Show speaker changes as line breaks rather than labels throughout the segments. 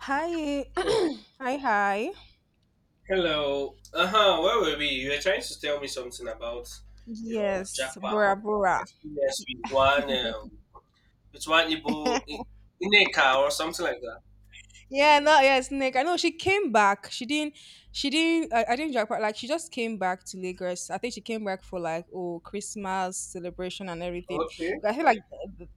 Hi, hi, hi.
Hello. Uh huh. Where were we? You were trying to tell me something about your
Yes,
Japa
Bora Bora.
experience with one Igbo Ineka or something like that.
Yeah, no, yeah, snake. I know she came back. She didn't. She didn't. I didn't drop her. Like she just came back to Lagos. I think she came back for like oh Christmas celebration and everything.
Okay.
But I feel like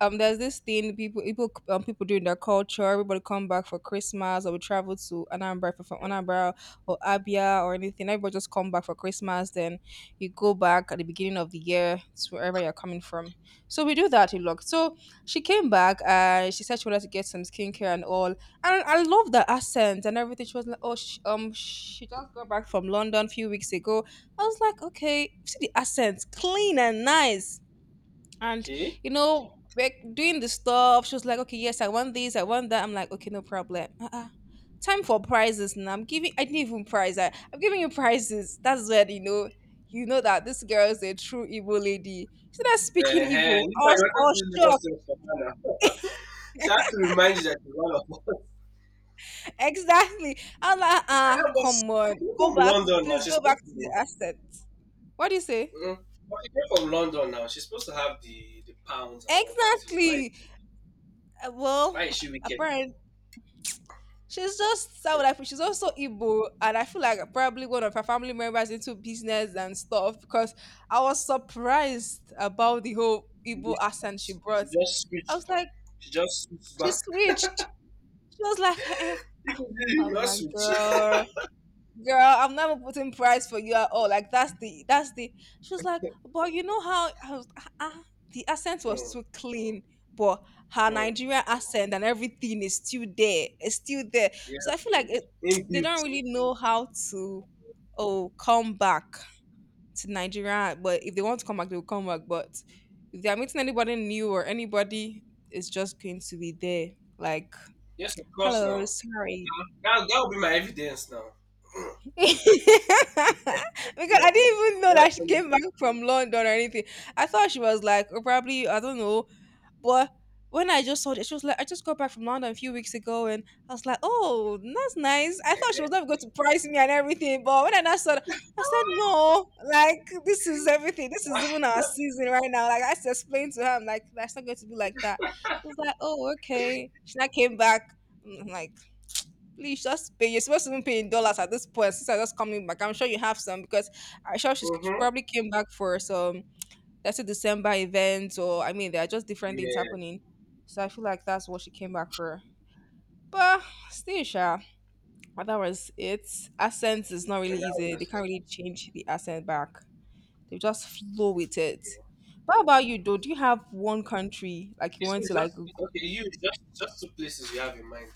there's this thing people doing their culture. Everybody come back for Christmas or we travel to Anambra for from Anambra or Abia or anything. Everybody just come back for Christmas. Then you go back at the beginning of the year to wherever you're coming from. So we do that a lot. So she came back and she said she wanted to get some skincare and all. And I love the accent and everything. She was like, "Oh, she just got back from London a few weeks ago." I was like, "Okay, see the accent, clean and nice." And
Okay.
you know, we're doing the stuff. She was like, "Okay, yes, I want this, I want that." I'm like, "Okay, no problem." Uh-uh. Time for prizes now. I'm giving. I didn't even prize. I'm giving you prizes. That's when you know that this girl is a true Igbo lady. She's not
Uh
speaking
huh.
Igbo.
You
I
might
was,
want
I
to
was
use Lagos
shocked.
State for now. She had to remind you that you're one of us.
Exactly. I'm like, ah,
Ah, but
come
she
on,
came
go
from
back,
London now.
please
She's
go back
supposed to.
to the
know.
asset. What do you say?
Mm, but she came from London now. She's supposed to have the pounds and all that. So why
Exactly. Well,
why is she wicked?
apparently she's just how would I put? She's also Igbo, and I feel like probably one of her family members into business and stuff because I was surprised about the whole Igbo
She
accent she
just, she
brought.
just
I
switched.
was like,
She just switches
she
back.
switched. She was like, eh. eh."
Even you
I
will
was
not
like,
switch.
girl. Girl, I'm never putting price for you at all. Like that's the that's the. She was like, but you know how I was, the accent
Hmm,
was too clean, but her
hmm.
Nigerian accent and everything is still there. It's still there. So I
Yes.
feel like
Hmm.
it, they don't
Inbuilt.
really know how to oh come back to Nigeria. But if they want to come back, they will come back. But if they are meeting anybody new or anybody, it's just going to be there. Like,
Yes, of course
hello,
now.
sorry.
Ah, that will be my evidence now.
because
Yes. Yes.
I didn't even know
Yes.
that she came back from London or anything. I thought she was like, oh, probably, I don't know. But when I just saw it, she was like, I just got back from London a few weeks ago. And I was like, oh, that's nice. I thought she was not going to price me and everything. But when I now saw it, I said, no, like, this is everything. This is even our season right now. Like, I had to explain to her, I'm like, that's not going to be like that. She was like, oh, okay. She now came back. I'm like, please just pay. You're supposed to even pay in dollars at this point. Since I just coming back, I'm sure you have some because I'm sure she
Mm-hmm.
probably came back for some, let's say, December events, or I mean, there are just different things
Yeah.
happening. So I feel like that's what she came back for. But still, sure. That was it. Accents is not really
And that was
easy. They
just,
can't really change the accent back. They just flow with it.
yeah.
What about you, though? Do you have one country like you
It's
want
it's
to like
just
go?
okay, you just two places you have in mind.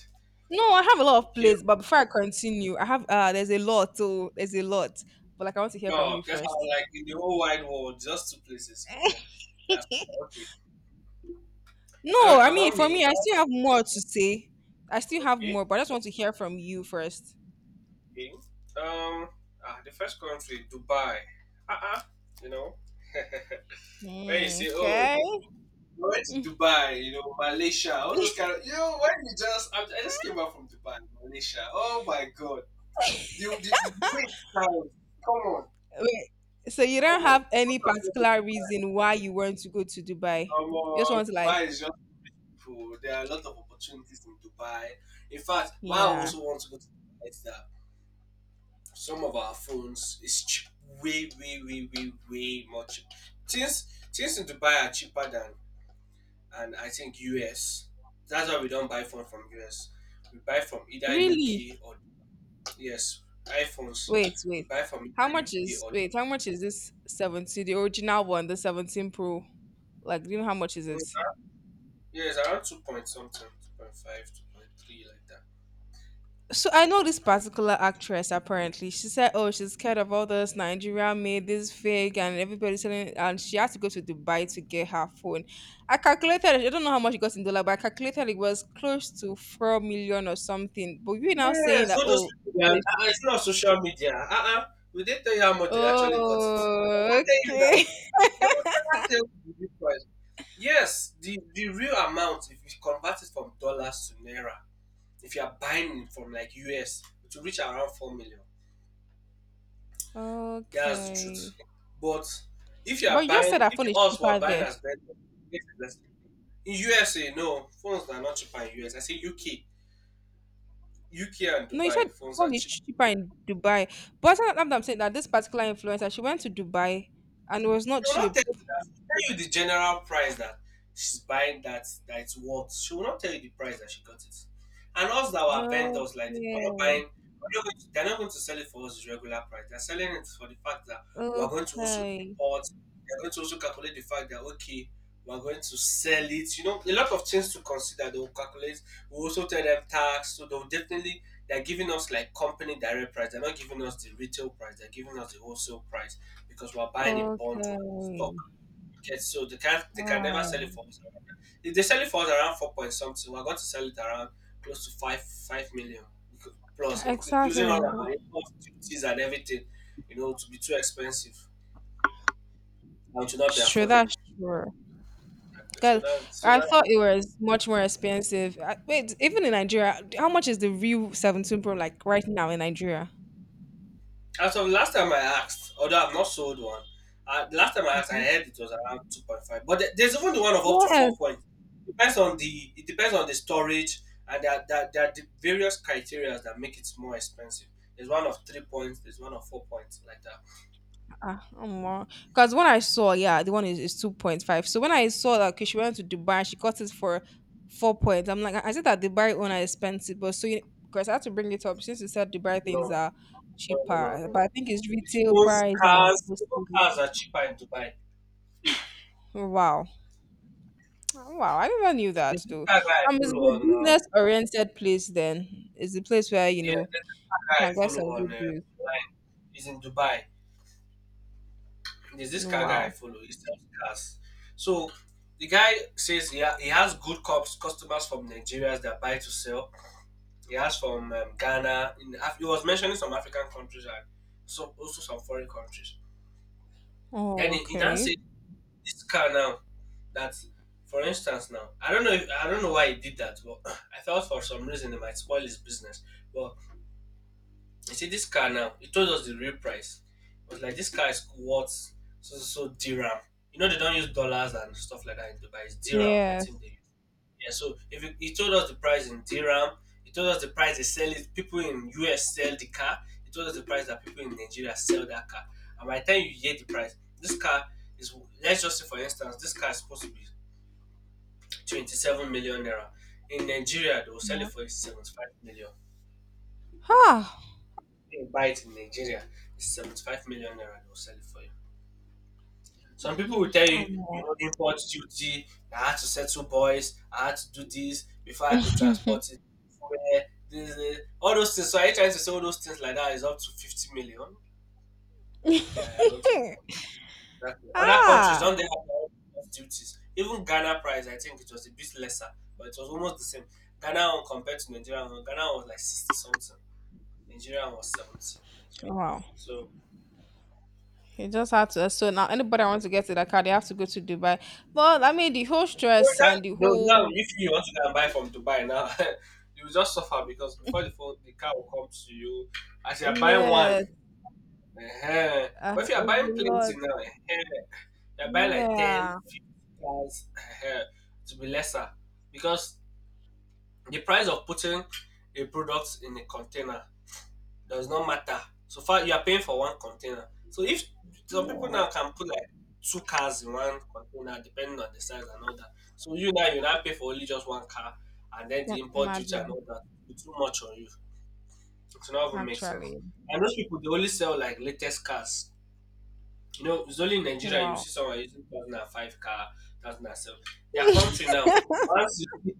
No, I have a lot of
Okay.
plays, but before I continue, I have there's a lot, so there's a lot. But like I want to hear from
No,
you
because I'm
first.
like in the whole wide world, just two places or more. That's okay.
No, I mean
About
for
me,
me, I still have more to say. I still have
okay.
more, but I just want to hear from you first.
Okay. Um, the first country, Dubai. Uh-uh, you know, when you
Mm,
say, oh,
okay.
I went to Dubai, Malaysia, all those
Wait,
kind of, when you just, I just came back from Dubai, Malaysia. Oh my God. The way it sounds, come on,
so you
come
don't
on.
have
What
any
are
particular reason why you want to go to Dubai? You just want to like,
Dubai is just people. There are a lot of opportunities in Dubai. In fact, why I
yeah,
also want to go to Dubai is that some of our phones is cheap, way, way, way, way, way more cheap. Things in Dubai are cheaper than and I think US. That's why we don't buy phone from US. We buy from either UK
really?
or, yes, iPhones.
Wait,
We
wait.
buy from
How
either
much
UK
is
or
wait?
Dubai.
How much is this 17? The original one, the 17 Pro. Like, do you know how much is it?
Mm, Yes, around 2 point something, 2.5, 2.3, like that.
So I know this
2.5.
particular actress. Apparently, she said, "Oh, she's scared of all this Nigeria made this fake, and everybody's selling." And she had to go to Dubai to get her phone. I calculated. I don't know how much it got in dollar, but I calculated it was close to 4 million or something. But you're now
Yes,
saying that,
all those
oh,
people. It's not social media. We didn't tell you how much they actually got it. They
oh,
won't tell you now.
okay,
They will never tell you the real price. Yes, the real amount if you convert it from dollars to naira, if you are buying it from like US, it will reach around 4,000,000. That's the truth.
okay.
But
But you just said that
if
phone is
us were
cheaper
buying
there.
as vendors, it is less. In USA, no, phones are not cheaper in US. I say UK. UK and
No, you said
Dubai phones are
phone is
cheap.
cheaper in Dubai. But that's what I'm saying that this particular influencer, she went to Dubai and it was not
They will not
cheap.
tell you the general price that she's buying that it's worth. She will not tell you the price that she got it. And us that were vendors like this,
Okay,
we're not buying. We're not going to, they're not going to sell it for us the regular price. They're selling it for the fact that we're going to also
okay,
import. They're going to also calculate the fact that okay, we're going to sell it. A lot of things to consider. They'll calculate. We also tell them tax, so they'll definitely. They're giving us like company direct price. They're not giving us the retail price. They're giving us the wholesale price because we're buying in bundle and stock.
okay.
Okay, so they can never sell it
Oh,
for us around that. If they sell it for us around 4 point something, we're going to sell it around close to five million plus,
exactly
including all
now.
our import duties and everything. To be too expensive and to not be
That's true.
affordable.
That's true.
Exactly. So
Because
that, so
I
that.
thought it was much more expensive. Wait, even in Nigeria, how much is the real 17 Pro like right now in Nigeria?
As of last time I asked, although I've not sold one, the last time I asked, I
Okay.
heard it was around 2.5. But there's even the one of up to four
Yes,
points. Depends on the it depends on the storage and that there are the various criteria that make it more expensive. There's one of 3 points. There's one of 4 points like that.
ah, because when I saw, yeah, the one is 2.5. So when I saw that okay, she went to Dubai and she got it for 4 points, I'm like, I said that Dubai owner is expensive, but so you because I had to bring it up since you said Dubai things
No,
are
no, no, no,
cheaper,
no.
but I think it's
It's
retail
Phones,
price and
cars, even
postage.
cars are cheaper in Dubai.
Wow, wow, I never knew that
There's this
though.
car guy I
It's
follow
a
on.
business oriented place, then it's a place where
Yeah, there's this car
you
guy I
can get
follow
some
on
good deals.
online. He's in Dubai. There's this car guy I
Wow,
follow. He sells cars. So the guy says he has good customers from Nigeria that buy to sell. He has from Ghana. He was mentioning some African countries and so also some foreign countries. Then
oh,
he now
okay,
said this car now that, for instance, now I don't know why he did that, but I thought for some reason it might spoil his business. But you see, this car now, it told us the real price. It was like, this car is worth so, so, so dirham. They don't use dollars and stuff like that in Dubai. It's dirhams, I
yes,
think they use. Yeah, so if it told us the price in dirham, it told us the price they sell it. People in US sell the car. It told us the price that people in Nigeria sell that car. And by the time you hear the price, this car is, let's just say for instance, this car is supposed to be 27 million naira. In Nigeria, they will sell it
yeah.
for 75 million.
Huh.
You buy it in Nigeria, it's 75 million naira, they'll sell it for you. Some people
Hmm.
will tell you,
Um,
import duty, I had to settle boys, I had to do this before I could transport it. Where all those things. So are you trying to say all those things like that is up to 50 million? I don't think. Exactly. Other countries
ah,
don't they have their own duties. Even Ghana price, I think it was a bit lesser, but it was almost the same. Ghana one compared to Nigeria one, Ghana was like 60 something, Nigeria was 70.
wow.
So
You just have to. So now, anybody wants to get to that car, they have to go to Dubai. Well, I mean, the whole
no,
stress and the
no, now
whole
if you want to go and buy from Dubai now, you will just suffer because the car will come to you. As you are buying one,
yes,
uh but if you are
it's
buying
a
plenty
lot.
now, you are buying like 10,
Yeah,
50 cars, uh to be lesser because the price of putting a product in a container does not matter. So far, you are paying for one container. So if some people
yeah.
now can put like two cars in one container, depending on the size and all that. So you now pay for only just one car, and then the
Can't
import duty and
imagine.
all that it's too much on you. It's not even make sense.
Actually,
And those people they only sell like latest cars. It's only in Nigeria you
wow.
see someone using 2005 car, 2007. Their country now, once you see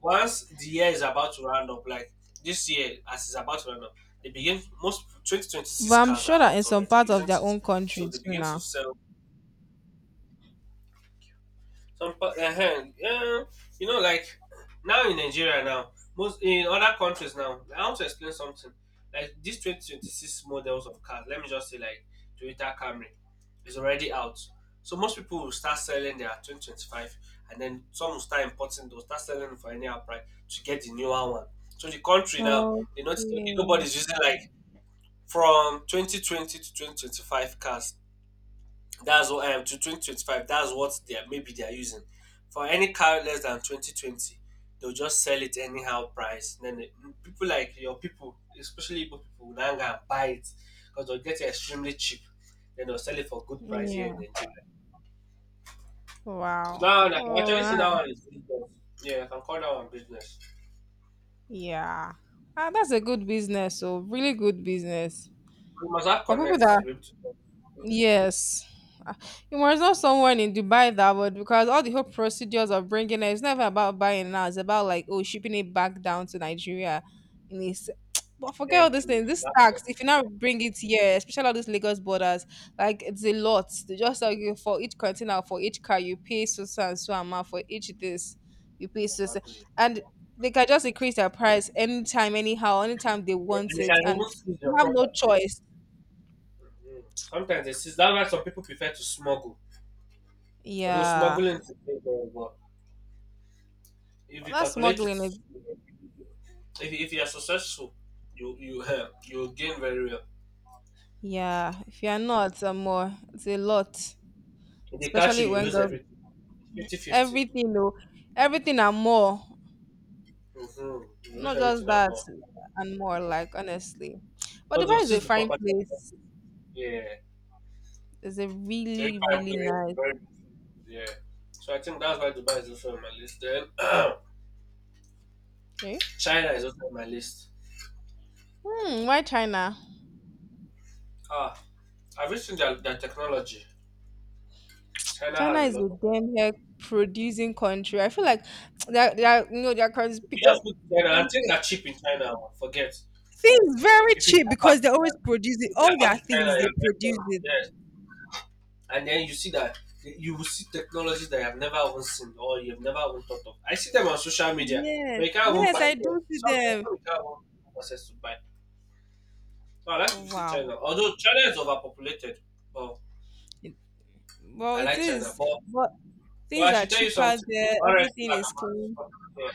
once the year is about to round up, like this year as it's about to round up, they begin most
But
2026
I'm
cars are
sure that in
out
some
already,
parts of
isn't
their
it?
own
So
country
they
too
begin to
now.
sell. Uh-huh. Yeah, like now in Nigeria now, most in other countries now. I want to explain something. Like these 2026 models of cars, let me just say like Toyota Camry is already out. So most people will start selling their 2025 and then some will start importing, they'll start selling for any price to get the newer one. So the country now, they notice okay,
Okay.
nobody's using like from 2020 to 2025 cars. That's what to 2025. That's what they are, maybe they are using. For any car less than 2020, they'll just sell it anyhow price. Then people like your people, especially Igbo people, will now go and buy it because they'll get it extremely cheap. Then they'll sell it for good price here
Yeah.
in Nigeria. So
Wow.
that one, I can
Oh,
actually
ah,
see that one is business. Yeah, I can call that one business.
yeah. Ah, that's a good business. So really good business.
We must have
Or people
connects
that
to be able to talk. So,
yes. Ah, it was not someone in Dubai that would because all the whole procedures of bringing it, it's never about buying now. It's about like oh shipping it back down to Nigeria. And it's but forget all
thank
these
you. You
things.
must
This
have
tax,
connects.
if you now bring it here, especially all these Lagos borders, like it's a lot. They just like for each container, for each car, you pay so so and so amount for each this, you pay so so,
Exactly.
and they can just increase their price anytime, anyhow, anytime they
Yeah,
want
and they
it,
can
and
even seize
you
your
have no
property.
choice.
Mhm. Sometimes they seize. That's why some people prefer to smuggle. Although
Yeah.
smuggling is illegal, but if
But
you
that
calculate it,
smuggling is
if you are successful, you you gain very well.
yeah. If you are not, some more. It's a lot,
If they catch
especially
you, you
when
lose
girl
everything. 50 50.
everything though, everything and more.
50. Mm-hmm. You lose
Not just
everything and
that
more.
and more. Like honestly, but
Because they'll
Dubai is
seize
a
the
fine
property. And more.
place.
Yeah.
It's a
Very
really
fine
really
place,
nice.
very, yeah. So I think that's why Dubai is also on my list. Then
Okay.
China is also on my list.
Hmm, why China?
Ah, I've you seen their technology? China
China
has a
is
lot
a
of them.
damn hair producing country. I feel like they're you know they're cons.
You just go to China
Let
and
me
things
say-
are cheap in China. Oh, forget.
things very cheap because they always produce
If
it.
you jump
All
out
their
to China,
things they
you're very
produce
lucky.
it.
Yes. And then you see that you will see technologies that you have never even seen or you have never even thought of. I see them on social media,
Yes,
but you can't even buy
yes, I
them.
do see
Sometimes
them.
you can't even have access to buy. So I like to
Oh
visit
wow.
China. Although China is overpopulated, but
It- well,
I
it
like China.
is,
But
but
but
things
I
are
should tell you
cheaper
something.
there.
One red
Everything
flag
is clean.
about yeah.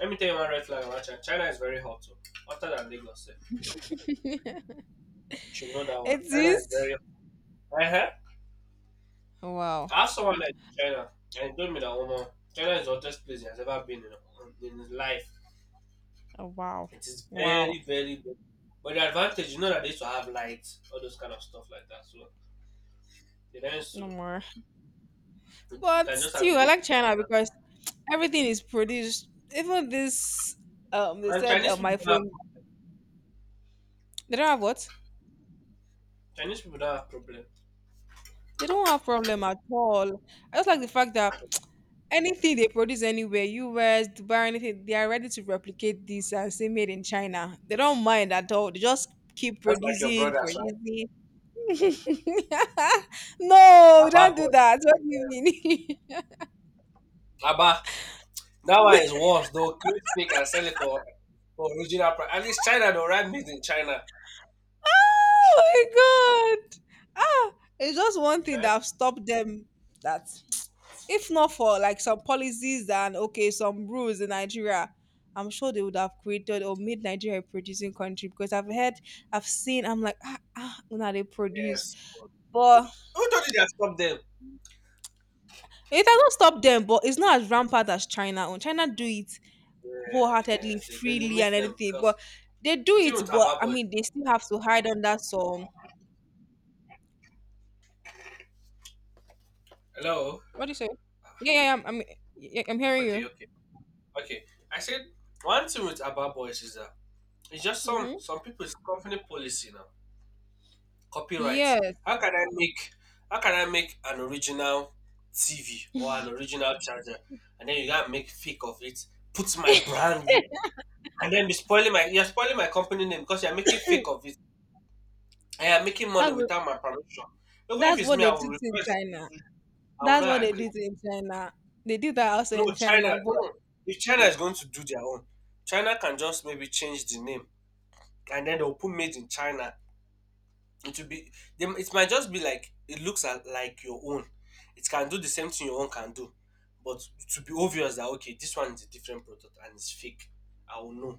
Let me tell you one red flag about China. China is very hot too. Hotter than Lagos. Eh. You should know that one.
It
China
is.
is very hot. Uh-huh.
Oh, wow.
I have someone like China, and he told me that woman, China is the hottest place he has ever been in his life.
Oh, wow.
It is
Wow.
very, very good. But the advantage, that they used to have lights, all those kind of stuff like that. So it ends
No
soon.
more.
You
But
can just have
still,
your
I
AC
like
on
China
that.
because everything is produced. Even this, they
And
said
Chinese people
my
don't have,
phone. They don't have what?
Chinese people don't have problem.
They don't have problem at all. I just like the fact that anything they produce anywhere, US, Dubai, anything, they are ready to replicate this and say made in China. They don't mind at all. They just keep
Just like your
producing,
brothers,
producing.
right?
No,
Abba
don't do
boys.
that. What do you
Yeah.
mean?
Abba. That one is worse though. Clean speak and sell it for original price. At least China, though, right? Made in China.
oh my god. Ah, it's just one thing
Yeah.
that have stopped them that if not for like some policies and okay, some rules in Nigeria, I'm sure they would have created or made Nigeria a producing country because I've heard, I've seen, I'm like, now they produce.
Yes. Who
But
told you they have stopped them?
it doesn't stop them, but it's not as rampant as China. Own. China do it
Yeah, yes, yeah.
wholeheartedly,
See, they
freely,
limit
and
them
anything.
because
But they do
I think
it,
with
but
Abba
I
Boys.
mean, they still have to hide under some.
Hello.
What do you say? Yeah, yeah, yeah, yeah, I'm hearing
Okay,
you.
okay, okay. I said one thing with Abba Boys is that it's just some
Hmm.
some people's company policy now. Copyright.
Yes,
How can I make how can I make an original TV or an original charger and then you gotta make fake of it, put my brand and then be spoiling my you're spoiling my company name because you're making fake of it I am making money
that's what,
without my permission. Even if
that's
it's
what
me,
they
I will
did in
report it.
China.
I will
That's what
not
they did
agree.
in China. They did that also
No,
in
China.
China, but
No. If China is going to do their own, China can just maybe change the name, and then they'll put "Made in China." It will be. They, it might just be like it looks at, like your own. It can do the same thing your own can do, but to be obvious that okay, this one is a different product and it's fake. I will know.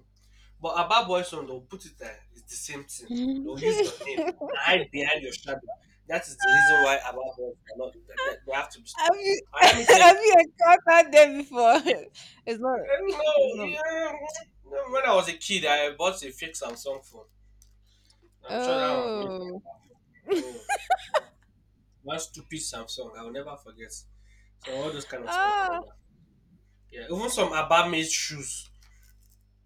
But about Boyzone, they'll put it there. It's the same thing. They'll use
have
your name and hide behind your shadow. That is the reason why about Boyzone are not. That, that they have to be. Stopped.
you
And let me tell you,
have you encountered them before? It's not
And no,
it's not
yeah, no, when I was a kid, I bought a fake Samsung phone. I'm sure that one was made.
oh.
Mm, one stupid Samsung, I will never forget. So all those kind of stuff like
Ah,
that. Yeah, even some Abba made shoes.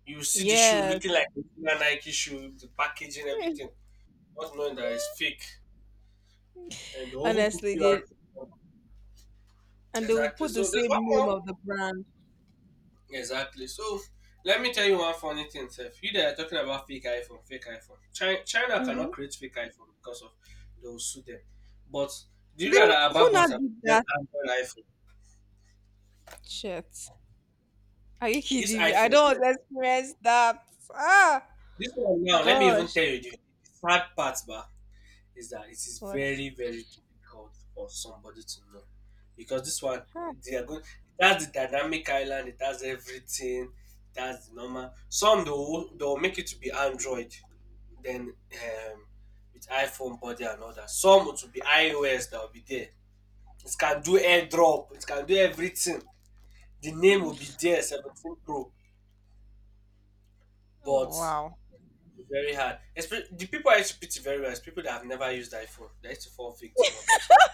You see the shoe
yes.
looking like a regular Nike shoe, the packaging, everything, not knowing that it's fake. And the oven put
Honestly,
QR
they
code
and they will
exactly.
put
So
the
there's
same
one
name
more
of the brand.
Exactly. So let me tell you one funny thing, Seth. You that are talking about fake iPhone, fake iPhone. China
Hmm.
cannot create fake iPhone because of they will sue them. But do you
They
know that
who
about
not
bought an
did
Android
that
iPhone?
shit? Are you
This
kidding me? I
iPhone,
don't want
Seth,
to experience that. Ah,
this one now. Let me even
gosh.
tell you the sad part, bah. Is that it is
What?
very very difficult for somebody to know because this one
Ah,
they are going it has the dynamic island it has everything it has the normal some they'll make it to be android then with iphone body and all that some it will be ios that will be there it can do airdrop it can do everything the name will be there 17 pro but
wow.
very the people I used to pity very well is people that have never used iphone they used to fall victim of those kind of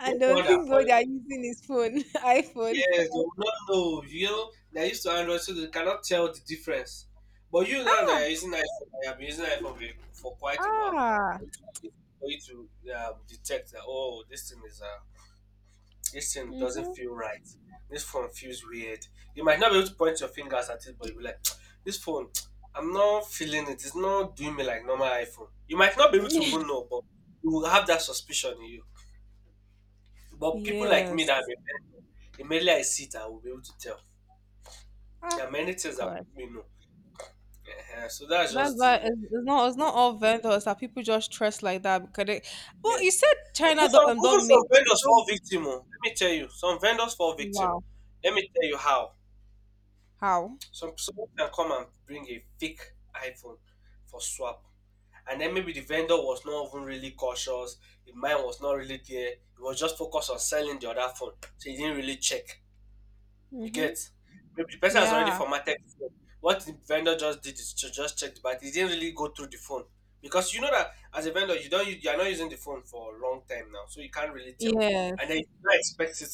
I
most
don't
one that
think they
follows
are using his phone, iPhone.
yes, they will not know. You know, they used to Android, so they cannot tell the difference. But you now that
Ah,
you're using iPhone, I have been using iPhone for quite a while.
ah.
It's for you to detect that oh, this thing is this thing doesn't
Hmm.
feel right. This phone feels weird. You might not be able to point your fingers at it, but you'll be like, this phone, I'm not feeling it. It's not doing me like normal iPhone. You might not be able to even know, but you will have that suspicion in you. But people like me that have
yes.
been there, immediately I see it, I will be able to tell. There
Ah,
are many things that
God.
make me know. Ehen, so that's
That's
just
why it's,
the
it's not it's not all vendors that people just trust like that because they.
yeah.
Well, you said
No,
China
some
don't um,
even
don't
some
make
vendors fall
don't
victim. Oh. Let me tell you, some vendors fall victim.
wow
Let me tell you how.
how
Some someone can come and bring a fake iPhone for swap, and then maybe the vendor was not even really cautious. The mind was not really there. He was just focused on selling the other phone, so he didn't really check. You
hmm
get maybe the person has already
yeah
formatted the phone. What the vendor just did is to just check the battery. He didn't really go through the phone because you know that as a vendor you don't you are not using the phone for a long time now, so you can't really tell. And then
yes
you don't expect it.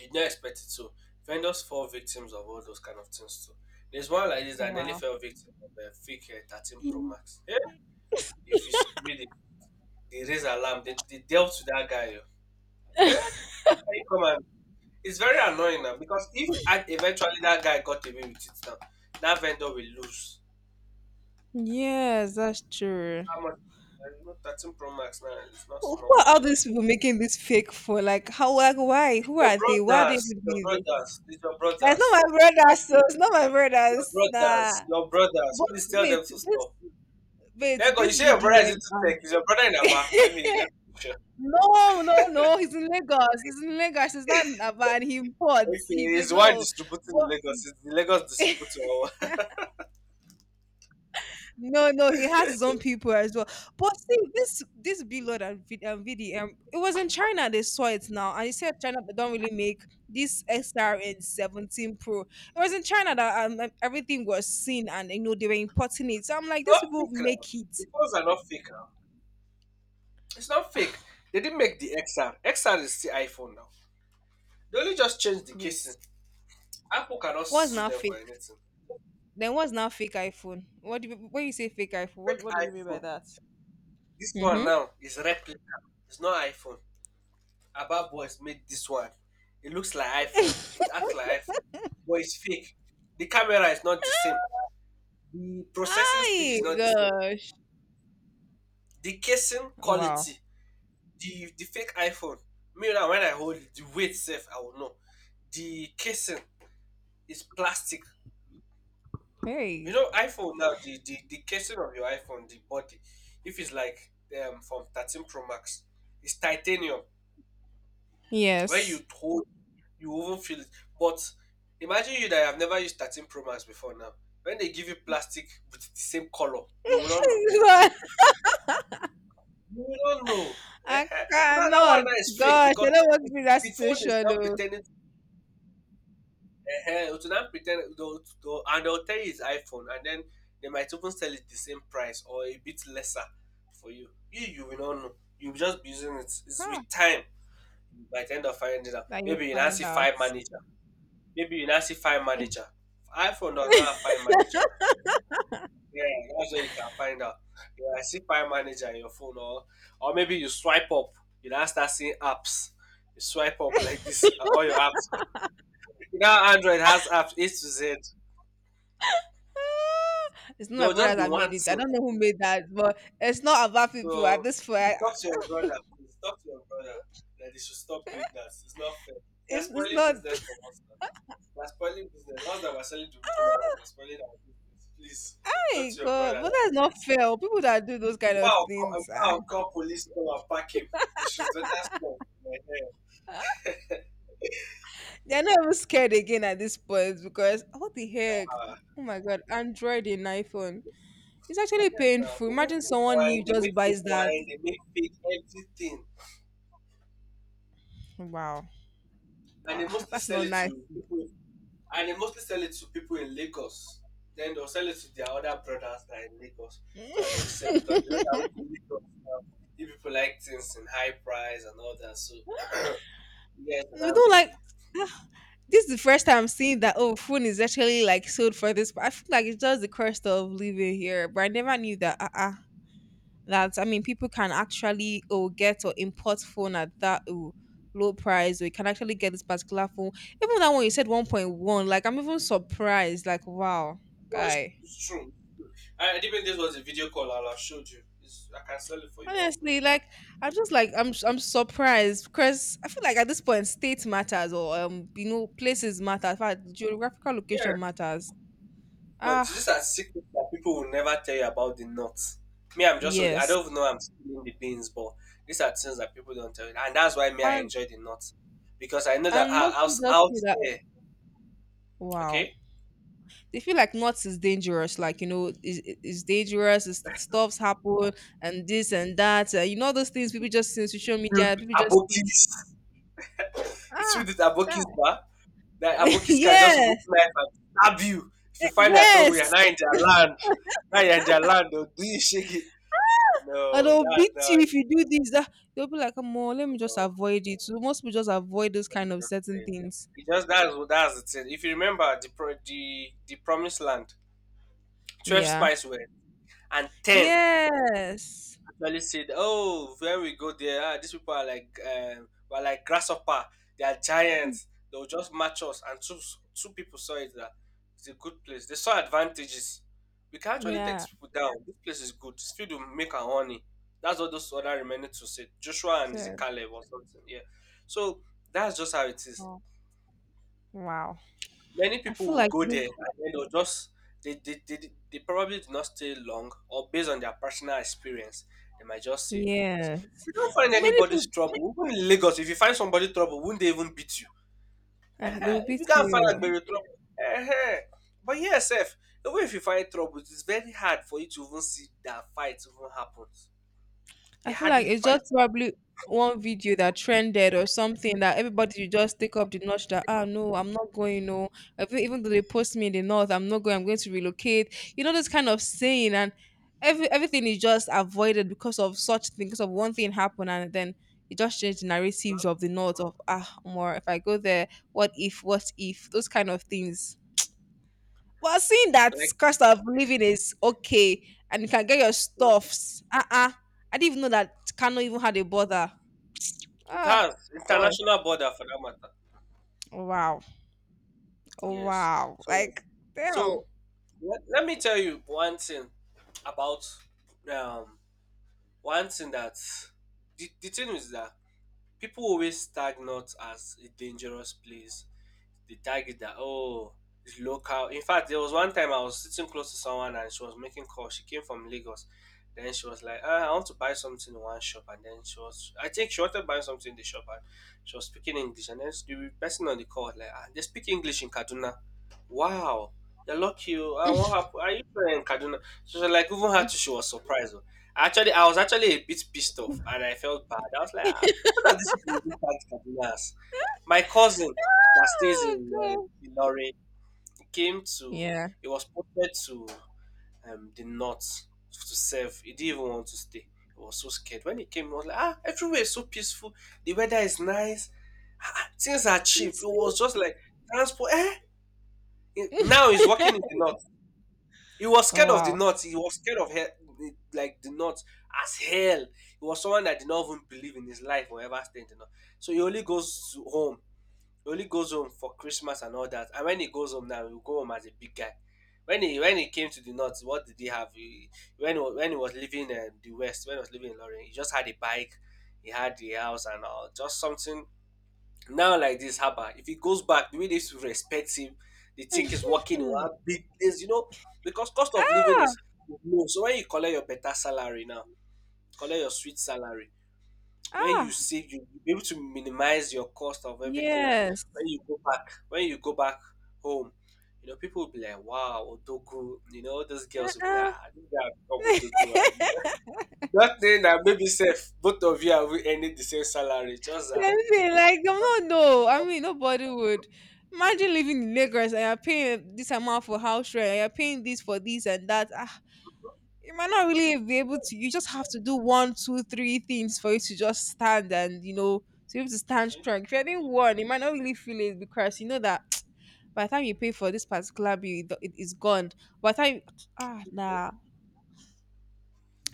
You don't expect it. So vendors fall victims of all those kind of things too. There's one like this that nearly
wow.
fell victim of a fake 13 Pro
Mhm.
Max. Yeah. If you see me, they raise alarm. They dealt to that guy. Yo. Yeah. How you come and it's very annoying now because if I, eventually that guy got away with it now, that vendor will lose.
Yes, that's true.
How much? You know, 13 Pro Max now, it's not
Who
small
who are all
money now.
these people making this fake for? Like, how? Like, why? Who are they? Why are they doing this?
It's your
It's not
brothers,
my brothers, so it's not my brothers. Nah. But
Please tell them
wait,
to
this
stop.
wait,
Thank God, you
This
say your brother is
VDM
into
and
tech. Is your brother in Aba? Let me picture.
No, he's in Lagos. He's in Lagos. He's not in Aba and he imports. He
Okay, he's
don't
the one
know.
distributing in
But
Lagos. It's the Lagos distributor.
No, no, he has his own people as well. But see, this B Lord and VDM, it was in China they saw it now, and he said China they don't really make this XRN 17 Pro. It was in China that everything was seen, and you know they were importing it. So I'm
It's
like, these
not
people
fake now.
make
The
it.
phones are not fake now. It's not fake. They didn't make the XR. XR is still iPhone now. They only just changed the
Wait,
casing. Apple cannot
what's
sue
now
them
fake?
for anything.
Then what's now fake iPhone? When you say fake iPhone? What
Fake
what do you mean by
iPhone.
that?
This one
Mm-hmm.
now is replica. It's not iPhone. Abba Boys made this one. It looks like iPhone. It acts like iPhone. But it's fake. The camera is not the same. The processing speed is
Ay
not the same.
gosh!
The casing
Wow.
quality. The fake iPhone. Me now when I hold it, the weight safe, I will know. The casing is plastic. You
Hey.
know, iPhone now, the casing of your iPhone, the body, if it's like from 13 Pro Max, it's titanium. When you
Yes.
hold, you won't feel it. But imagine you that have never used 13 Pro Max before now. When they give you plastic with the same color, you will not know. You will not know. Eh,
I
eh. Now, that one
cannot.
now is fake
Gosh,
because
I don't want to
the
be that
phone is
situation
now
though.
pretending ehen, to now pretend and they'll tell you it's iPhone, and then they might even sell it the same price or a bit lesser for you. You will not know. You'll just be using it. It's
Huh,
with time. By the end of finding it out,
that you
maybe you now
find
see
out.
five manager. Maybe you now see five manager. iPhone does not have five manager now. Yeah, that's where you can find out. Yeah, I see five manager in your phone, or maybe you swipe up. You now start seeing apps. You swipe up like this. All your apps. Now Android has apps A to Z.
Ah, it's not
There
my
will just
brothers
be
that made
one
it. I
thing.
don't know who made that, but it's not about people at
So
this point.
please
I-
talk to your brother. Please talk to your brother that they should stop doing that. It's not fair. They're
It's
spoiling
not
business for us now. They're spoiling business. Us that we're selling to regional ones, they're spoiling our business. Please talk
My
to your
God,
brother
but
that
that's not
please.
fair. Oh. People that do those kind of
If
things, ah,
I'll call police to come and pack him, they should better stop.
they're not even scared again at this point because what the heck?
Uh,
Oh my God, Android and iPhone. It's actually
yes, now
painful.
people
Imagine
fake
someone
wine,
new
they
just
make fake
buys that.
wine, they make fake everything,
Wow,
and
wow,
they mostly
that's
sell
not
it
nice.
to people and they mostly sell it to people in Lagos. Then they'll sell it to their other brothers that are in Lagos. So they'll sell because they know that okay, Lagos now, you people like things in high price and all that. So you guys
We
will
don't like.
be.
Ah, this is the first time I'm seeing that oh food is actually like sold for this, but I feel like it's just the cost of living here. But I never knew that that I mean people can actually oh get or import phone at that oh low price, or you can actually get this particular phone. Even that one you said 1.1, like I'm even surprised, like wow,
No,
guy.
it's true. I even this was a video call I'll have showed you. It's, I can sell it for you one for
Honestly,
one.
like I'm surprised because I feel like at this point state matters, or you know places matter. In fact, geographical
Yeah,
location matters.
but these
Ah,
are secrets that people will never tell you about the nuts. Me, I'm just, I
yes.
don't even know I'm stealing the beans, but these are things that people don't tell you. And that's why me, I
And
enjoy the nuts. Because I know that
and most
out,
people just
out
feel that
there,
wow.
okay,
They feel like nuts is dangerous, like you know, is dangerous, is stuff's happen and this and that. You know those things people just see on social
filled
media,
with
people just see,
abokis, it's
ah
filled with abokis,
child."
bah, that abokis can just remove
Yes,
knife and stab you. If you find that trouble, you're
yes.
not in their land. Now you're in their land, they'll do you shake it.
And
No,
they'll
that's
beat
not
you
it.
if you do this, that they'll be like, come on, let me just
No.
avoid it. So most people just avoid those kind
It's
of
just
certain
uh,
things.
it's just that's what that's the thing. If you remember the promised land, 12
Yeah.
spies were, and 10
Yes.
actually said, "Oh, when we go there, these people are like were like grasshopper. They are giants. They will just match us." And two people saw it that it's a good place. They saw advantages. We can actually take
Yeah.
these people down. This place is good. Still to make our honey. That's what those other remaining two said. Joshua and is it
So
Caleb or something? Yeah. So that's just how it is,
oh, wow.
many
I
people
feel
will
like
go
this,
there and then they'll just they probably do not stay long, or based on their personal experience they might just say,
yeah.
if you don't find
Many
anybody's
people,
trouble even in Lagos, if you find somebody trouble, would not they even beat you?
ah, they
Ehen,
will
if
beat
you can't find
you.
agbero trouble, ehen. But yes sef, even if you find trouble, it's very hard for you to even see that fight even happens. They
I feel like
hardly
it's
fight,
just probably one video that trended or something that everybody will just take up the notch that ah no, I'm not going, no. Even though they post me in the north, I'm not going, I'm going to relocate. You know, this kind of saying, and everything is just avoided because of such things, because of one thing happened and then it just changed the narratives of the north of ah more, if I go there, what if, those kind of things. Well, seeing that
like,
cost of living is okay and you can get your stuffs. Uh-uh. I didn't even know that Kano even had a brother.
it
Ah,
has
God.
international border for that matter.
Wow.
Yes.
Wow.
So,
Like, damn.
so, let me tell you one thing about um one thing that the thing is that people always tag North as a dangerous place, the target that, oh, it's local. In fact, there was one time I was sitting close to someone and she was making calls. She came from Lagos. Then she was like, I want to buy something in one shop. And then she was, I think she wanted to buy something in the shop, and she was speaking English. And then the person on the call was like, they speak English in Kaduna? Wow, you're lucky. Oh. Ah, what happened? Are you there in Kaduna? She was like, even her too, she was surprised. Oh. Actually, I was actually a bit pissed off and I felt bad. I was like, ah, what are these people who can't Kaduna as? My cousin, that stays
Oh,
in
God.
Ilori, came to
Yeah.
he was posted to the north to serve. He didn't even want to stay. He was so scared. When he came, he was like, everywhere is so peaceful. The weather is nice. Ah, ah, things are
You
cheap. It
see?
was just like transport. Eh? Now he's working in the north. He was scared of the
wow.
north. He was scared of like the north as hell. He was someone that did not even believe in his life or ever stay in the north. So he only goes to home. He only goes home for Christmas and all that. And when he goes home now, he will go home as a big guy. When he came to the north, what did he have? He, when he, wa- when he was living in the west, when he was living in Lorraine, he just had a bike, he had the house and all, just something. Now like this, Haba, if he goes back, the way they used to respect him, they think he's working in one big place, you know, because cost of living is
ah,
is low. So when you collect your better salary now, collect your sweet salary, when you
ah.
save you will be able to minimize your cost of everything, and
Yes.
when you go back, home you know, people will be like, wow, odogu, you know those girls will be like,
Uh-uh.
this guy become odogu and that thing that maybe safe, both of you are we earning the same salary, just that.
Same thing. Like I'm not, no. I mean, nobody would. Imagine living in Lagos and you're paying this amount for house rent. And you're paying this for this and that. Ah, you might not really be able to. You just have to do one, two, three things for you to just stand, and you know to be able to stand
See?
strong. If you're doing one, you might not really feel it because you know that by the time you pay for this particular bill, it is gone. By the time ah
So
nah,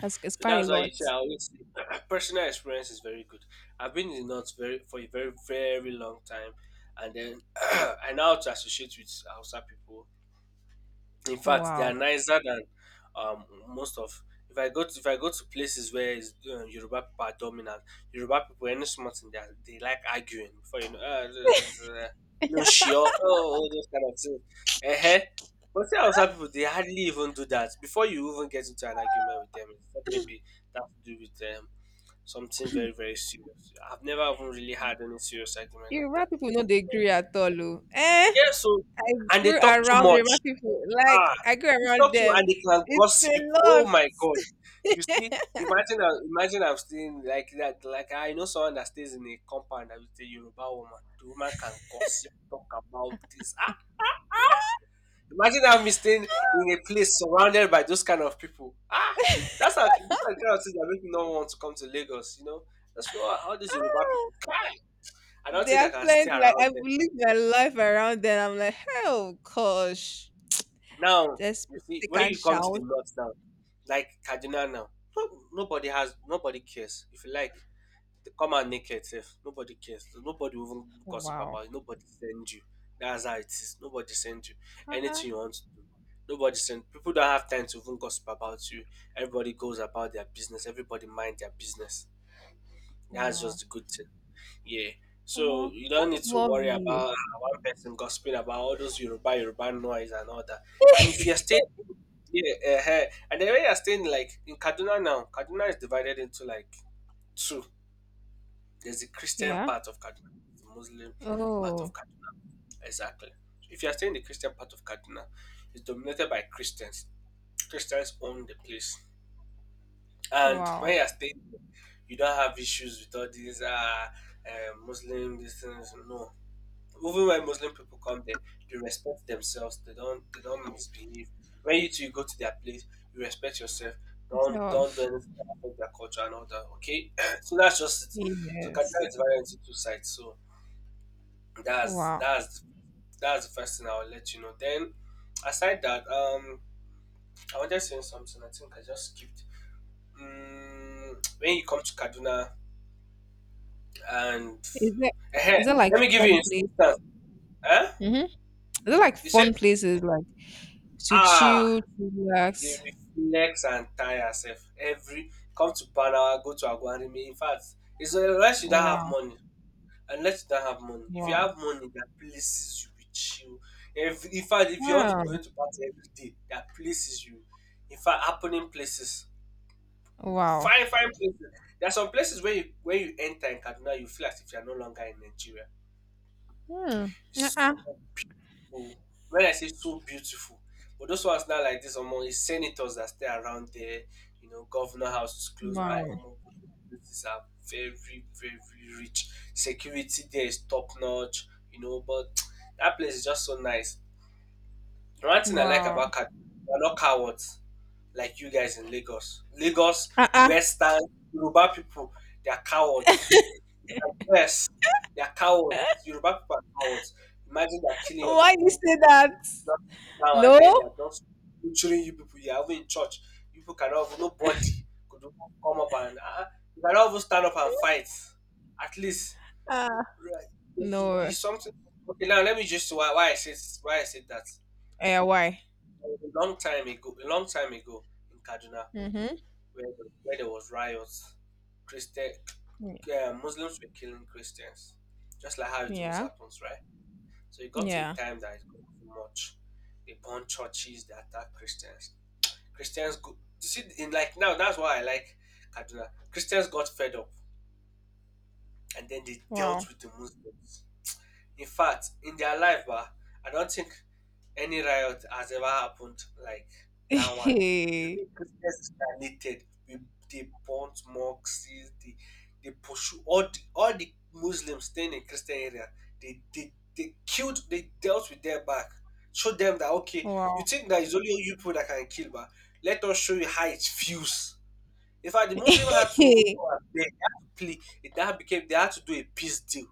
it's quite a
that's why you
lot.
say, I always say, personal experience is very good. I've been in the north very for a very, very long time, and then I now have to associate with Hausa people. In
Oh,
fact, they are
wow.
nicer than most of. If I go to places where is, Yoruba people are dominant, Yoruba people, any small thing, they like arguing before you know. No sure, oh, all those kind of things. Uh-huh. But see outside people, they hardly even do that before you even get into an argument with them. Except maybe that to do with something very, very serious. I've never even really had any serious argument
You
like that.
right people know they agree at all. Oh. Eh?
Yeah, so,
I
and they
grew
talk too
around Yoruba
much.
people. Like
Ah,
I grew
you
around
talk to
them.
and they can
It's a
gossip.
lot.
Oh my god! You see, imagine I'm staying like that. Like, I know someone that stays in a compound that with a Yoruba woman. The woman can gossip, talk about this. Ah, imagine I'm staying in a place surrounded by those kind of people. Ah, that's how, those are the kind of things that make me not want to come to Lagos. You know, that's how, all these Yoruba people. I don't
They
think I
are
can stay
plenty. Like
around
I've
them.
lived my life around them. I'm like, oh gosh,
Now,
just
you see,
they
when
can
you come to the
shout.
north now, like Kaduna now, no, nobody cares. If you like, they come out naked, sef. Nobody cares. So nobody will even gossip
Wow.
about you. Nobody send you. That's how it is. Nobody send you
Uh-uh.
anything you want to do. Nobody send. People don't have time to even gossip about you. Everybody goes about their business. Everybody mind their business. That's just
Wow.
the good thing. Yeah. So
Omo,
you don't need
that's
to worry
lovely.
about one person gossiping about all those Yoruba, Yoruba noise and all that. And if you're staying, yeah, and the when you're staying like in Kaduna now, Kaduna is divided into like two. There's the Christian
Yeah.
part of Kaduna, the Muslim part of
Oh.
Kaduna. Exactly. So if you're staying in the Christian part of Kaduna, it's dominated by Christians. Christians own the place, and when
Wow.
you're staying, you don't have issues with all these Muslim these things. No, even when Muslim people come there, they respect themselves. They don't misbehave. When you two go to their place, you respect yourself. Don't
So,
don't do anything that affect their culture and all that. Okay, so that's just it. So Kaduna
yes.
is divided into two sides. So that's
Wow.
that's that's the first thing I'll let you know. Then aside that, I wanted to say something. I think I just skipped. When you come to Kaduna and
Is it? Is it like
let me give you an
fun place?
instance. Eh?
Mm-hmm. Is it like
You said
fun places like to chill,
ah
to
you
relax?
reflex and tire herself every, come to Panawa, go to Agwarimi. In fact, it's unless you don't have
Wow.
money. Unless you don't have money. If you
Wow.
have money, there are places you will chill. If, In fact, if you want to be
Wow.
going to party every day, there are places you, in fact, happening places.
Wow.
Fine, fine places. There are some places where you when you enter in Kaduna, you feel as if you are no longer in Nigeria.
Hmm.
It's
Uh-uh.
so Oh, when I say, so beautiful, but those ones now like this, omo, is senators that stay around there, you know, governor houses close by.
Wow.
Omo, places are very, very rich. Security there is top notch, you know, but that place is just so nice. One thing I like
Wow.
about Kaduna, we're not cowards like you guys in Lagos. Lagos,
Uh-uh.
Western, Yoruba people, they are cowards. Yes, they are cowards. Yoruba people are cowards. Imagine they are killing your
Why you
people
say that?
just now and
No?
then they are just butchering you people. You are even in church. You people cannot even, nobody could even come up and, you cannot even stand up and fight. At least,
Uh,
right, there should be
no.
something. Okay, now let me just, why I said, why I said that,
Eh, why?
a long time ago, a long time ago, in Kaduna,
Mm-hmm.
where there was riots, Christian Muslims were killing Christians, just like how it always
Yeah.
happens, right? So it got to a
Yeah.
time that it got too much. They burned churches, they attacked Christians, Christians go. You see, in, like, now, that's why I like Kaduna. Christians got fed up, and then they dealt
Wow.
with the Muslims. In fact, in their life, bah, I don't think any riot has ever happened like that one. You think Christians are needed. We they burnt mosques, they they pursue all the Muslims staying in Christian area. They killed, they dealt with their back. Show them that, okay, you
wow.
think that it's only you people that can kill, but let us show you how it feels. In fact, the Muslim had to even go and beg, they had to plea. It that became they had to do a peace deal.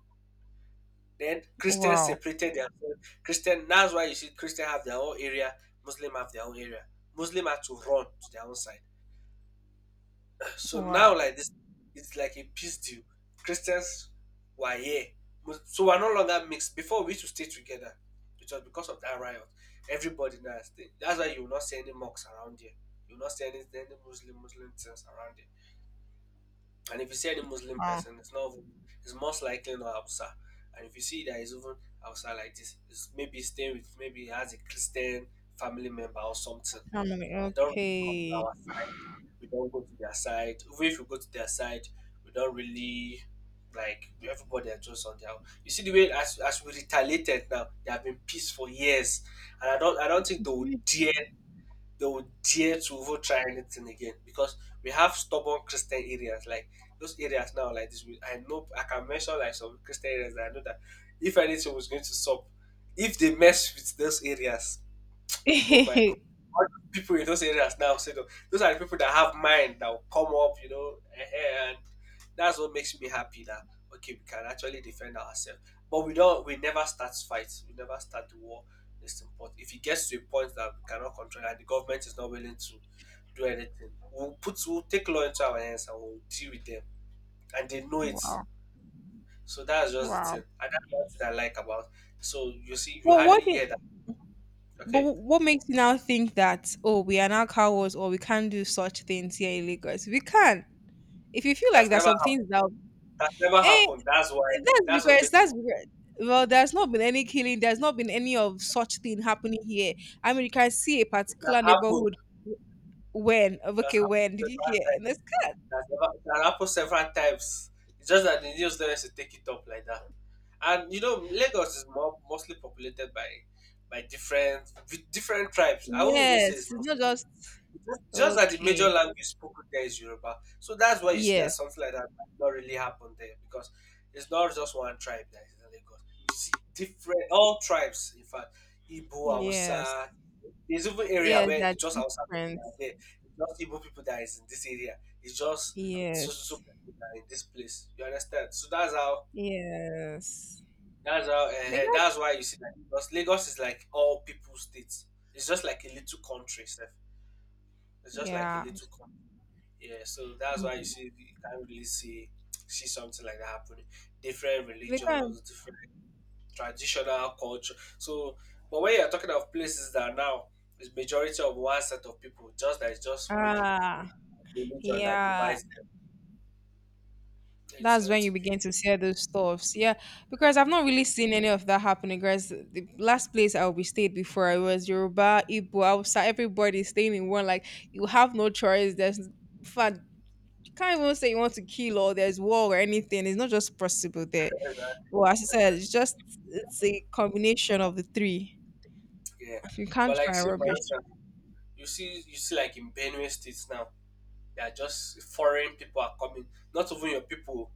Then Christians
wow.
separated themselves. Christian, that's why you see Christian have their own area, Muslim have their own area. Muslim had to run to their own side. So
Wow.
now like this, it's like a peace deal. Christians were here, so we're no longer mixed. Before we used to stay together, it was because of that riot. Everybody now stay. That's why you will not see any mocks around here. You will not see any Muslim Muslim things around here. And if you see any Muslim
Wow.
person, it's most likely not Hausa. And if you see that is even Hausa like this, it's maybe staying with maybe he has a Christian family member or something.
Family.
They don't really come to
Okay.
our side. We don't go to their side. Even if we go to their side, we don't really like everybody are just on their own. You see the way as we retaliated now, they have been peace for years. And I don't think they would dare to even try anything again because we have stubborn Christian areas. Like those areas now, like this, we- I know I can mention like some Christian areas that I know that if anything was going to stop, if they mess with those areas, oh my god. All those people in those areas now, so those are the people that have mind that will come up, and that's what makes me happy that okay, we can actually defend ourselves. But we never start fights, we never start the war. It's important. If it gets to a point that we cannot control and the government is not willing to do anything, we'll take law into our hands and we'll deal with them. And they know it.
wow.
So that's just the
Wow.
thing. And that's what I like about so you see you
Well,
hardly
what
hear
do
that.
but
Okay?
wh- what makes you now think that oh we are now cowards or we can't do such things here in Lagos? We can. If you feel like
That's
there's
never
some things
happened.
that,
That never
hey,
happened. That's why.
that's
That's what
because
made me.
that's because- well, there's not been any killing. There's not been any of such thing happening here. I mean, you can see a
It
particular
has happened.
neighborhood. When
That's
okay,
happened
when did you
several
hear?
times.
And it's cut.
That's never, it happened several times. It's just that the news don't to take it up like that. And you know, Lagos is more mostly populated by by different different tribes. I won't even say
Yes,
it's
it's not
Muslim.
just
Just that the major
okay.
language spoken there is Yoruba. So that's why you see that
Yes,
something like that might not really happen there because it's not just one tribe that is in Lagos. You see different, all tribes, in fact, Igbo,
yes,
Hausa, there's even area
yes.
where it's
That
just Hausa people that are
difference.
there. It's just Igbo people that is in this area. It's just so
Yes,
people that are in this place. You understand? So
yes.
that's how
They got
that's why you see that Lagos, Lagos is like all people states. It's just like a little country, sef. It's just like a
yeah.
little country. Yeah, so that's why you see you can't really see something like that happening. Different
They can.
religions, different traditional culture. So, but when you're talking of places that now is majority of one set of people, just that it's just maybe
Ah,
religion that
yeah.
divides them. It's
That's
going
when you
to be
begin to see those stuffs. Yeah, because I've not really seen any of that happening. Guys, the last place I will be stayed before I was Yoruba, Igbo, outside everybody staying in one. Like you have no choice. There's in fact you can't even say you want to kill, or there's war or anything. It's not just possible there.
exactly,
Well, as I said, it's
exactly.
just it's a combination of the three.
Yeah.
You can't
But like
try
see for
rubbish.
instance, you see like in Benue States now, they are just foreign people are coming, not even your people.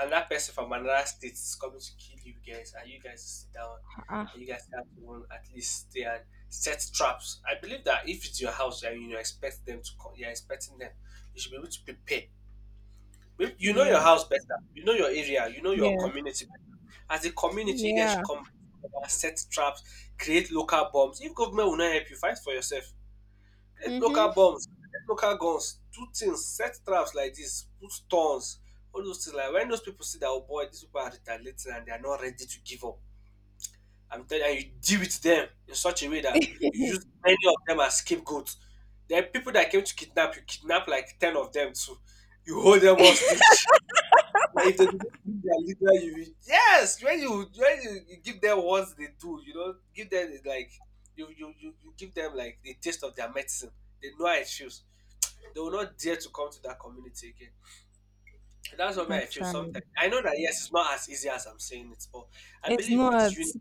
And that person from another state is coming to kill you guys, and you guys sit down, and
Ah,
you guys have to run at least stay and set traps. I believe that if it's your house and you expect them to come, you're expecting them, you should be able to prepare. Maybe you know your
yeah,
house better, you know your area, you know your
yes,
community better. As a community, you guys should
yeah.
come together, set traps, create local bombs. If government will not help you, fight for yourself. Get local
Hmm.
bombs, get local guns, do things, set traps like this, put stones, all those things. Like when those people see that, oh boy, these people are retaliating and they are not ready to give up. I'm telling you, and you deal with them in such a way that you use many of them as scapegoats. There are people that came to kidnap you, kidnap like 10 of them too. You hold them hostage. Like if they do not give their leader, yes, when you give them what they do, you know, give them like you give them like the taste of their medicine. They know how it feels they will not dare to come to that community again. And that's what I feel
Actually,
sometimes. I know that yes, it's not as easy as I'm saying it, but I
it's
believe with
not.
you,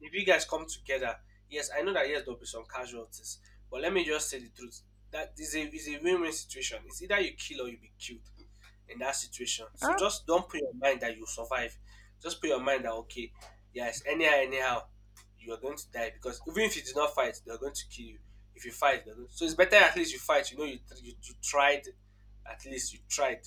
if you guys come together, yes, I know that yes, there'll be some casualties. But let me just say the truth. That is a win-win situation. It's either you kill or you be killed in that situation. So
Ah,
just don't put your mind that you survive. Just put your mind that okay, yes, anyhow, you are going to die because even if you did not fight, they are going to kill you. If you fight, they're going to. So it's better at least you fight. You know you tried, at least you tried.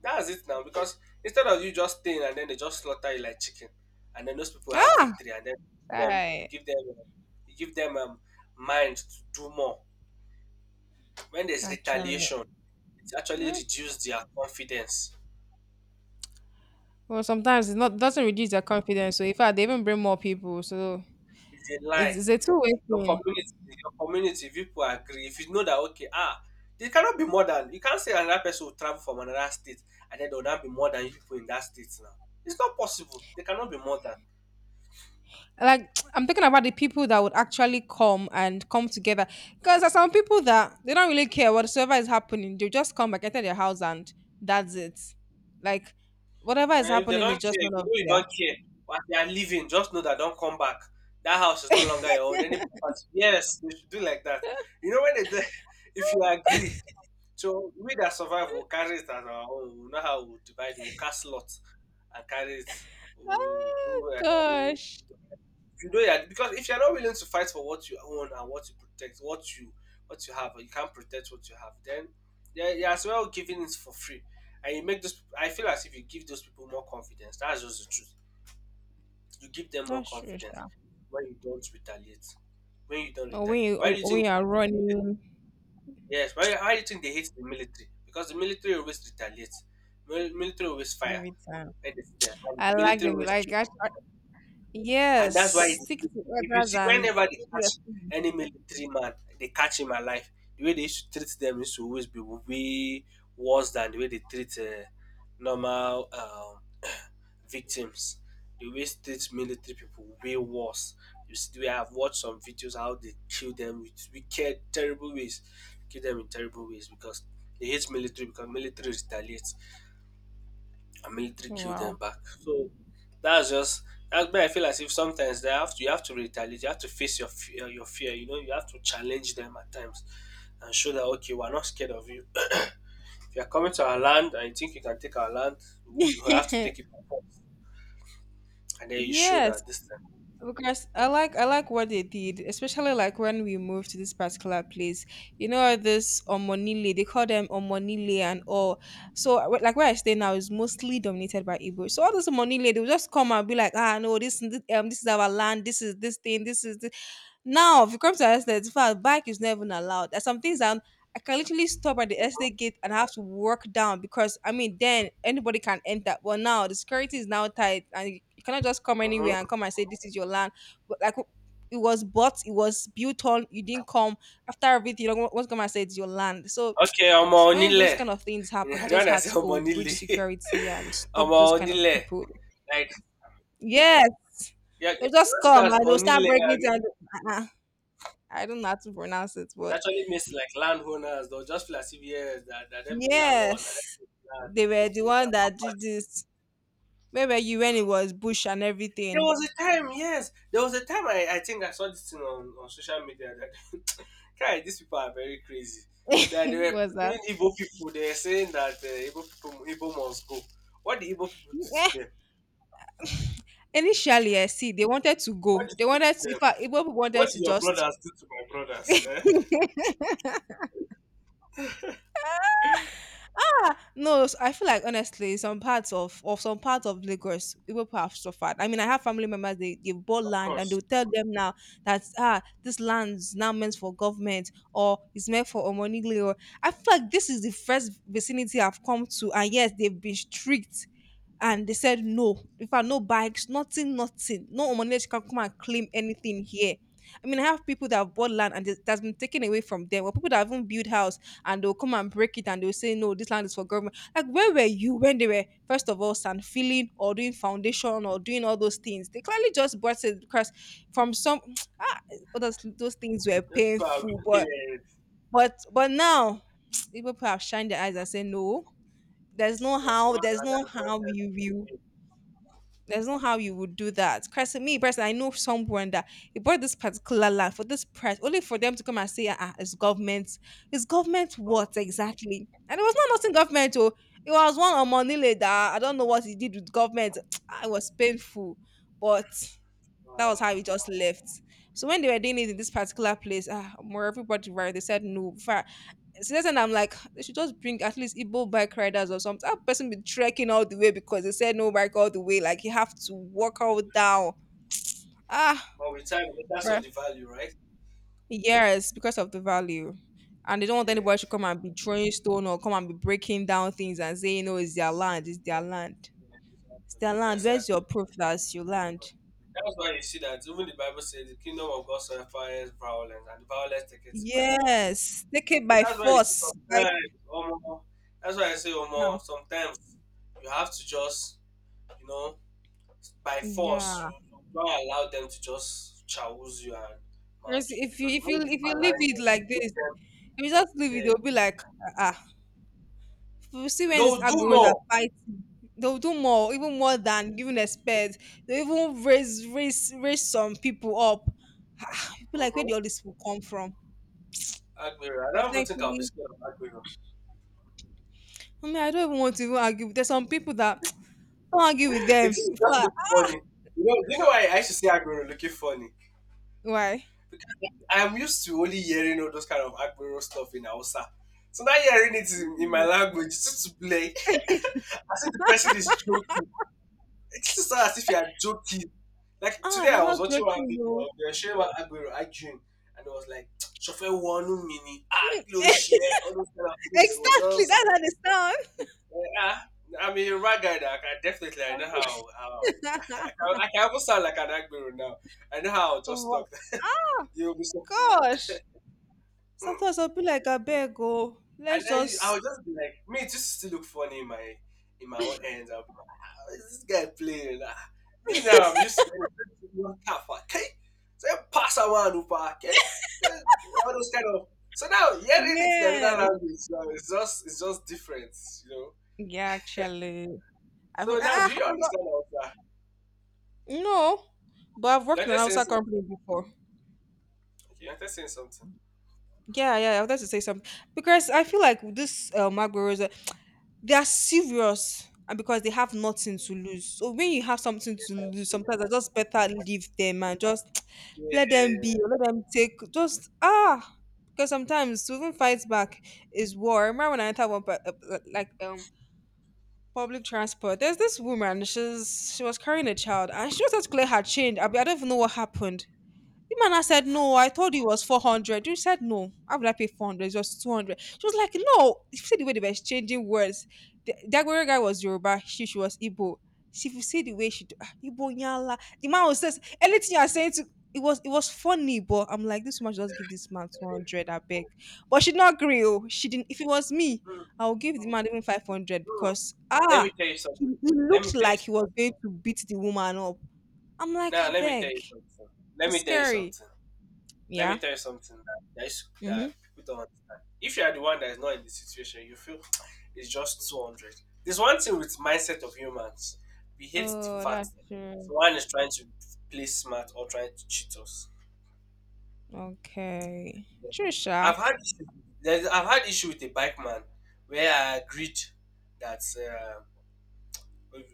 That's it now because instead of you just staying and then they just slaughter you like chicken, and then those people have
ah.
victory and then them you
Aye.
give them you give them mind to do more. When there's
Actually,
retaliation, it actually
mm,
reduces their confidence.
well, sometimes it's not doesn't reduce their confidence. So in fact, they even bring more people. So
It's a
it's,
lie.
it's a two-way
Your
thing.
community your community people agree. If you know that okay, ah, they cannot be more than you can't say another person will travel from another state and then there will not be more than you people in that state now. It's not possible. They cannot be more than.
Like I'm thinking about the people that would actually come and come together because there's some people that they don't really care whatsoever is happening. They just come back enter their house and that's it. Like whatever is
And if they
happening
don't
is
care,
just none
if you
of
know you
their.
don't care, but they are leaving, just know that don't come back. That house is no longer your own. Any property. Yes, they should do like that. You know when they do- if you agree, so we that survive will carry it as our own. We know how we divide. We will cast lots and carry it. We will
Oh
do.
gosh,
You know, yeah, because if you're not willing to fight for what you own and what you protect, what you have, or you can't protect what you have, then yeah, as well giving it for free, and you make those. I feel as if you give those people more confidence. That's just the truth. You give them more
that's true.
confidence
Sha.
when you don't retaliate. When you don't
Or when
retaliate,
you
why do you
or when
think
you are running
yes, why do you think they hate the military? Because the military always retaliates. Military always fire
every time.
when they see them, and
I like
military
them.
always
Like
kill.
I,
And
yes,
that's why it's,
stick to
if you
others
see
and
whenever they
yes.
catch any military man, they catch him alive. The way they used to treat them used to always be way worse than the way they treat normal. Victims, the way state military people way worse. You see, we have watched some videos how they kill them with wicked, terrible ways. Kill them in terrible ways because they hate military because military retaliates and military kill them
Wow.
back. So that's just that's why I feel as if sometimes they have to you have to retaliate, you have to face your fear, You know, you have to challenge them at times and show that okay, we're not scared of you. If you're coming to our land and you think you can take our land, you have to take it by force. And then you show
Yes,
that this time.
because I like what they did, especially like when we moved to this particular place. You know this Omonile, they call them Omonile and all. So like where I stay now is mostly dominated by Igbo. So all those Omonile, they will just come and be like, ah no, this is our land, this is this. Now if you come to us, that in fact, bike is never even allowed. There's some things that I can literally stop at the estate gate and I have to walk down because I mean then anybody can enter. But now the security is now tight, and you cannot just come
Mhm.
anywhere and come and say this is your land. But like it was bought, it was built on, you didn't come after everything, you know, what's gonna say it's your land. So
Okay, ọmọ
when those
onílẹ̀.
kind of things happen,
I
you
don't
just
wanna
had
say
to
ọmọ
oh, breach
onílẹ̀.
security and
Ọmọ
stop those kind of
onílẹ̀.
people.
Like,
Yes,
yeah, you
they'll just
pronounce it
come
as
and they'll start
onílẹ̀.
breaking it
And
down. Uh-uh. I don't know how to pronounce it,
it
but
actually means like landowners. They'll just feel as if, yes, that them be landlord and that them
yes,
be land.
they were the
Is their
one that did
property.
this. Where were you when it was bush and
There
everything?
was a time, yes. There was a time I think I saw this thing on social media that, guy, these people are very crazy. That they were
Was that?
putting Igbo people, they were saying that Igbo people, Igbo must go. What did Igbo people do
Yeah.
to them?
Initially, I see they wanted to
What
go.
did
They
you
wanted
do
to.
to
In
them?
fact, Igbo people
What
wanted
did
to
your
just
brothers do to my brothers? Eh?
Yeah, no, s- I feel like honestly, some parts of some parts of Lagos, people have suffered. I mean, I have family members they bought
Of
land and
course.
they'll tell them now that ah, this land is now meant for government, or it's meant for Omonigli. Or I feel like this is the first vicinity I've come to, and yes, they've been strict. And they said no. If I no bikes, nothing, nothing. No Omonigli can come and claim anything here. I mean, I have people that have bought land and it- that's been taken away from them, or people that haven't built house and they'll come and break it, and they'll say no, this land is for government. Like where were you when they were first of all sand filling or doing foundation or doing all those things? They clearly just bought it because from some ah, all those things were
Those people are
painful, but
wicked.
but but now people have shined their eyes and say no, there's no
Yes, you
how
want
there's no
another
how
nonsense
you
to
will
do.
there's no how you would do that. Christ, me personally, I know someone that he bought this particular land for this price, only for them to come and say, ah, it's government. It's government
Oh,
what exactly? And it was not nothing government. Oh, it was one on money later. I don't know what he did with government. It was painful, but that was how he
ah.
just left. So when they were doing it in this particular place, more everybody right, they said no. So then I'm like, they should just bring at least Igbo bike riders or something. That person be trekking all the way because they said no bike all the way. Like you have to walk all down. Ah,
But with time, that's saw
bruh.
the value, right?
Yes, because of the value. And they don't
Yeah,
want
yeah,
anybody to come and be throwing stone or come and be breaking down things and saying, no, it's their land, it's their land.
yeah,
It's
exactly.
their land. Where's your
Exactly.
proof that's your land?
That's why you see that even the Bible says the kingdom of God suffers violence, and the violence takes it by force.
Yes, take it
So
by
That's why you see
force right
sometimes, Omo, that's why I say,
now.
Omo, sometimes you have to just, you know, by force,
Yeah,
you don't allow them to just chouse you and
because
maltreat
if you
because
if
when
you
you
if you leave
align
it
them,
like
you
this,
make them
if you just leave it,
yeah,
they'll be like, ah, ah, you see when these
they'll do
agoros are
more.
fighting, they'll do more, even more than even expect. They even raise some people up. Ah, people like where did all
Mm-hmm.
this people come from?
Aguero, I
But
don't even think I'll be
thankfully,
scared of Aguero.
I mean I don't even want to even argue. There's some people that don't argue with
It
them.
just it
But
look funny. You know why I should say Aguero looking funny
why?
because I'm used to only hearing all those kind of Aguero stuff in Hausa. So now hearing it in my
Mm.
language, it's just to play. I said the person is joking. It's just as if you are joking. Like
Ah,
today,
they're
I was
not
watching one
joking
video of
no.
the Shewa Aguero arguing, and it was like, "Chauffeur one mini, ah, close yeah, all those kind of things." It was
Exactly,
just,
that's how they sound.
eh, ah, I'm a rag guy. That I can definitely, I know how I
Um,
can, I can almost sound like an Aguero now. I know how I'll just talk.
Wow,
You'll be so,
gosh.
and
Sometimes I'll be like, I beg, oh, let's
then I
just
would just be like, me, it just to look funny in my own ends. Is this guy playing? Ah, me now, I'm used to getting half, okay? So you pass around, Upa, okay? Eh, all those kind of. So now, hearing it in
yeah.
another language, now it's just different, you know?
Yeah, actually, I've
So now, do you
but
understand all that?
no, but I've worked
You're
in an
just saying
outside
something.
company before.
Okay, you're just saying something.
Yeah, yeah, I wanted to say something because I feel like this Magbaros, they are serious and because they have nothing to lose. So when you have something
Yes,
to
I
lose,
do.
sometimes I just better leave them and just let them be,
Yeah.
or let them take just ah. Because sometimes to even fight back is war. I remember when I entered one public transport. There's this woman. She was carrying a child, and she was just clear her change. I don't even know what happened. The man now said, no, I told you it was 400. You said, no, how would I pay 400? It's just 200. She was like, no. You see the way they were exchanging words. The Dagwere guy was Yoruba, she was Igbo. She, if you see the way she Igbo nyala. The man was says, anything you are saying to, it was funny, but I'm like, this woman should just give this man 200, I beg. But she did not agree. Oh. She didn't, if it was me,
Mm,
I would give the man even 500
mm.
because,
Let me
ah,
tell you
he,
something.
he
Let me
looked
tell you
like he
something.
was going to beat the woman up. I'm like,
Now,
I
let me tell
beg.
you something. Let
It's
me tell you
scary.
something. Let me
Yeah.
tell you something that
Mhm.
people don't understand. If you are the one that is not in the situation, you feel it's just 200. There's one thing with mindset of humans. We hate the
Oh,
fact
that's
that
true.
someone is trying to play smart or trying to cheat us.
Okay.
I've
Trisha.
had issue- I've had issue with a bike man where I agreed that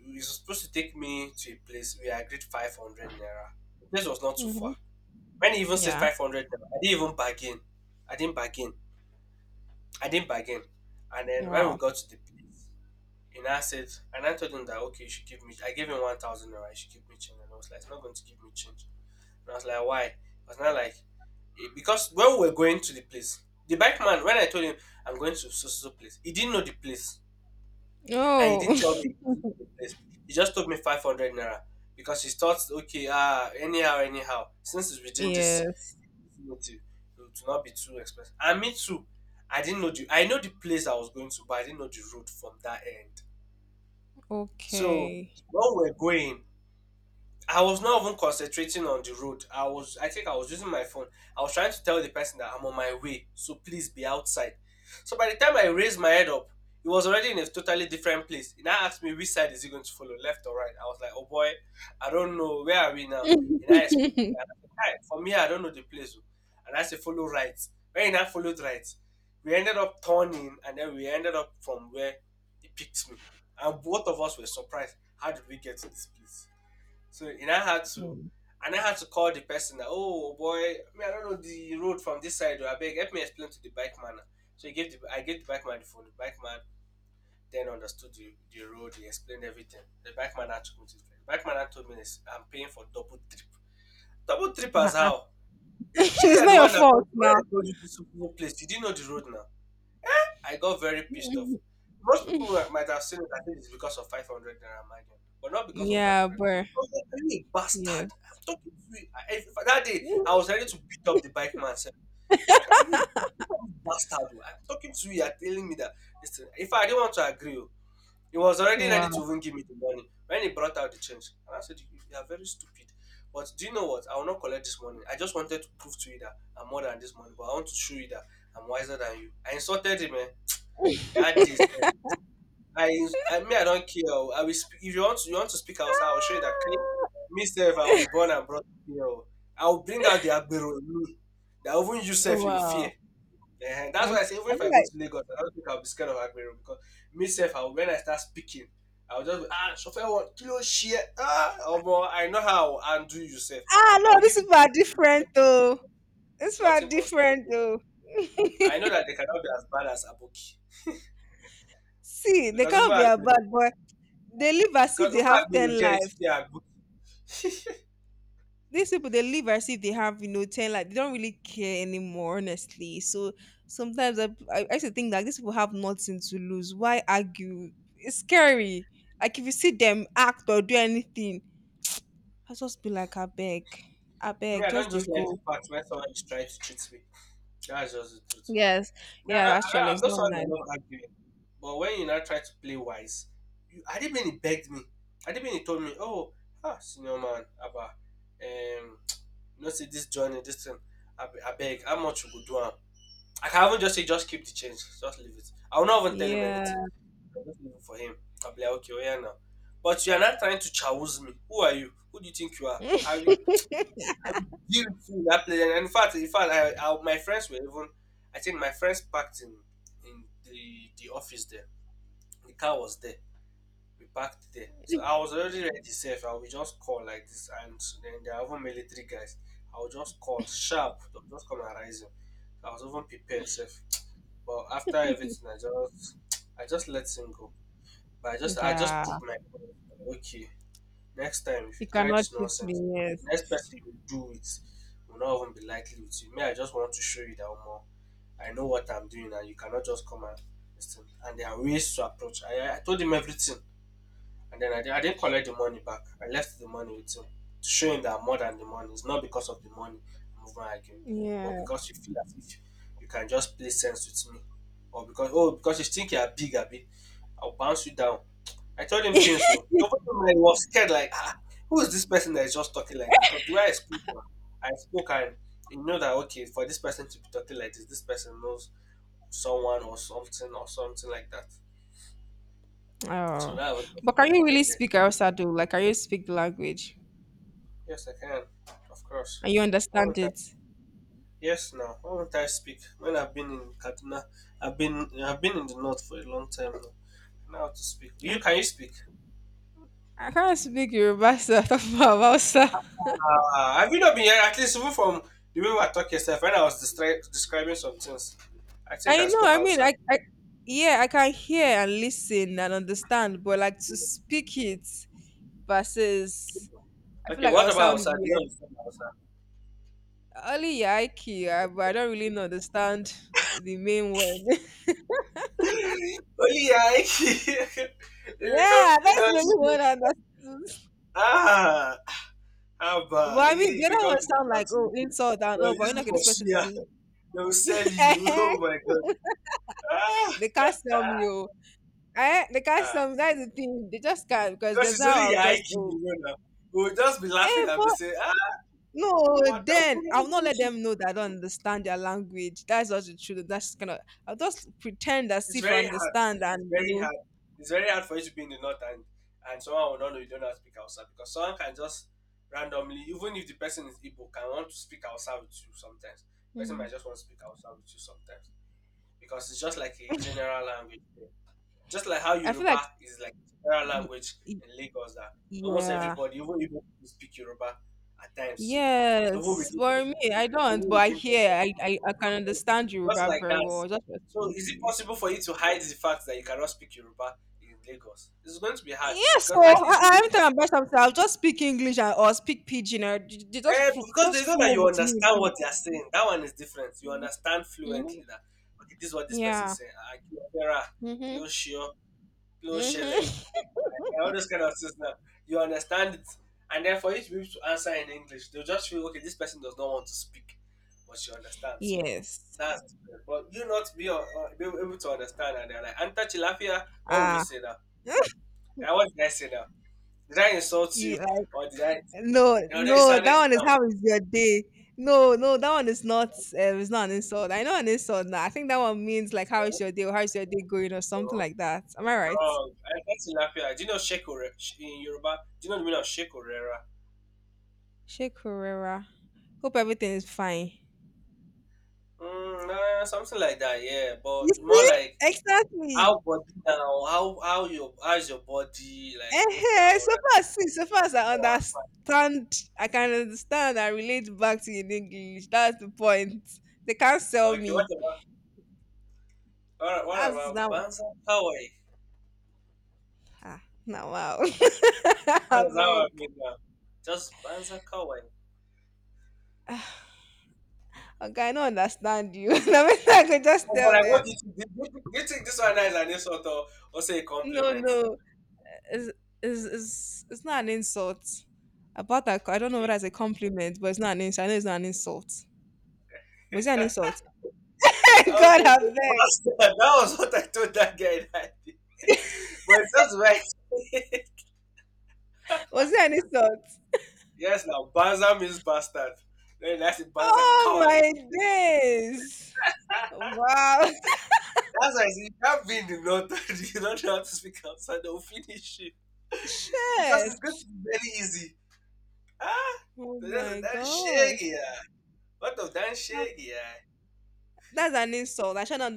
he was supposed to take me to a place. We agreed 500 naira. The place was not too far.
Mm-hmm.
When he even said
Yeah.
500 naira, I didn't even bargain. I didn't bargain. I didn't bargain. And then when we
Wow.
got to the place, and I said, and I told him that, okay, you should give me, I gave him 1,000 naira, you should give me change. And I was like, it's not going to give me change. And I was like, why? It was not like, eh, because when we were going to the place, the bike man, when I told him I'm going to so so so place, he didn't know the place. And he
Oh,
didn't tell me he didn't know the place. He just told me 500 naira because he thought, okay, ah, anyhow, anyhow, since it's within this
yes.
know to would not be too expensive. And me too, I didn't know the I know the place I was going to, but I didn't know the road from that end. So,
Okay.
when we're going I was not even concentrating on the road. I was, I think I was using my phone. I was trying to tell the person that I'm on my way, so please be outside. So by the time I raised my head up, he was already in a totally different place. He now asked me which side is he going to follow, left or right. I was like, oh boy, I don't know. Where are we now? And I explained, and I said, "Hi, for me, I don't know the place. Oh." And I said, follow right. When he now followed right, we ended up turning, and then we ended up from where he picked me. And both of us were surprised. How did we get to this place? So and I had to
Mm.
and I had to call the person that oh boy, me I don't know the road from this side. Oh, I beg help me explain to the bike man. So he gave the I gave the bike man the phone. The bike man then understood the road. He explained everything. The bike man had took me to the place. The bike man had told me this, I'm paying for double trip. Double trip as
Uh-uh.
how? Sure,
It's
you're
not
the
your
one that
fault
told, when
now.
I told you this place. You didn't know the road now. I got very pissed off. Might have seen it and think it's because of 500 naira margin, but not because of
Yeah,
500. I
but
was like, "Are you a
yes.
bastard. I'm talking to you. I, if, that day, I was ready to beat up the bike man. Sef. I was like, are you you a bastard? Oh. I'm talking to you. You're telling me that. Listen, if I didn't want to agree, oh. He was already ready
Wow.
to even give me the money when he brought out the change. And I said, you are very stupid. But do you know what? I will not collect this money. I just wanted to prove to you that I'm more than this money, but I want to show you that I'm wiser than you. I insulted him, eh? That is, i i me I don't care oo I will speak if you want to you want to speak outside? I will show you that clean me sef I was born and brought here oo I will bring out the agbero in me that even you
Ah,
sef you fear
wow.
that's
I,
why
I'm
I say even if I go
like,
to lagos I don't think I will be scared of agbero because me sef I will when I start speaking I will just be ah chauffeur what kilo share ṣe ẹ́ ah omo I know how I will undo yourself.
ah, no,
I will
this
give
is
you the
far different though. It's far
nothing concern
different
me
though.
I know that they cannot be as bad as aboki
See, they
because over
can't be a
agbero
bad boy. They live as if
Because
they
over
have
agbero
10 life.
they are good.
These people they live as if they have you know 10 like they don't really care anymore honestly so sometimes I used to think that these people have nothing to lose why argue it's scary, like if you see them act or do anything I just be like I beg, I
Me,
beg
I
just
don't
they
just like
go.
the fact when someone is trying to treat me. That's just the truth.
Yes.
Me,
Yeah, actually
I'm
it's
not
not
someone that
nice.
love arguing. But when you now try to play wise, you, Adibini begged me. Adibini told me, oh, ah, senior man, Abba, you know, see this journey, this thing, I beg, how much you go do am? I can even just say, just keep the change, just leave it. I will not even tell him
Yeah.
anything. I'll just leave it for him. I'll be like, okay, oh yeah, now. But you are not trying to chouse me. Who are you? Who do you think you are? Are we, guilt too in that place. And in fact, I, my friends were even. I think my friends parked in the office there. The car was there. We parked there. So I was already ready safe. I will just call like this, and then there are even military guys. I will just call sharp. They'll just come and rise him. I was even prepared safe. But after everything, I just let him go. But I just
Yeah,
proved my point. Okay, next time, if you
you
try
cannot
this
cheat me
nonsense,
yes.
next person you do it will not even be likely with you. Me, I just want to show you that more. I know what I'm doing, and you cannot just come and listen. And there are ways to approach. I told him everything. And then I didn't collect the money back. I left the money with him to show him that I'm more than the money. It's not because of the money I'm over arguing, but
Yeah.
because you feel as if you can just play sense with me, or because oh because you think you're big, Abby, I'll bounce you down. I told him things though. The whole time I was scared, like ah, who is this person that is just talking like this? Because the way I spoke, now, I spoke and you know that okay for this person to be talking like this person knows someone or something like that. So
Oh,
that was
but can you really
intended.
speak Hausa though, like can you speak the language
Yes, I can. Of course.
and you
Why
understand
won't I?
it?
Yes, now. Why won't I speak? When I've been in Kaduna, I've been in the north for a long time now. Now to speak. You can you speak?
I can't speak Yoruba, sir. Talk about Hausa.
Have you not been here? At least even from the way we were talking yourself when I was describing some things. I think
I
I
know.
spoke
I mean,
outside.
I yeah, I can hear and listen and understand, but like to speak it versus, I feel
Okay,
like
what
I'll
about
sound
outside? Do you
weird.
understand outside?
Only yaiki, but I don't really know understand the main one.
Only I. if you come
Yeah,
to
that's the
the
only
north,
one I understood.
ah, how
But
about
I mean,
if
the
you
other
come
one
to the
sound like
north,
oh insult and
you
oh, but
use
you know,
it
okay,
for
this person is
shea.
good.
They'll sell you.
Eh,
Oh my god. Ah.
they can't sell me. Oh, eh? They can't
ah.
sell me. That's the thing. They just can't because
Because
that's
it's
how
only
I'll
your
just
IQ,
oh.
you know now. We'll just be laughing
Eh,
and be
but
saying, ah,
no,
customer down.
then
We
I'll
don't
not
want—
let them know that I don't understand their language. That's not the truth. That's kind of, I'll just pretend as
It's
if I
very hard.
understand and
It's
you
very
know.
hard. It's very hard for you to be in the north, and someone will not know you don't know how to speak outside, because someone can just randomly, even if the person is Igbo, can want to speak outside with you sometimes. Person might
Mhm.
just want to speak outside with you sometimes, because it's just like a general language. Just like how
I feel
Yoruba
like
is like general
y-
language
y-
in Lagos, that almost
yeah.
everybody, even who speak Yoruba at times, even within
Yes. For me,
themselves,
I don't,
even
but I
within
hear
themselves,
I can understand
just
Yoruba
like
very
that.
well. I just
So
explain
is
to
it
you.
possible for you to hide the fact that you cannot speak Yoruba in Lagos? It's going to be hard,
Yes,
because
so
at least you
I, every
do.
time I buy something, I'll just speak English and, or speak Pidgin or just
Eh, because they
just
know that
flow
you
with me in
understand what
Pidgin.
they are saying. That one is different. You understand
Mhm.
fluently that okay, this is what this person is
Yeah.
saying. Ah, Kilo Fera,
Mm-hmm.
Kilo Shio, Kilo Shele,
Mm-hmm.
and all those kind of things now. You understand it. And then for you to be able to answer in English, they'll just feel, okay, this person does not want to speak, but you understand. So
Yes.
that's— but you not be, be able to understand. And they're like, Anta Chilafia, what will you
Ah,
say now? And what did I say now? Did I insult
you
you?
like
Or did I—
no,
you know, they
no,
sounded
that one is
calm.
how is your day? No, no, that one is not. It's not an insult. I know an insult now. I think that one means like how is
No,
your day? Or how is your day going? Or something
no,
like that. Am I right?
wrong. Anta Chilafia, do you know Shekore in Yoruba? Do you know the meaning of Shekorera?
Sheikh Herrera. Hope everything is fine.
Mm, something like that, yeah.
You
But more
see?
like, how
Exactly.
body now? How your how's your body? Like hope you're
Eh, so
alright.
far, see, so far as I
Oh, I'm
understand, I can understand. I relate back to in English. That's the point. They can't sell
fine. Okay, what
me.
about— what
That's
about
now.
Banza Kawai?
Ah, now wow.
What
I
does that
beg.
one mean now? Just Banza Kawai.
Okay, I don't understand you. I mean, I could just
Oh, but
tell
like, what do you
them,
think? Do you think this one is an insult, or say a
no,
compliment?
no, it's, it's it's not an insult. About that, I don't know
Okay.
whether it's a compliment, but it's not an insult. I know it's not an insult. Was it an insult?
I
God,
was
I
like,
beg.
bastard. That was what I told that guy that day. But it's just right.
Was it an insult?
Yes, now Banza means bastard. Then that's it, Banza
Oh,
Kawai.
my days. Wow.
That's why I see that being the— not you don't know how to speak outside, they'll finish you. Because it's going
Shit.
to be very easy. Ah,
Oh,
so that's a
my
damn
gosh.
shaggy. Ah. What of damn
That-
shaggy? Ah.
That's an insult. I should not,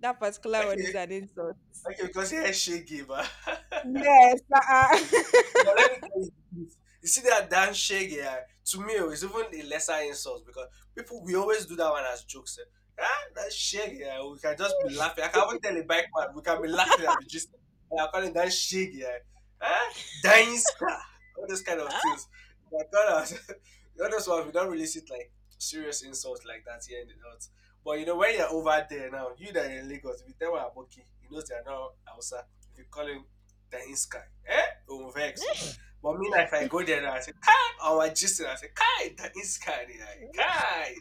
That particular one is
Okay,
an insult.
okay, because you're shaggy, but.
Yes, uh-uh.
But let me tell you the truth. You see that Dan Shay guy, to me, oh, it's even a lesser insult, because people, we always do that one as jokes. Eh. Ah, that Shay guy, we can just be laughing. I can even tell a bike man, we can be laughing and be just, and I call it Dan Shay guy. Ah, dying scar, all those kind of things. But God, all those ones, we don't really see it like serious insults like that here in the North. But you know, when you're over there now, you that are in Lagos, if you tell them I'm okay, he knows they're not outside. If you call him the in sky. Eh? Oh, vex. So. But me, like, if I go there now, I say, Kai, or I say, Kai, the in sky. They like, Kai.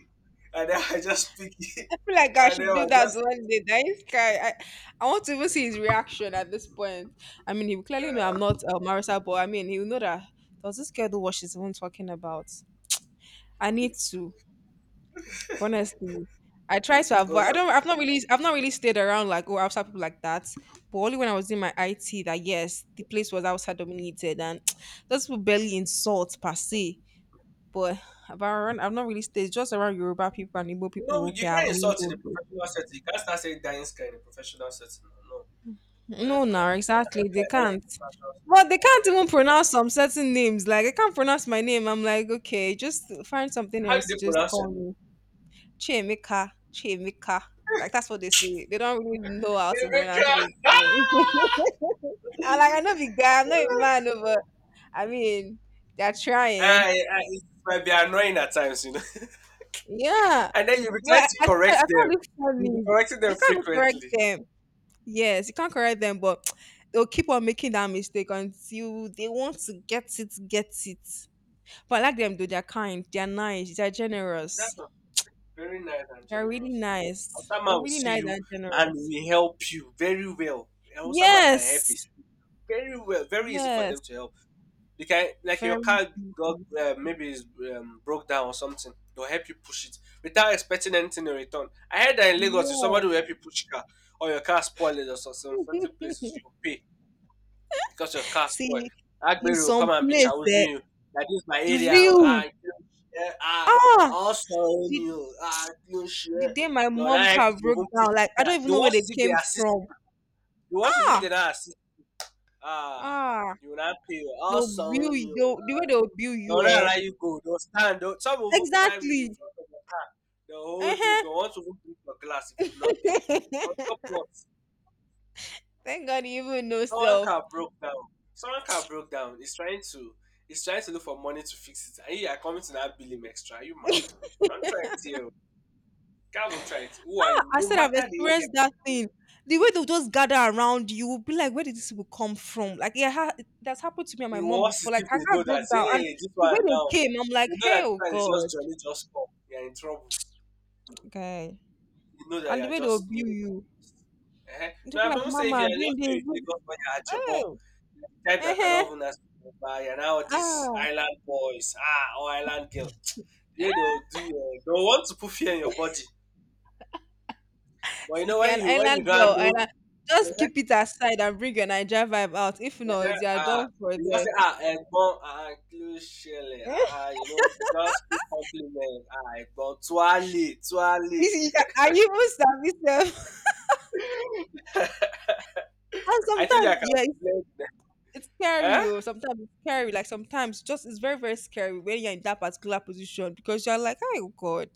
And then I just pick it.
I feel like I
And then
should
I
do that
just,
one day. That is guy, I want to even see his reaction at this point. I mean, he will clearly know I'm
uh,
not Marissa, but I mean, he'll know that does this girl do what she's even talking about? I need to, honestly. I try to
I
avoid.
was
I
just,
don't.
you
I've not really stayed around like oh outside people like that. But only when I was in my IT that yes, the place was outside dominated and those people barely insult per se. But I've around, I've not really stayed just around Yoruba people and Igbo
know,
people.
you
Okay,
can't
I've
insult in a
mingled with.
professional setting. You can't start saying dying sky in a professional setting. No, no. You don't
No,
do
now
that. And that's
exactly
what
they
I did in
can't.
a professional
But
setting.
they can't
Yeah.
even pronounce some certain names. Like I can't pronounce my name. I'm like, okay, just find something
How did
else to
they
just
pronounce your
call
name?
me. Chemika, Chemika. Like that's what they say. They don't really know how to pronounce it.
Rebecca.
So. I'm like, I know big guy. I'm not a man, no, but I mean, they're trying.
I, I, it might be annoying at times, you know.
Yeah,
And then you'll be
but
trying to
I
correct
can't
them.
look
You'll be
funny.
correcting them
You can't even correct
frequently.
them. Yes, you can't correct them, but they'll keep on making that mistake until they want to get it, get it. But I like them though, they're kind, they're nice, they're generous.
That's a very nice and
They're really
generous.
nice.
Osama
They're
will
really
see
nice
you
and
and
generous.
will help you very well. And Osama can help you
Yes.
very well. Very easy for
Yes.
them to help. They can, like your
Very
car got
easy.
maybe is broke down or something. They'll help you push it without expecting anything in return. I heard that in Lagos, if
Yeah.
somebody will help you push your car or your car spoiled or something, certain places you pay, because your car spoil.
See, in
Agbero will come
some
and be
place
chousing
that
you. That is my area. Oh,
real.
I, you don't share. Ah,
Ah,
also
the,
own you. I you don't
the
share.
day my
They will not
mom
help
car
you to
broke
even push
down, like
the
I
car.
don't even
The
know where
worst
they
is if they
came
assist.
from.
The worst is if they
Ah.
don't assist. Ah,
Ah.
you will not pay. I
They'll
also
bill
own
you.
you.
They'll, the way they'll bill
They will
you,
not
eh?
allow you go. They will stand. They will— some will even climb in
Exactly.
front of the car. They will hold you.
Uh-huh.
They will want to even break your glass if you do not pay. On top what?
Thank God you even know
Someone
self.
car broke down. Someone car broke down. He's trying to— he's trying to look for money to fix it. And you are coming to that bill him extra. Are you mad? Don't try it here. Can't even try it. Who are you?
I
No
said I've
matter the
experienced
area,
that thing. The way they'll just gather around you, will be like, where did this will come from? Like, yeah, that's happened to me and my
the
mom
worst is
before. Like,
if
her
they
car
know that,
broke down, and
hey, this
the way
one
they
now.
came, I'm like,
You know
hey,
that this
oh
one is
God,
just jolly, just come. You're in trouble.
okay.
You know that you
And the
are
way they'll
just new
bill
in
you,
Lagos. Eh-heh.
and
Now,
people
I do
like,
not say if you
Mama,
are just
bring this,
new in Lagos, but you are Ajabo,
oh,
you are the type
uh
that
huh,
cannot even ask by— you're now these
ah.
island boys, ah, or island girl. The way they'll do, they'll want to put fear in your body. But you
See,
know,
if you're
when
an
you when you
island
don't
girl,
know,
island, just
eh-heh,
keep it aside and bring your Niger vibe out. If
eh-heh,
not, you are
ah,
done for
you just
there.
say, ah, Egbon, ah, Klushele, ah,
Eh?
ah, you know, you just give compliment, ah, Egbon, Tuale,
You
Tuale.
see, are you even service And
I think I
sometimes,
can
yeah,
blend.
it's scary.
Eh?
Oh, sometimes it's scary. Like sometimes, just it's very very scary when you're in that particular position because you're like, oh God,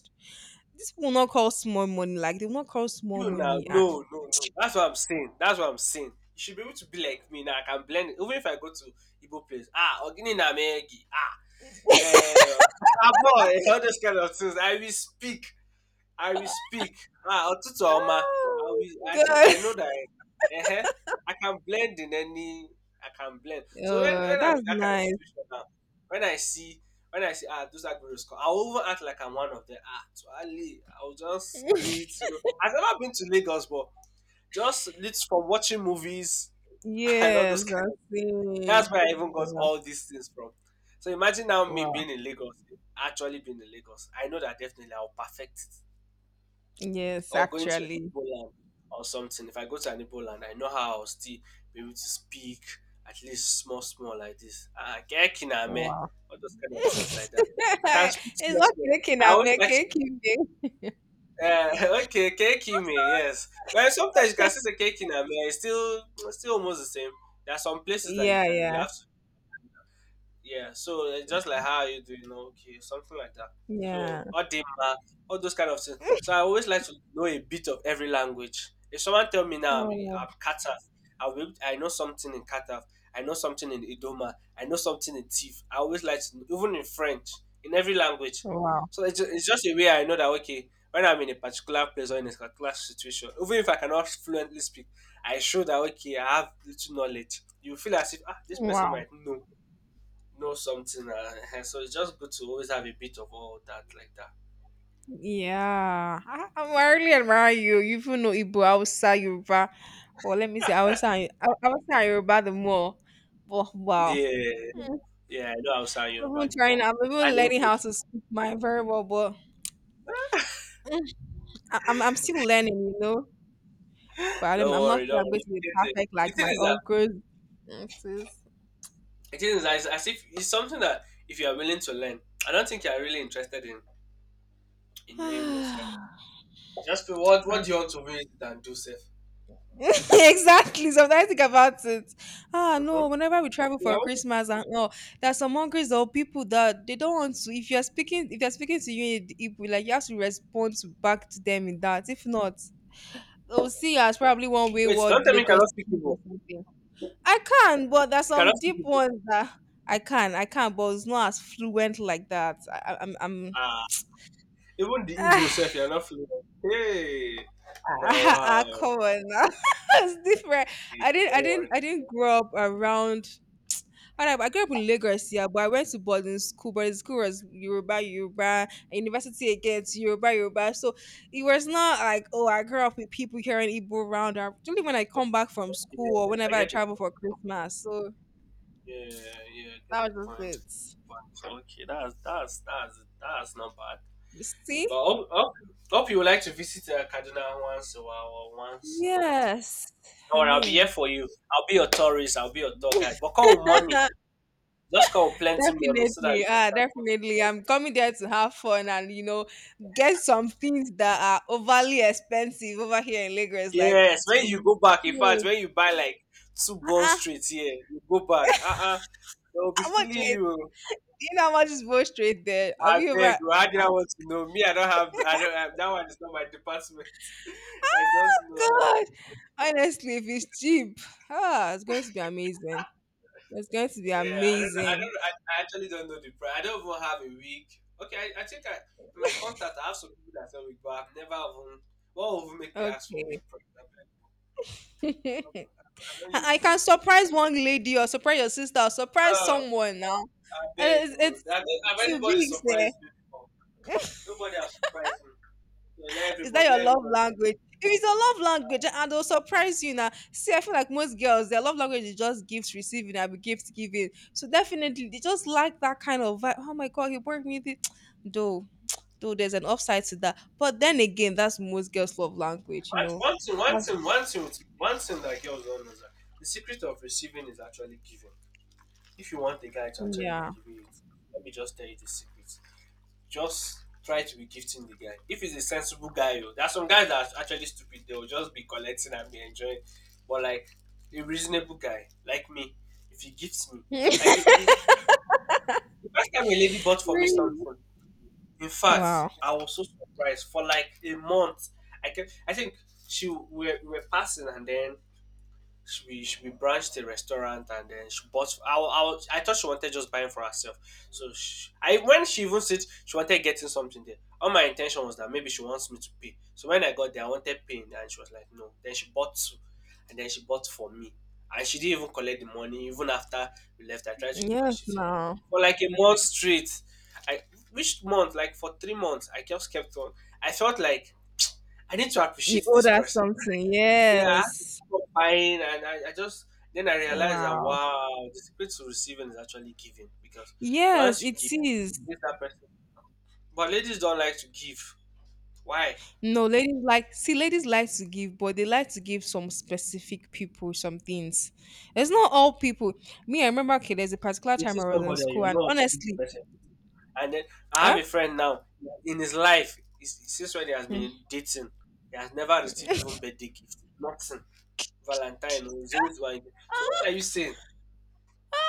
this will not call small money. Like they will not call small
You now,
money. And,
no, no, no. That's what I'm saying. That's what I'm saying. You should be able to be like me now. I can blend it. Even if I go to Igbo place, ah, Ogini Namegi, ah, yeah, ah, boy, all those kind of things. I will speak. I will speak. Ah, ọtụtụ ọma. I
oh
will— at least I
God,
know that I I can blend in any— I can blend. So when
oh,
when I'm
that's
in that kind of
nice.
situation now, when I see when I see ah those Aguero score, I will even act like I'm one of them. Ah, to Ali, I'll just greet, you know. I've never been to Lagos, but just lit from watching movies and all those
Yes, I
kind of things.
see.
That's where I even got
Wow.
all these things from. So imagine now me
Wow.
being in Lagos, actually being in Lagos. I know that definitely I'll perfect it,
Yes,
or going to an
actually.
Igbo land or something. If I go to an Igbo land, I know how I'll still be able to speak at least small, small like this. Ah, kekina me,
Wow.
all those kind of things like that. I can speak
It's
small,
not
small.
cake in
I always
America,
like,
cake.
okay, kekime, yes. Well, sometimes you can still say kekina me. It's still— it's still almost the same. There are some places that you
Yeah,
can, you
yeah,
have to— yeah, so it's just like how are you doing? No, okay, something like that. So
yeah.
Odima, all those kind of things. So I always like to know a bit of every language. If someone tell me now I'm—
Oh,
I'm Kataf, I'll be able— I know something in Kataf, I know something in Idoma, I know something in Tif. I always like to know, even in French, in every language.
wow.
So it's just a way I know that okay, when I'm in a particular place or in a particular situation, even if I cannot fluently speak, I show that okay, I have little knowledge. You feel as if ah, this person
Wow.
might know— know something. So it's just good to always have a bit of all that like that.
Yeah. I really admire you. You even know Igbo, Hausa, Yoruba. But let me say, Hausa and Hausa and Yoruba the more. But wow.
Yeah,
Mm,
yeah. I know I'll sound
I am
Yoruba
even trying,
anymore.
I am
I
even
know.
learning how
English.
to speak my very well, but mm, I'm still learning, you know. But
Don't
I'm not
worry,
sure
don't
I'm going
worry.
to be
You get it.
perfect
The
like
thing
my
is that
uncles. It is.
the thing is that it's as if it's something that if you are willing to learn, I don't think you are really interested in— in knowing those kind of things. Just feel, what
I
do you want to read and do, safe?
exactly. Sometimes I think about it. Ah, no.
Mm-hmm.
Whenever we travel
Yeah,
for
what—
Christmas and all, there are some monkeys or people that they don't want to. If you are speaking, if they're speaking to you in Igbo, like you have to respond to, back to them in that. If not, they'll see you as probably one
wait, don't
wayward
tell me you
Lagos
cannot speak
kid
Igbo.
or something. I can, but there's
You cannot
some
speak
deep
Igbo.
ones that I can. I can, but it's not as fluent like that. I'm.
Ah, even the Igbo self, you're not fluent. Hey,
Ah,
now
ah, ah,
wow.
come on now. It's different.
Okay,
I didn't
don't
I didn't
worry.
I didn't grow up around. And I grew up in Lagos, yeah, but I went to boarding school. Boarding school was Yoruba, and university again to Yoruba. So it was not like, oh, I grew up with people hearing Igbo around. Or only when I come back from
Yeah,
school or whenever
I
I
get the—
travel for Christmas. So
yeah, yeah, I get the
that was
point.
just
But okay, that's not bad.
it. See?
But hope you would like to visit Kaduna once a while or once in a lifetime.
Yes. I
Or I'll be here
mean,
for you. I'll be your tourist. I'll be your tour guide. But call with money. Just call with plenty money so that you
definitely. Ah,
can go
definitely. I'm
to.
coming there to have fun and, you know, get some things that are overly expensive over here in Lagos, like
Yes,
ah, to
when
be
you go back, in fact,
huge.
when you buy like two bone
Uh-uh.
street here, you go back. Uh-uh, they will be
How much
feeling
weight?
you.
Do you know how much is both straight there? Have
I
you ever?
beg
Ah,
you. How do I want to know? Me, I don't have. I don't. That one is not my department. I don't know how.
God,
Much,
honestly, if it's cheap, ah, it's going to be amazing. It's going to be
yeah, I don't know. I
amazing.
don't. I actually don't know the price. I don't even have a week. Okay, I think I in my contact I have some people that sell week, but I've never even. What would even make me ask for
Okay,
week price? I beg you.
I
I don't
I
use
can
week. Oh.
surprise one lady or surprise your sister or
No,
surprise someone now.
I beg
And It's,
you. I
it's
don't, have
too
anybody
big,
surprised me before?
there.
Nobody has surprised me. So let
Is that
everybody.
your
Let
love
everybody.
language? If it is your love language, and they'll surprise you now. See, I feel like most girls, their love language is just gifts receiving and gift giving. So definitely, they just like that kind of vibe. Oh my god, he bought me this. Though, though, there's an upside to that. But then again, that's most girls' love language, you
One,
know.
one thing, one
That's—
thing, one thing, one thing that girls don't know is that the secret of receiving is actually giving. If you want a guy to actually be
yeah.
giving it, let me just tell you the secret. Just try to be gifting the guy. If he's a sensible guy, oh, there are some guys that are actually stupid. They will just be collecting and be enjoying. But like a reasonable guy like me, if he gifts me, like the first time a lady bought for me
Really?
something, in fact,
Wow.
I was so surprised for like a month. I think she we were passing and then She we branched a restaurant and then she bought I thought she wanted just buying for herself so she, I when she even said she wanted getting something there all my intention was that maybe she wants me to pay so when I got there I wanted paying and she was like no then she bought two and then she bought for me and she didn't even collect the money even after we left I tried to give her
Yes.
she said no
Now
for like a month straight I which month like for 3 months I just kept on I felt like I need to
you
appreciate
owe
this
that
person.
something.
Yeah, I had to
Yes.
stop buying, and I just then I realized that
Wow.
wow, the secret to receiving is actually giving because
Yes,
once you
it
give,
is.
it's that person. But ladies don't like to give. Why?
No, ladies like see, ladies like to give, but they like to give some specific people some things. It's not all people. Me, I remember okay, there's a particular
They
time
see
I was in
somebody and you
school, and
know what to give the
honestly,
person. And then I have
huh?
a friend now in his life, since when he has
Mm.
been dating, he has never received even birthday gift, nothing. Valentine, oh, he's always buying. So what are you saying?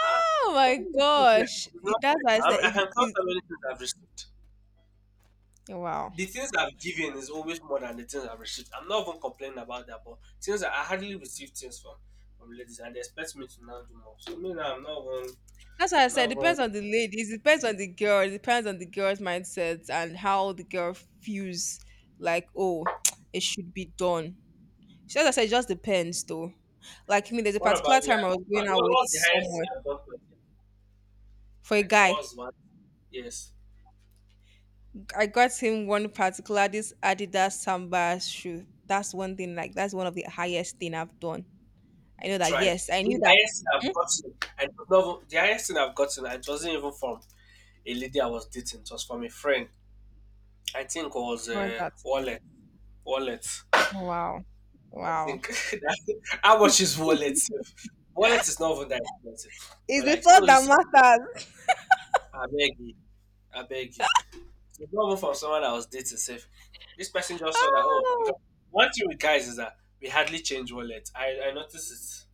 Ah,
Oh my
even if it's
gosh,
not
that's
fair.
why I
I
said
mean, I can
it,
count
it,
how many things I've received.
wow.
The things I've given is always more than the things I've received. I'm not even complaining about that, but things that I hardly receive things from ladies and they expect me to now do more. So me now
That's why I
I'm
said
not
it
even
depends on the ladies, it depends on the girl, it depends on the girl's mindset and how the girl feels like, oh, it should be done. So as I said, it just depends though. Like me, there's a
what about
particular
you?
time I was going out with
What's the highest
someone
you have gotten?
for a
Like what
guy.
was one yes.
I got him one particular this Adidas Samba shoe. That's one thing. Like that's one of the highest thing I've done. I know
You
that.
tried.
Yes, I
I
knew
mean, the
that.
highest thing
Hmm?
I've gotten and no, the highest thing I've gotten it wasn't even from a lady I was dating, it was from a friend. I think it was
What is
a
that?
wallet. Wallet.
Wow,
I
wow.
think that, how much is wallet sef? Wallet is not even that expensive.
It's
But
the
like, so
thought
you
that
see,
matters.
I beg you, I beg you. So it's not even from someone I was dating. Safe. This person just saw that. Oh, because
Oh,
one thing with guys is that we hardly change wallet. I noticed it.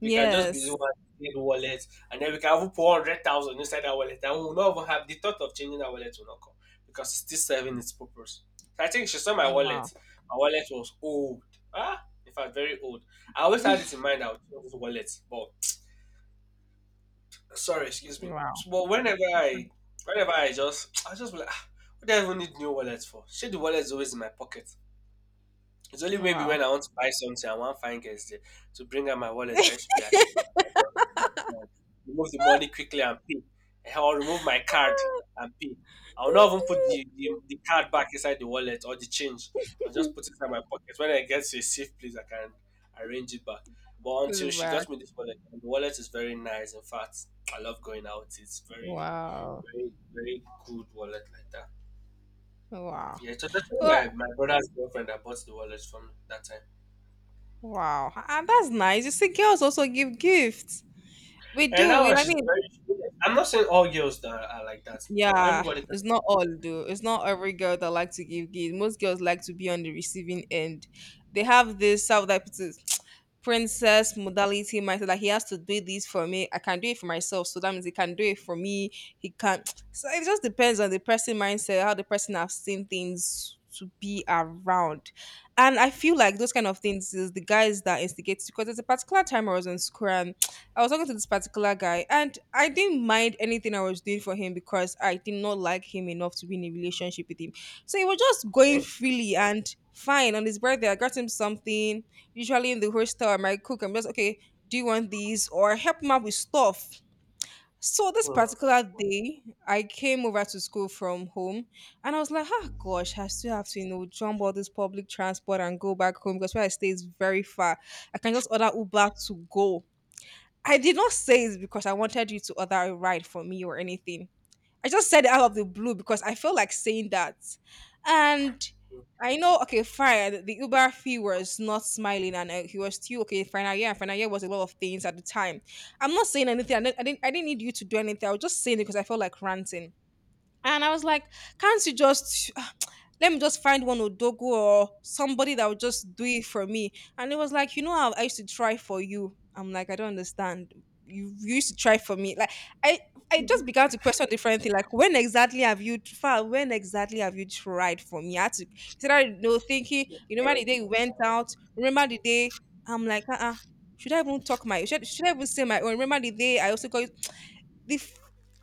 We can just be using
yes.
one little wallet and then we can even put 100,000 inside our wallet and we'll not even have the thought of changing our wallet will not come because it's still serving its purpose. So I think she saw my
Oh, wow.
wallet. My wallet was old. Ah, in fact, very old. I always had it in mind that I would change this wallet, but sorry, excuse me.
Wow.
But
That's fine.
whenever I just, I just be like, "Ah, what do I even need new wallets for? Shit, the wallet is always in my pocket. It's only maybe
Wow.
when I want to buy something, I want find girls there to bring out my wallet. I should be ashamed. I'll just uh, remove the money quickly and pay. Eh, will remove my card and pay. I'll not even put the card back inside the wallet or the change. I'll just
To
put it inside my pocket. When I get to a safe place, I can arrange it back. But until
the
she got
back.
me this wallet, and the wallet is very nice. In fact, I love going out. It's very,
Wow.
very, very good wallet like that.
Wow.
Yeah, it was actually
Wa-
my brother's girlfriend that bought the wallet from that time.
Wow. And that's nice. You see, girls also give gifts. We
And
do. We,
now
I
she's
mean,
very. I'm not saying all girls that are like that.
yeah,
Everybody
it's not all though. It's not every girl that like to give gifts. Most girls like to be on the receiving end. They have this self that puts it, princess modality mindset. Like he has to do this for me. I can do it for myself. So that means he can do it for me. He can't. So it just depends on the person mindset, how the person have seen things to be around. And I feel like those kind of things is the guys that instigate because there's a particular time I was in school. I was talking to this particular guy, and I didn't mind anything I was doing for him because I did not like him enough to be in a relationship with him. So he was just going
can.
freely and fine. On his birthday, I got him something. Usually in the hostel, I might cook. I'm just okay. Do you want these or help him out with stuff? So this
Hmm. Hmm.
particular day, I came over to school from home, and I was like, "Oh gosh, I still have to, you know, jump all this public transport and go back home because where I stay is very far. I can just order Uber to go." I did not say it because I wanted you to order a ride for me or anything. I just said it out of the blue because I felt like saying that. And I know, okay, fine. The Uber fee was not smiling, and he was still okay. Final year, and final year was a lot of things at the time. I'm not saying anything. I didn't need you to do anything. I was just saying it because I felt like ranting. And I was like, can't you just let me just find one Odogo or somebody that would just do it for me? And it was like, you know how I used to try for you. I'm like, I don't understand. You used to try for me. Like I I just began to question different things. Like when exactly have you far when exactly have you tried for me? I had to he started you know, thinking, you remember the day
Uh,
we went out, remember the day I'm like, should I even talk my should I even say my own? Remember the day I also got the f-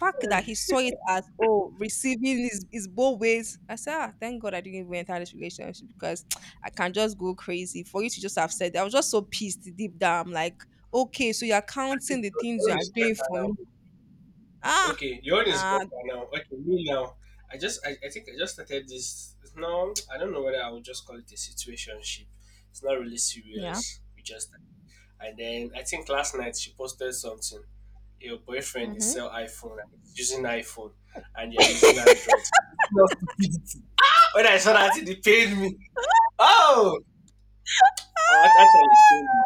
fact that he saw it as oh receiving is both ways. I said, ah, thank God I didn't even enter this relationship because I can just go crazy. For you to just have said that, I was just so pissed deep down. I'm like, okay, so you're
at least
counting the
your
things you
own
are
is
doing
better
for
now.
me. Ah,
Okay, your own is better
nah.
now. Okay, me now. I just, I think I just started this. No, I don't know whether I would just call it a situationship. It's not really
Yeah.
serious. We just, and then I think last night she posted something. Your boyfriend is
Mm-hmm.
sell iPhone and he's using iPhone, and you're using Android. No stupidity. When I saw
Ah,
that, it pained me. Oh, actually, it pained me.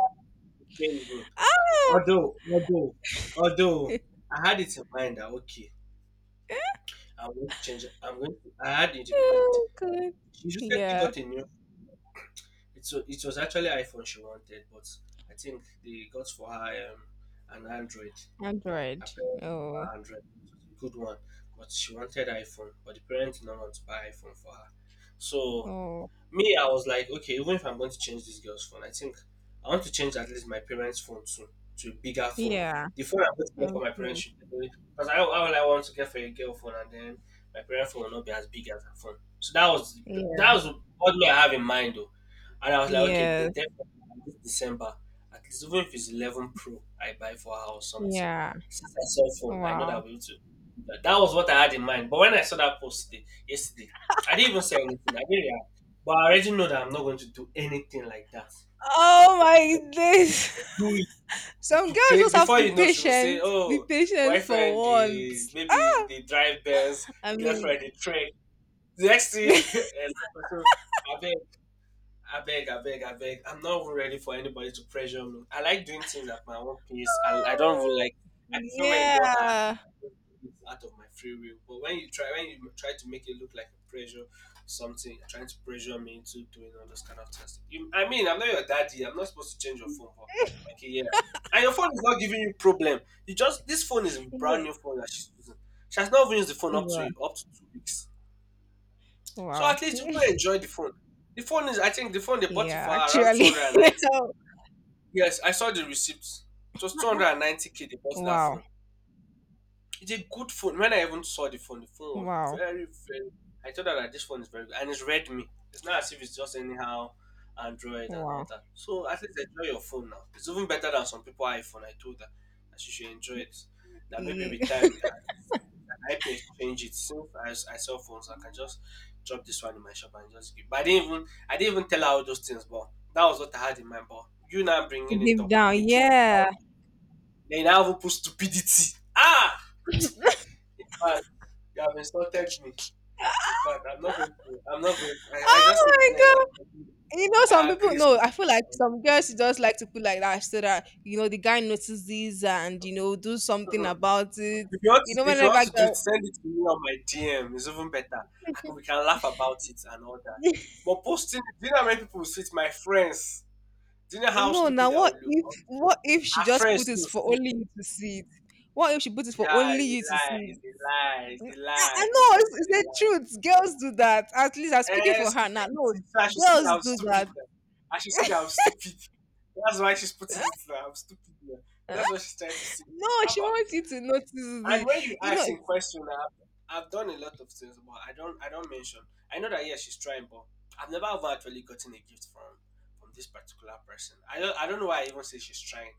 It pained me.
ah.
Although, although, although, I had it in mind that okay, I'm going to change. I'm going. I had it in mind.
Oh, good.
She recently
Yeah.
got a new. It was actually iPhone she wanted, but I think they got for her an Android. Her
Android.
parents got
Oh.
her Android, it was a good one, but she wanted iPhone. But the parents did not want to buy iPhone for her, so
Oh.
me, I was like, okay, even if I'm going to change this girl's phone, I think I want to change at least my parents' phone too to a bigger phone.
Yeah.
The phone I'm going to get for my parents
Okay.
should be because I only want to get for a girl phone, and then my parents' phone will not be as big as her phone. So that
Yeah.
was what I have in mind though, and I was like, okay,
Yes.
definitely by this December, at least even if it's 11 Pro, I buy for her or something.
Yeah.
Since I saw phone, I know that
Wow.
we too. That that was what I had in mind. But when I saw that post today, yesterday, I didn't even say anything. I didn't but I already know that I'm not going to do anything like that
Oh
because
my days.
do it
Some
to
girls
create
just have to
before
be
you know she will say,
patient. Be
"Oh,
patient
boyfriend,
for
the
once.
maybe they drive Benz,
I mean,
girlfriend, they train." The next thing, and so I beg, I beg. I'm not even ready for anybody to pressure me. I like doing things at my own pace. I don't even like. I prefer when you don't act
yeah.
it's out of my free will. But when you try to make it look like a pressure, something trying to pressure me into doing all those kind of things. You, I mean, I'm not your daddy. I'm not supposed to change your phone, but okay, yeah. And your phone is not giving you problem. You just this phone is a brand
Yeah.
new phone that she's using. She has not even used the phone
Wow.
up to 2 weeks. So
Wow.
at least people enjoy the phone. The phone is, I think, the phone they bought it
Yeah,
for around
actually.
290. Yes, I saw the receipt. It was 290k they bought that
Wow.
phone. It's a good phone. When I even saw the phone was
Wow.
very, very. I thought that like, this phone is very good. And it's Redmi. It's not as if it's just anyhow Android and all
Wow.
that. So at least enjoy your phone now. It's even better than some people iPhone. I told her that she should enjoy it. That maybe
Yeah.
with time I help you exchange it since I sell phones. I can just drop this one in my shop and just give. But I didn't even tell her all those things. But that was what I had in mind. But you now bringing it
Deep
up and
down.
making it
Yeah.
sound. Then you now even put stupidity. Ah, in fact, you have insulted me. In fact, I'm not going to. I'm not going. I just
Oh
said
my
yes.
god. You know, some
I
people
agree.
no, I feel like some girls just like to put like that so that you know the guy notices and you know do something about it. You know,
If you
whenever
want to do
girl
it, send it to me on my DM. It's even better. I can, we can laugh about it and all that. But posting, it, do you know how many people will see it? My friends. Do you know how
no, now
stupid I will look?
what if she
Our
just put
friends
it
will
for
see it.
only you to see it? What if she put it for
Yeah,
only
it's
you
a
to see
lie.
it?
It's a lie. It's a
I
lie.
know it's
It's a
the
lie.
truth. Girls do that. At least I'm speaking
Eh,
for her now. No,
stupidity. So I should see that
girls
I'm
do
stupid
that.
now. I should see that I'm stupid. That's why she's putting it now. I'm stupid now.
Eh?
That's what she's trying to say.
No,
How
she
about?
wants you to notice
And
the.
when you
You
ask
know
in question, I've done a lot of things, but I don't mention. I know that yeah, she's trying, but I've never ever actually gotten a gift from this particular person. I don't know why I even say she's trying.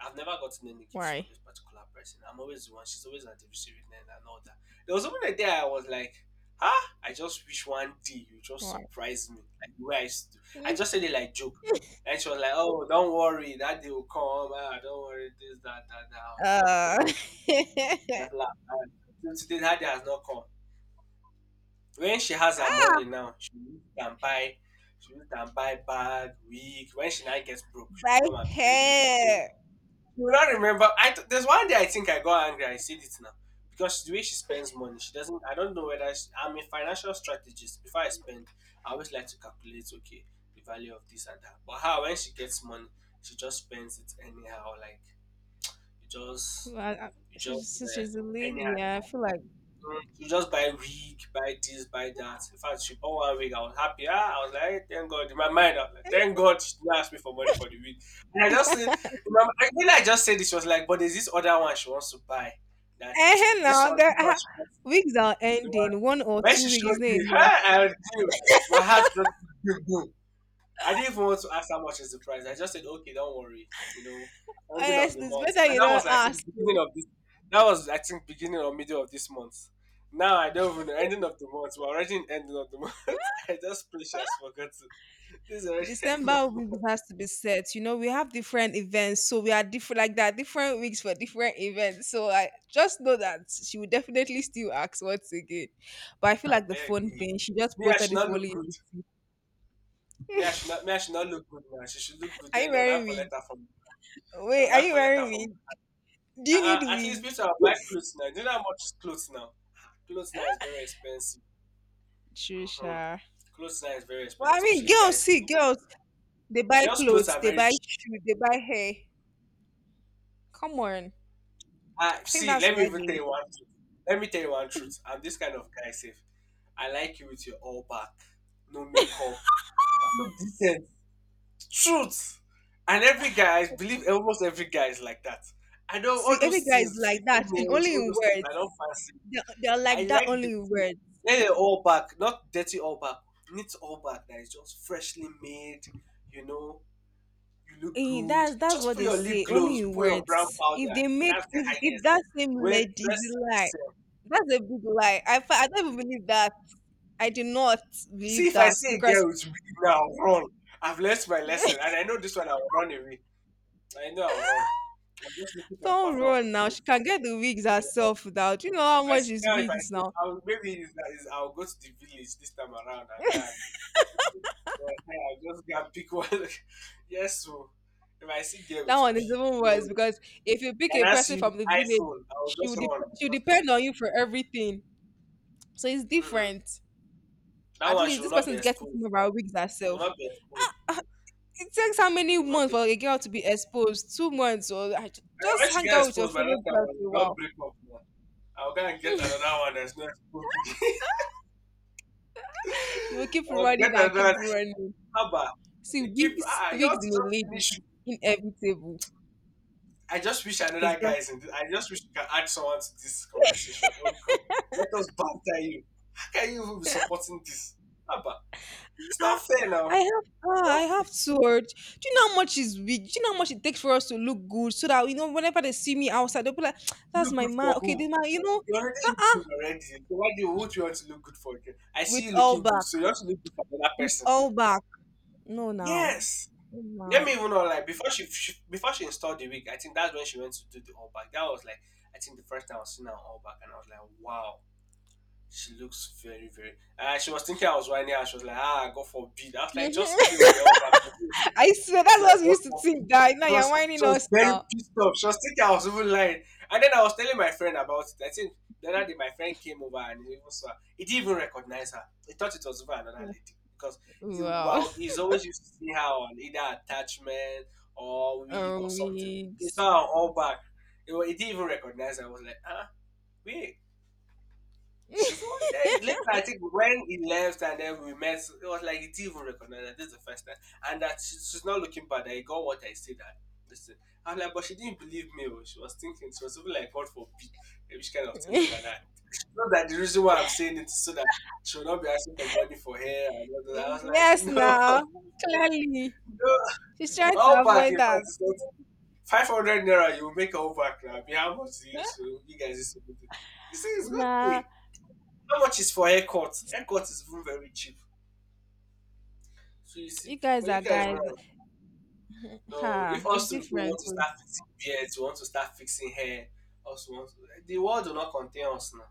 I've never gotten any gifts from
why?
this particular person. I'm always the one. She's always at the receiving end and all that. There was even a day I was like, "Huh? I just wish one day you just
Why?
surprise me like the way I used to." do." I just said it like joke, and she was like, "Oh, don't worry, that day will come. Ah, don't worry, this, that, that, that." I was like, "Okay,
Uh,
okay, okay." That's laugh. And till today, Daddy has not come. When she has her money now, she will use it and buy, she will use it and buy bag, wig. When she now gets broke, she will
by
come and be telling me, oh,
hair.
you will not remember. There's one day I think I got angry. I said it now because the way she spends money, she doesn't. I don't know whether she, I'm a financial strategist. Before I spend, I always like to calculate, okay, the value of this and that. But how when she gets money, she just spends it anyhow. Like you just,
Well, I-
you just
she's she's a
uh, anyhow.
lady. Yeah, I feel like.
Mm, to just buy wig, buy this, buy that. In fact, she bought one wig. I was happy. Ah, I was like, "Hey, thank God." In my mind, I was like, thank God she didn't ask me for money for the wig. And I just said, in my, mind- when I just said this, she was like, but there's this other one she wants to buy. That
Eh, hey, now the
this one
ah,
she wants.
wigs are
The one.
ending. One or
When she
two weeks
showed
is not
me her
enough.
and him, my heart just boom. I didn't even want to ask how much is the price. I just said, okay, don't worry. You know, ending of the
Honestly, it's
month.
better
And
you
that
don't
was, I think,
ask. Oh.
beginning of this. That was, I think, beginning or middle of this month. Now I don't even know. Ending of the month. We're already in ending of the month. I just pray she has forgotten. This is already end
December
of
weeks
month.
has to be set. You know, we have different events, so we are different like that, different weeks for different events. So I just know that she will definitely still ask once again. But I feel
I
like the
beg
phone
you.
thing, she just
Me, I
posted
should
the
not look
folio.
good. Me, I should not. Me, I should not look good now. She should look good.
Are you
Then they'll
wearing
not
wig?
collect her from. They'll
Wait, are
not
you
collect her
wearing
from.
wig? Do you need
At least
wig?
people are buy clothes now. Do you know how much is clothes now? Ah, clothes now is very expensive. Hmm.
Trisha.
Clothes now is very
Well,
expensive,
I mean,
especially
girls
guys'
see
clothes.
girls. They buy
Girls' clothes
clothes,
are
they
very
buy
cheap.
shoes, they buy hair. Come on.
Ah,
I think
see,
that's
let me
why
even tell
they
you one truth. Let me tell you one truth. I'm this kind of guy, safe. I like you with your all back, no makeup, look decent. Truth. And every guy, I believe almost every guy is like that. I know all
see every
those
guy is
things,
like
fixing
that, and
nails,
only
all
in
those things.
words.
I don't fancy.
They're
I
like that
like the
only in
feel.
words.
Let it all back, not dirty all back. Neat all back that is just freshly made, you know, you look
Eh,
good.
that's
Just
what
put
they
your lip
say, only
gloss,
in
put your brown
words. If
powder.
they make
That's the
if
highest.
that same
When
lady is
dress
a lie,
yourself.
that's a big lie. I don't even believe that. I do not believe
See, if I
that
see a
because
girl with wig now, I'll run. I've learned my lesson, and I know this one. I'll run away. I know I'll run. I'm just looking for the
don't
perfect
run now.
opportunity.
She can get the wigs
I will run.
herself without. You know how
If I
much
see
is
now, if I
wigs
see,
now.
I'll, maybe it's, that is I'll go to the village this time around and then yeah, I'll just go and pick one. Yes, so if I see girl
That
with
one is
wig,
even worse
nails,
because if you pick
and
a
I
person
see with
from the village,
iPhone, I'll
she
just
will dep-
run.
she will
Because,
depend on you for everything. So it's
mm-mm,
different.
that
At
one
least
should
this
not be
person is getting some
exposed
of
now.
our wigs
She
herself.
not be exposed.
It takes how many
Should not
months
be.
for a girl to be exposed? 2 months or
And
just
when she
hang
get
out with your
exposed by
fellow
that time,
girls for
we
a
don't
while.
break up now. I'll go and get another one that's not exposed again.
You will keep
I'll get
running and
another
keep
one.
running.
Abba,
See,
you keep.
wigs,
Ah, you
wigs
want to
in a
just
lady
finish.
is inevitable.
I just wish
It's
another guy
just
is in this. I just wish you can add someone to this conversation. Oh God, let us banter you. How can you even be supporting this? Abba, it's not
ah,
fair now. It's
ah, I
not fair.
have sword. Do you know how much is wig? Do you know how much it takes for us to look good? So that you know, whenever they see me outside, they'll be like, "That's
You
my
good for
man." Okay,
who?
this man, you know,
You already look
ha-
good already. So why do you, what you want to look good for again? I
with
see you
all
looking good,
back,
so you want to look good for another
with
person.
all back. No, now,
Yes. Let
no,
me even know like before she, before she installed the wig, I think that's when she went to do the all back. That was like I think the first time I was seeing her all back, and I was like, wow, she looks very very. She was thinking I was whining, and she was like, ah, go for a beat. I was
now.
like, just still the all back.
I swear
It's
that's
like
what we
what
used to
for?
think that
She
now you're
was she
whining
was
us
very
now.
pissed off. She was thinking I was even lying. And then I was telling my friend about it. I think the other day my friend came over and he even saw her. He didn't even recognize her. He thought it was even another lady. Because he,
Wow.
wow, he's always used to see her on either attachment or wig
Or
or something. He saw
wigs.
her all back. He, wa- he didn't even recognize her. I was like, ah, wait. She's the one. Then later, I think when he left and then we met, it was like he didn't even recognize that this is the first time, and that she, she's not looking bad. I got what I said. That listen, I'm like, but she didn't believe me. Oh, she was thinking she was even like, God forbid, eh, which kind of things like that. Not that the reason why I'm saying it is so that she will not be asking for money for hair and all that. I was like,
Yes, now
no,
clearly
no,
she's trying to
all back. In
avoid
fact,
that.
it's not 500 naira. You will make all back now. Be how much do you so you guys used to do. You see, it's good.
Nah,
How much is for haircut? Haircut is even very cheap. So you see,
you guys
but you
are
guys
guys.
now, no, if
Ha, it's
us to
different.
want to
Oh.
start fixing beards, we want to start fixing hair, also want to, the world will not contain us now.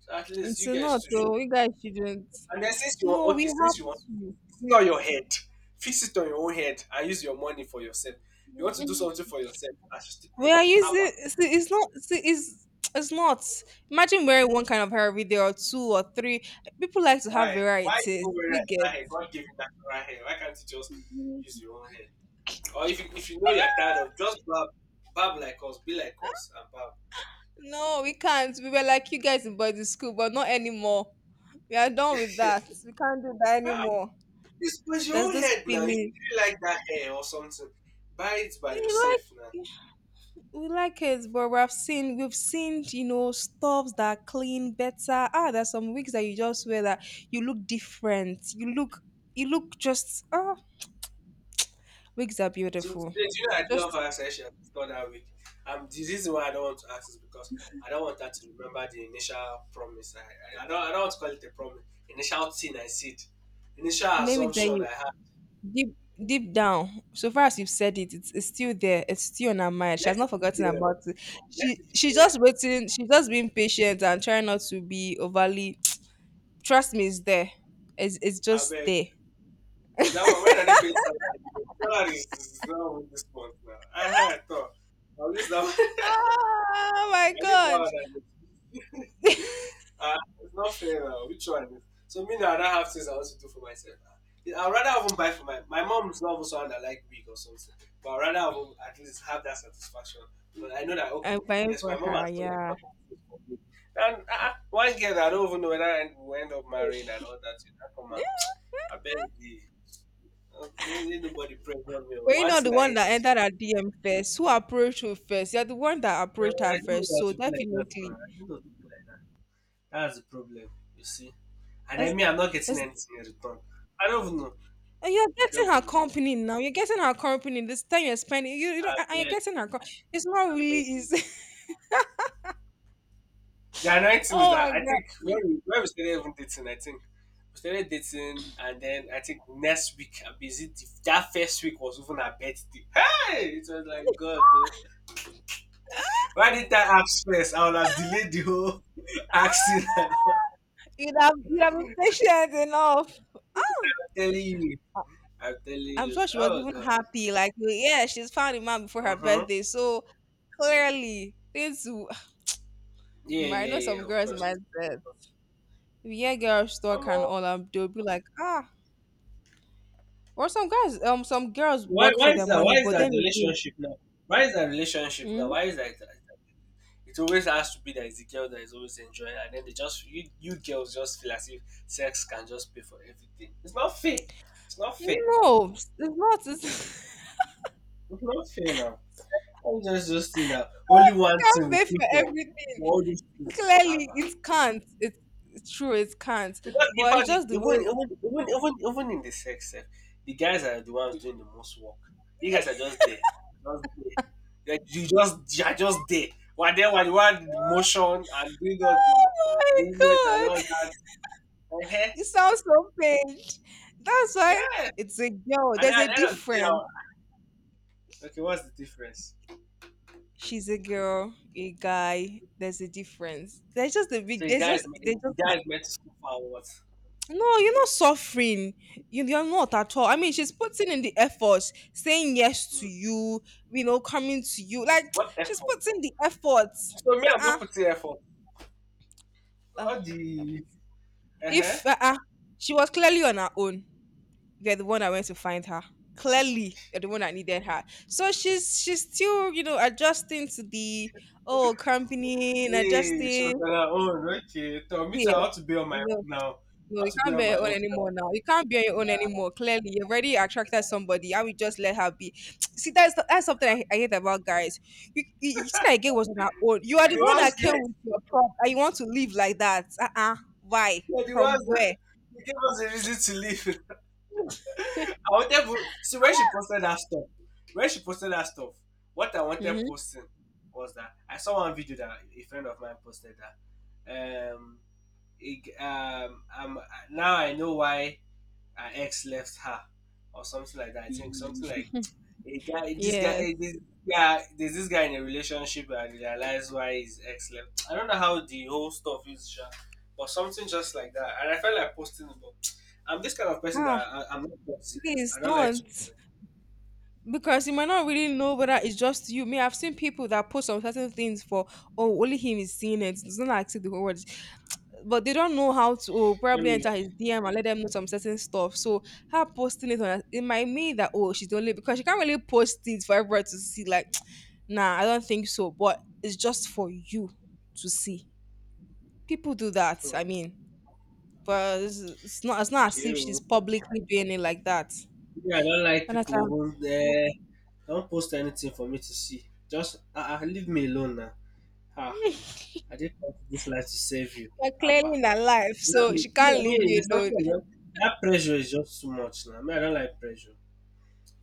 So at least
It's
you
not
guys too. Should-
though. You guys shouldn't.
And then since you
No,
want,
we
okay,
have
since you want,
to.
it's not your head. Fix it on your own head and use your money for yourself. You want to do something for yourself, I should still
We
pay.
are
Haba.
using. See, it's not. See, it's not. Imagine wearing one kind of hair every day, or two, or three. People like to have
Why? Why
varieties.
people wearing
You get
that hair? God gave you natural hair. Why can't you just use your own hair? Or if you know you're tired of, just bab, bab like us, be like us, and bab.
no, we can't. We were like you guys in boarding school, but not anymore. We are done with that. We can't do that
Ah,
anymore.
it's, but your
There's
own
this
head now. If you
feeling.
really like that hair or something, buy it by
We like
yourself now.
we like it, but we've seen stuffs that clean better. Ah, there's some wigs that you just wear that you look different. You look just ah wigs are
Till
beautiful.
today, do you know I
Just
never asked Aisha to start that week. The reason why I don't want to ask is because I don't want her to remember the initial promise. I don't want to call it a promise. Initial thing I said, initial
let me tell
assumption I
you.
had.
deep deep down, so far as you've said it, it's still there, it's still on her mind, she has
Let it
not
be
forgotten
there. Oh,
about it.
let
she
it be
she's just
there.
waiting, she's just being patient and trying not to be overly. Trust me, it's there, it's
I
just
beg.
there.
That man, when are they paying salary? Salary is now with this month now. I had thought. I'll use that one.
Oh my
I'll use that one
god,
as a uh, it's not fair now. Which one is So me now, I don't have things I want to do for myself now. I'd rather even buy for my... My mom's not even someone that like wig or something. But I'd rather even at least have that satisfaction. But I know that, okay,
I'm buying
yes, my
for
mom
her,
has done a
yeah.
lot of things for me. And one girl that I don't even know whether I will end up marrying and all that. You know, come on. I beg you. No, ain't nobody pressure me.
Were you
One
not the
thing I
one
hate
that
in this.
entered her DM first, who approached her first? You're the one that approached her
I don't know
first,
how
so
to be like that.
definitely
Man. I don't know how to be like that. That's the problem, you see. And I
it's,
mean, I'm not getting
it's
anything in return. I don't even know.
and you're
I don't
getting her
even know.
company now. You're getting her company. This time you're spending, you
I
know, and you're
beg,
getting her. Co- it's not
I
really
beg you.
easy.
The annoying thing is
Oh
that
my
I
god,
think when we started even dating, I think we started dating, and then I think next week, I busy. That first week was even her birthday. Hey, it was like God, though. Why did I ask first? I would have delayed the whole accident. I'm
you'd have been patient enough.
telling you. I tell
I'm
you,
sure she was
oh
even
god.
happy. Like, yeah, she's found a man before her
Mm-hmm.
birthday. So clearly, things. W-
Yeah,
I
yeah,
know
yeah.
some
Of
girls
course.
might say, yeah, girls talk
Um,
and
uh,
all. They'll be like, ah, or some guys, some girls
why,
work
why
for
is
their
that?
money,
Why is
but
that
then again,
relationship now? Why is that relationship now?
mm,
Why is that? It always has to be that it's the girl that is always enjoying, and then they just you girls just feel as if sex can just pay for everything. It's not fair. It's not fair.
no, it's not. It's,
It's not fair now. I'm just think that only one
can't
thing
pay
will pick
for
up
everything.
for all these things.
Clearly,
Haba.
it can't. It's true, it can't.
Because in
But it's
fact, e-
just the way.
even even even even even in the sex sef, the guys are the ones doing the most work. You guys are just there, just there. Like, you just you are just there, while they were the one in motion and doing all the
Oh my
movement and all
god,
that. uh
you sound so pained. That's why
Yeah.
it's a girl.
And then
There's
at
a
the end of the day, I
difference.
okay, what's the difference?
She's a girl, a guy. There's a difference. There's just a
So
big. There's just. They
the
just. Ha-
guy is meant to suffer or what?
No, you're not suffering. You're not at all. I mean, she's putting in the effort, saying yes
Hmm.
to you. You know, coming to you. Like
What
she's
effort?
putting the effort.
So me, I'm
Uh-uh.
not putting effort. All
Uh,
the uh huh
If she was clearly on her own, you're the one that went to find her. Clearly, you're the one that needed her. So she's still, you know, adjusting to the oh company, and
Hey, she was
adjusting.
on her own. Okay, tell me,
Yeah,
I want to be on my own
no,
now. I
no,
want
you
to be
can't
on
bear
my
your own
own now.
anymore now. You can't bear your own
Yeah.
anymore. Clearly, you've already attracted somebody. I would just let her be. See, that's something I hate about guys. You see that girl was on her own. You are the
You're the
one
ones,
that came
that-
with your prop, and you want to live like that. Why?
you're the
From
ones that
where?
you gave us a reason to leave. I wanted to see when she posted that stuff. When she posted that stuff, what I wanted
Mhm.
posting was that I saw one video that a friend of mine posted that. It, um, um, Now I know why her ex left her, or something like that. I think something
Mhm.
like a guy this guy eh,
Yes.
this yeah, there's this guy in a relationship and realized why his ex left. I don't know how the whole stuff is sha, but something just like that, and I felt like posting it, but I'm this kind of person that
Ah,
I'm not toxic.
please
I don't like to
don't. Because you might not really know whether it's just you. Me, I've seen people that post on certain things for, oh, only him is seeing it. It's not like see the whole world. But they don't know how to oh,
let
probably
me
enter his DM and let them know some certain stuff. So her posting it on it might mean that oh she's the only because she can't really post it for everyone to see. Like, nah, I don't think so. But it's just for you to see. People do that. I
hmm,
mean, but it's not. It's not as if she's
you
publicly doing it like that.
yeah, I don't like people who
Jonathan,
won't, eh, don't post anything for me to see. Just leave me alone now. Ah, I didn't come to this life to save you.
you're clearly
Abba.
in her life, so she can't
I
leave
mean,
you
it's
alone.
something that pressure is just too much now. I mean, I don't like pressure.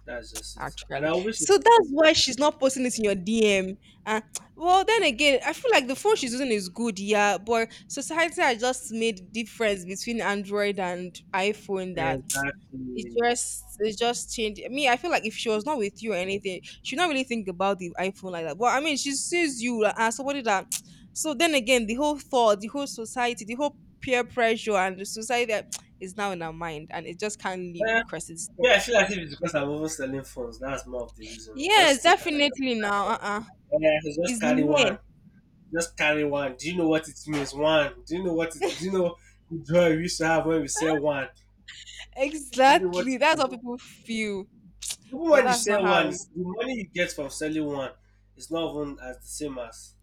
That's just it. And
Actually.
I wish it
So
is
that's why she's not posting it in your DM. And well, then again, I feel like the phone she's using is good, yeah, but society has just made difference between Android and iPhone
it.
that It
Exactly.
just it just changed me. I feel like if she was not with you or anything, she not really think about the iPhone like that. But I mean, she sees you like, as somebody that. So then again, the whole thought, the whole society, the whole peer pressure, and the society that is now in her mind, and it just can't leave
Yeah,
because it's there.
me, I feel like if it's because I'm overselling phones, that's more of the reason. You
Yes,
just think I can just
definitely
carry
now.
one. Yeah, I should just
It's
carry
near.
one. Just carry one. Do you know what it means? One. Do you know the joy we used to have when we sell one? Do you know what
Exactly.
it
That's
is?
how people feel.
Even
But
when you
that's not
sell
how
one,
it
the money you get from selling one is not even as the same as,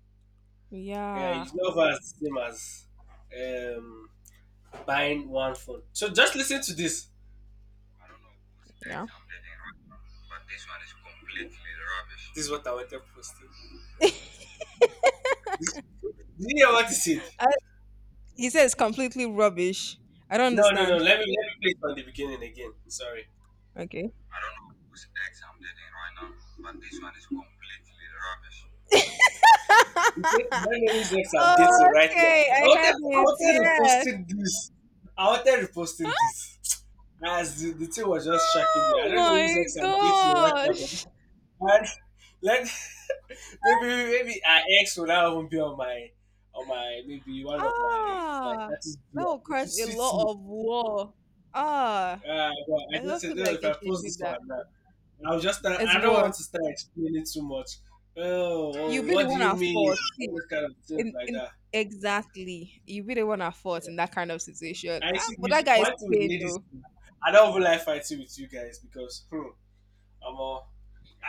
yeah,
yeah.
it's not as same as um, buying one phone. So just listen to this.
Yeah.
This is what I wanted posted. Did you hear what he said?
I, he says completely rubbish. I don't
No, no, no.
understand.
Let me play it from the beginning again. Sorry.
Okay.
He said, "My name is X. I'm dating right now."
Okay, I had
I
it.
wanted
Yes.
reposting this. I wanted reposting this. As the thing was just shocking me,
Oh
I don't know who's
my
ex I'm dating right now, but
gosh.
and let maybe our ex will not even be on my maybe one of my my
Ah,
status
that
view.
will
It will
cause a
suit
lot
me.
of war. Ah,
But
I
I just
don't
said
feel
no.
like
If
you
I
should
post
do
this
that.
one now,
It's
I don't
war.
want to start explaining too much. Oh,
You'll
oh,
be
what
the
do
one
you
at
mean?
fault. See,
All those kind of things
in
like
in
that.
exactly, you'll be the one at fault in that kind of situation.
I
Ah,
see
but
you
that
should
guy is
fight with
paying
ladies.
though.
I don't even like fighting with you guys because hmm, I'm all,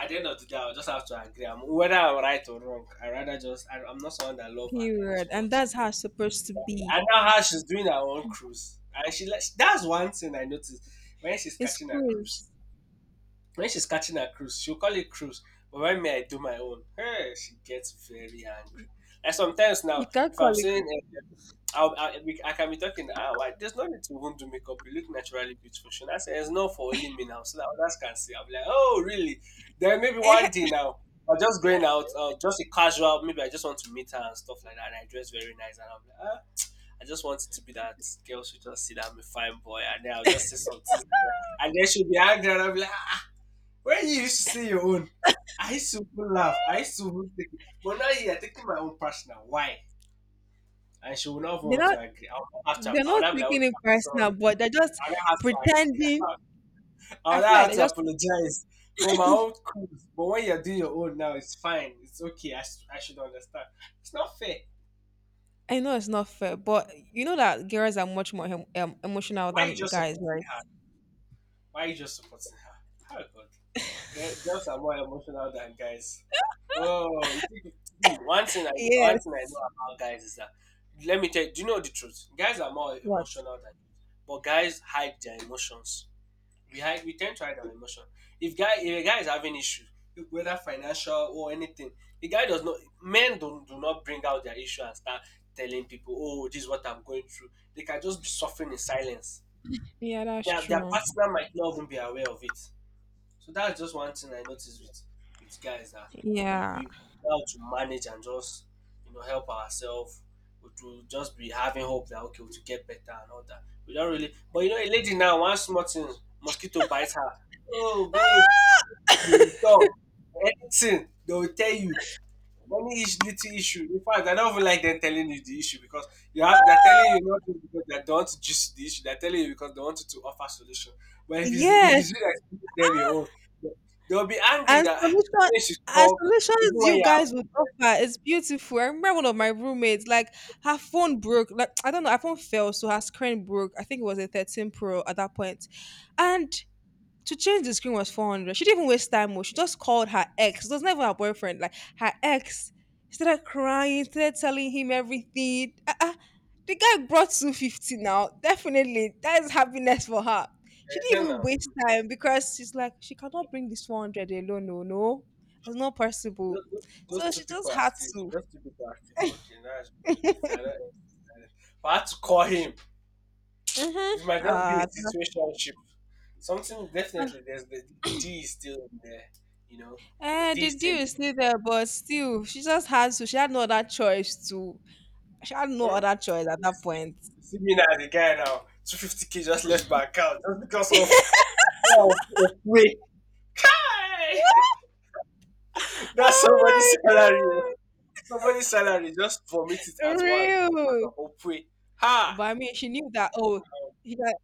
at the end of the day I'll just have to agree. Whether I'm right or wrong, I rather just i'm not someone that love arguing
Period.
too
And
much.
that's how it's supposed to
Exactly. I
be.
know how she's doing her own cruise, and that's one thing I noticed when she's
It's
catching her cruise.
cruise.
When she's catching her cruise, she'll call it cruise, but when me I do my own, hey, she gets very angry. Like sometimes
You
now,
can't
if
call
I'm
it.
saying I can be talking. Why, there's no need to even do makeup. You look naturally beautiful. She now said, it's not for only me now, so that others can see. I'll be like, oh, really? Then maybe one day
Eh,
now, I'm just going out, just a casual. Maybe I just want to meet her and stuff like that. And I dress very nice. And I'm like, ah, I just want it to be that girl should just see that I'm a fine boy. And then I'll just say something. And then she'll be angry. And I'll be like, ah, when you used to say your own, I used to even laugh. I used to even take it. But now you're taking my own personal. Why? And she will not
they
want to
don't
agree. I will not have to.
they're
I will
not
not be like,
taking
okay,
it
I'm sorry.
personal, but they're just
I will not have to.
pretending.
Agree. I will
I
not
feel like
have
they're
to
just.
apologize for my own cruise. But when you're doing your own now, it's fine. It's okay. I should understand. It's not fair.
I know it's not fair, but you know that girls are much more emotional
Why are you
than
just
guys,
supporting
right?
her? Why are you just supporting her? Oh God, girls are more emotional than guys. Oh, you think one thing
Yes.
I know about guys is that let me tell you. Do you know the truth? Guys are more
What?
emotional than, but guys hide their emotions. We hide. We tend to hide our emotion. If a guy is having issue, whether financial or anything, the guy does not. Men don't do not bring out their issue and start telling people, "Oh, this is what I'm going through." They can just be suffering in silence.
Yeah, that's
Their
true.
partner might not even be aware of it. So that's just one thing I noticed with guys that we
Yeah.
we know how to manage and just you know help ourselves. We to just be having hope that okay, we to get better and all that. We don't really, but you know, a lady now one small thing, mosquito bites her. Oh, babe, you talk anything they will tell you. Money is little issue. In fact, I don't even like them telling you the issue because you have they're telling you not just because they don't want to gist the issue. They're telling you because they want you to offer solution. But if it's if you
Yes,
see that you give them your own, they- they'll be angry
and
that "Ah, you
solution
know you should
and
talk even
solutions
when
you
you're
guys
out
would offer is beautiful. I remember one of my roommates, like her phone broke. Like I don't know, her phone fell, so her screen broke. I think it was a 13 Pro at that point, and to change the screen was 400. She didn't even waste time. Oh, she just called her ex. It was never her boyfriend. Like her ex started crying, started telling him everything. Uh-uh. The guy brought 250 now. Definitely. That is happiness for her. She
there."
didn't
Hell
even
no.
waste time because she's like, she cannot bring this 400 alone. No, no. It's not possible. So
Those two
she
people
just
are
had
still
to.
those two people are still fucking. That's they're not, if I had to call him,
Mhm.
this might just be a
Ah,
situationship. Something definitely there's the D is still in there, you know. The
eh,
D
the
is still
deal is still there, but still, she just had to. She had no other choice to. She had no
Hmm?
other choice at
You
that
see,
point.
you see me now as a guy now, 250k just left my account just because of no, of weight. Hey! That's
Oh
somebody's salary. Oh.
my
Somebody's salary just vomit it
god,
at once because
real.
of Opwe. Ha!
But I mean, she knew that. Oh, he got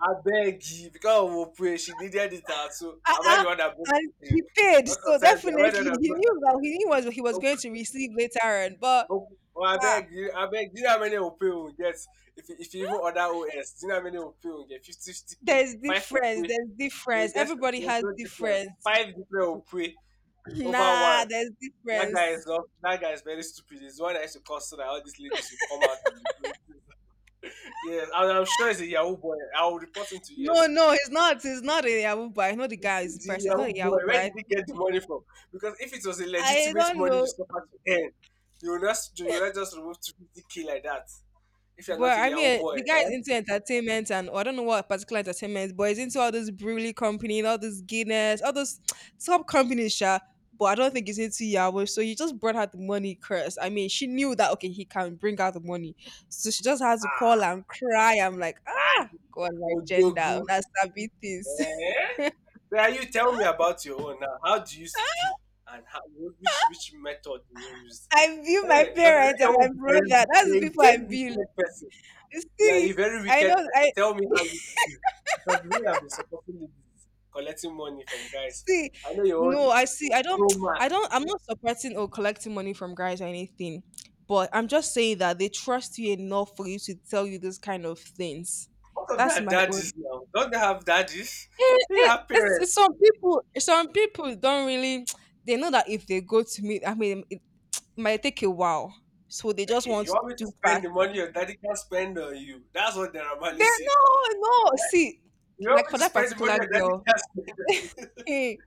I beg you, because of Opwe, she needed it out. So
uh
am I the
uh
one that broke
and
the thing?
he paid,
What
so
concerns me? Am
definitely
I the one
he
that broke
knew
the
that
thing?
he knew what he was
Oh,
going to receive later on. But
oh, oh, I
ah,
beg you, I beg you. Do you know how many Opwe will get if you even order OS? Do you know how many Opwe will get? 50k k
there's
five
difference.
Opwe.
There's
So
difference.
just
Everybody
there's
has
no difference. Five
difference.
different opre over
Nah,
one.
there's
That guy
difference.
is not, that guy is very stupid. He's the one that used to cause so that all these ladies will come out and be saying, yes, and I'm sure he's a Yahoo boy. I will report him to
No,
EFC.
no, it's not. It's not a Yahoo bar. It's not the guy. It's the
He's a
person. It's not
Yahoo
a
boy.
Yahoo
Where
bar.
did he get the money from? Because if it was a
I
legitimate
don't
money
know.
you suffer to earn, you will not just remove 250k like that, if you're not
But
a
I
Yahoo
mean,
boy.
the guy is into entertainment and or I don't know what particular entertainment, but he's into all this Brewley company, all this Guinness, all those top companies, sha. But I don't think he's into Yahweh. So you just brought out the money curse. I mean, she knew that okay, he can bring out the money. So she just had to call
Ah.
and cry. I'm like, ah, God, my gender,
Odogu.
that's savvy things.
Eh? Now you tell me about your own now. How do you used to build, and how, which method do you use?
I view my
Hey, because I know
parents
you're
and my
all very
brother. That's the
you
people
very
I view.
wicked person.
You
Yeah, a
see,
very
I
wicked
know
person.
I,
Tell me how you used to be. Because we have been supporting ladies, collecting money from guys.
see,
I know your own
no,
is
I see. I don't,
pro
I
max.
don't, I'm not supporting or collecting money from guys or anything, but I'm just saying that they trust you enough for you to tell you this kind of things.
Most of them
That's
are
my
daddies
own.
now. Don't they have daddies? They have
It's
parents.
some people don't really, they know that if they go to meet, I mean, it might take a while. So they just
Okay,
want
you
to
want me to
do
spend the
faster.
money your daddy can spend on you? That's what the Ramali
They,
said.
no, no. See,
You want
like
me
for
to
that
spend the money
particular
your daddy
girl,
can spend on you?
hey,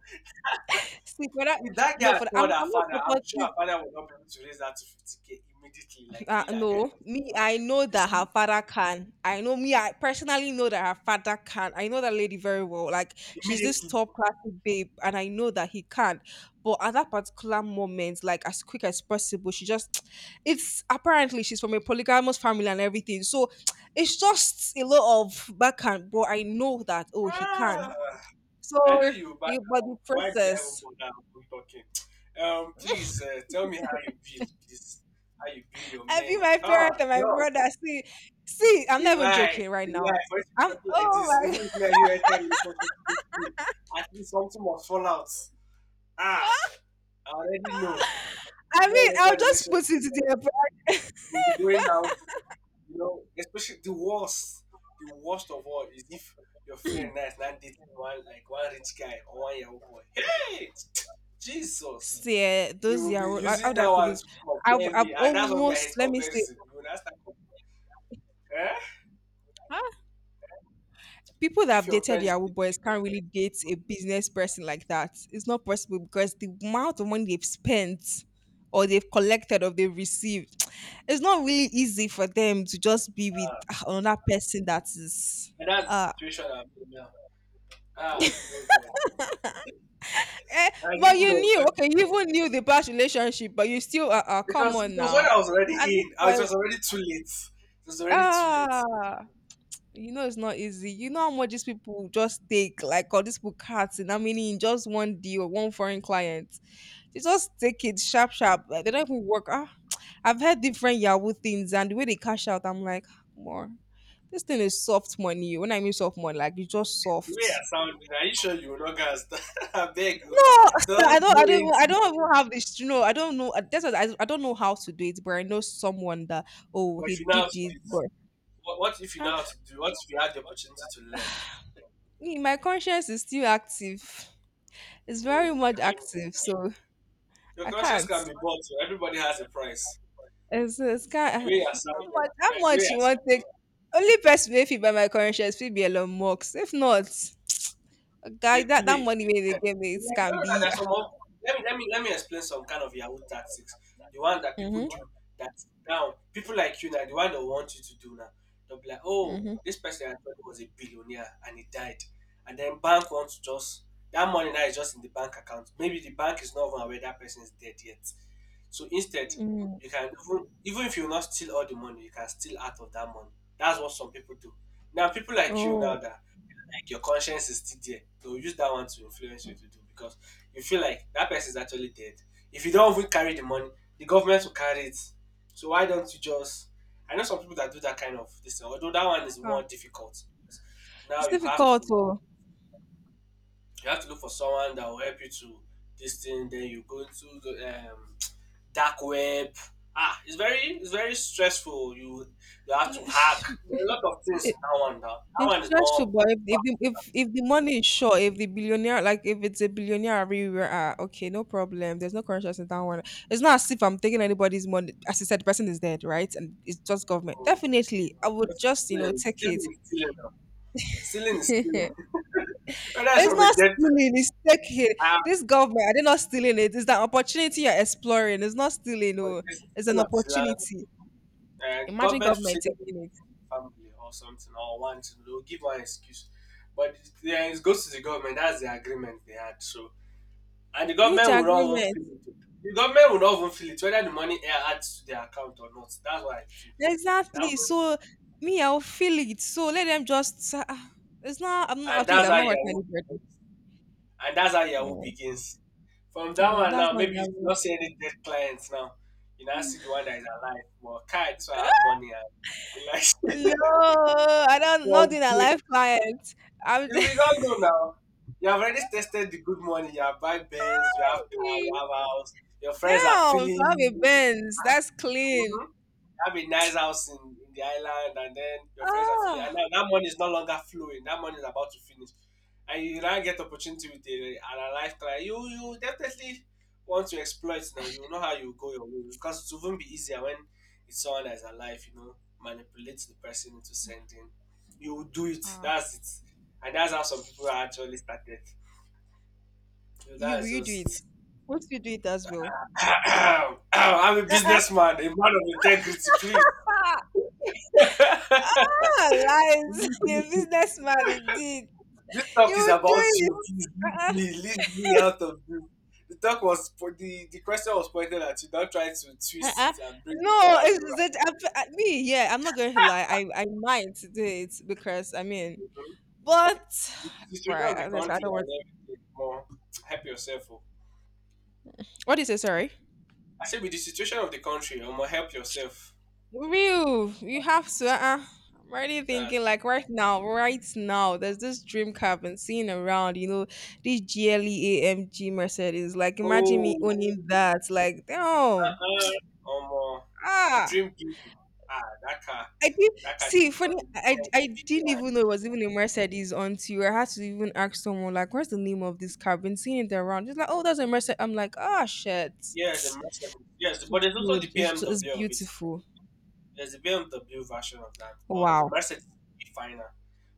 see, for that,
If that
no,
guy
for that,
told her
I'm not
father, I'm sure her
supporting
father would not be able to raise that to 50K immediately, like the
uh,
way that guy
no,
raised
me,
it.
I know
You
that her
see?
father can. I know me, I personally know that her father can. I know that lady very well. Like, she's this
Immediately.
top class babe, and I know that he can. But at that particular moment, like, as quick as possible, she just, it's apparently she's from a polygamous family and everything. So it's just a lot of backhand, but I know that, oh, he can.
Ah,
So,
I know you, but
the, but the
why did I even
process,
bother with talking? Please tell me how you build this, how you build your
I be
men.
my parents
Ah,
and my
no,
brother. See, see, I'm
it's a
not even
lie.
joking right
It's a
now.
lie. For you to be
I'm
talking like
oh
this, even
my
if me and you enter relationship today, at least something must fall out. Ah, I already know. If
I mean,
you
I'll
enter
just
relationship,
put it there. But
we'll be going out. Especially the worst of all is if your friend now is not dating one like one rich guy or one young boy. Hey, Jesus,
see, eh,
you
those
will be
Yahoo, like, how
using
do I
that
put
one
this?
to
I've,
compare
I've
me, and that's what me I
almost,
hate
let me say,
comparison. You will not start. To- Eh?
huh? People that
If
have
your
dated
friend is,
Yahoo
dating-
boys can't really date a business person like that. It's not possible because the amount of money they've spent or they've collected or they've received, it's not really easy for them to just be with ah, another person that is.
and that's the
Uh,
situation I'm in now. Ah, oh God,
eh,
I
but
didn't
you
know.
knew,
It
okay, you even knew the past relationship, but you still,
was
come on
it was when
now.
I was already
At this
in. I it
point,
was already too late. It was already too late.
ah, you know it's not easy. You know how much these people just take, like all these people cuts and how many in just one deal, one foreign client. They just take it sharp, sharp. Like, they don't even work. Ah, I've heard different Yahoo things and the way they cash out, I'm like, more. This thing is soft money. When I mean soft money, like it's just
The way
soft.
I sounded, are you sure you will not gas? I beg you.
No, sir, I
Don't
don't.
go
I don't. Even, I
into
don't even have this. You know, I don't know. That's what I. I don't know how to do it, but I know someone that. Oh,
But
he
if you know how
did
to do
it,
it,
but.
what if you know
Ah,
how to do? What if you had the opportunity to learn?
me, my conscience is still active. It's very
Hmm.
much
Can you-
active, so
Your
I
conscience
can't.
can be bought. So everybody has a price.
It's
And the
can.
way you're
How
sounding,
much? How
yeah, the way
much you
you're
want take? Only person if you buy my current shares, will be Elon Musk. If not, guy,
They
that
play.
money where they give me, it
Like, you
can
know that
be.
there's some of, let me explain some kind of Yahoo tactics. The one that people
Mhm.
do that now people like you now the one that want you to do now. They'll be like, oh,
Mhm.
this person I thought was a billionaire and he died, and then bank wants to just that money now is just in the bank account. Maybe the bank is not even aware that person is dead yet. So instead,
Mm.
you can even if you not steal all the money, you can steal out of that money. That's what some people do. Now people like you now
Oh,
that like your conscience is still there. They'll use that one to influence you to do because you feel like that person is actually dead. If you don't even carry the money, the government will carry it. So why don't you just? I know some people that do that kind of this, thing, although that one is more
ah,
difficult. Now
it's
you have
difficult.
to
Oh.
you have to look for someone that will help you to this thing. Then you go into the dark web. Ah, it's very stressful. You have to hack There are a lot of things
it,
in that one. Now that
It's
one is
stressful,
more
but if the money is short, if the billionaire, like if it's a billionaire everywhere, ah, okay, no problem. There's no conscience in that one. It's not as if I'm taking anybody's money. As you said, the person is dead, right? And it's just government.
practical
Definitely, I would
But it's
just
stealing,
take it.
stealing is stealing now. Stealing is stealing. Whether it's
It's
from a
not
dead person,
stealing. It's taking.
ah,
This government, are they not stealing it? It's that opportunity you're exploring. It's not stealing.
or
No,
it's
it's
stealing
an
of this land.
opportunity.
And the
Imagine
government will say
government
that they
taking it.
want family or something, or want to know, give one excuse. But yeah, it goes to the government. That's the agreement they had. So, and the
Which
government will not even
agreement?
feel it. The government will not even feel it, whether the money adds to their account or not. That's what I feel. That,
Exactly. So me, I'll feel it. So let them just. Ah, ah, it's not. I'm not.
and
At least
that's
I'm
how
not hurting
Yahoo
anybody.
And that's how
Yeah.
Yahoo begins. From that
No,
one
that's
now,
not
maybe you
Yahoo.
don't see any dead clients now. You now see the one that is alive. Well, Kai, so I have money and he likes
No,
it.
I don't.
well,
Not in a
we
life client. I'm
we
just.
don't know now. You have already tested the good money. You have buy Benz, you have car, you have house. Your friends are
Damn, if
feeling
I have a
you.
Benz, that's clean.
Mhm. Have a nice house in the island, and then your friends are feeling, and
Ah,
now that money is no longer flowing. That money is about to finish, and you now get opportunity with and a life try. You definitely want to exploit now. You know how you go your way because it wouldn't be easier when it's someone that's alive. Manipulate the person into sending. You will do it.
ah.
That's it, and that's how some people are actually started. So
You
that
will
is
you do
just
it?
it.
What if you do it as well?
I'm a
Uh-uh.
businessman, a man of integrity,
Ah,
please.
ah, lies. You're a businessman indeed.
This
You
talk is
will do
about
it.
you. Please leave
Uh-uh.
me, leave me out of this. The talk was po- the question was pointed at you. Don't try to twist
Uh-uh.
it and bring it
No,
the other way
it's
around.
that me. Yeah, I'm not going to lie. I might do it because I mean,
Mhm.
but
The
but
situation of
I,
the
honestly, I
country
don't want.
and everything. More help yourself. Oh.
What is it? Sorry,
I said with the situation of the country, help yourself.
real. You have to. Uh-uh. I'm already
That's
thinking like right now, right now. There's this dream car I've been seeing around. You know, this gleamg Mercedes. Like, imagine
oh,
me owning that. Like, damn.
uh-uh. You
Ah.
dream big. Ah, that car,
I did
that car.
see
This
funny.
one is
I
big.
didn't
Like,
even know it was even a Mercedes until I had to even ask someone like, "What's the name of this car?" I've been seeing it around. Just like, "Oh, that's a Mercedes." I'm like, "Ah, shit, it's
Yes, a Mercedes. Yes,
so
but there's also
good.
the
It's just, it's
BMW of it.
beautiful."
There's a BMW version of that, but the
Wow.
Mercedes is a bit finer.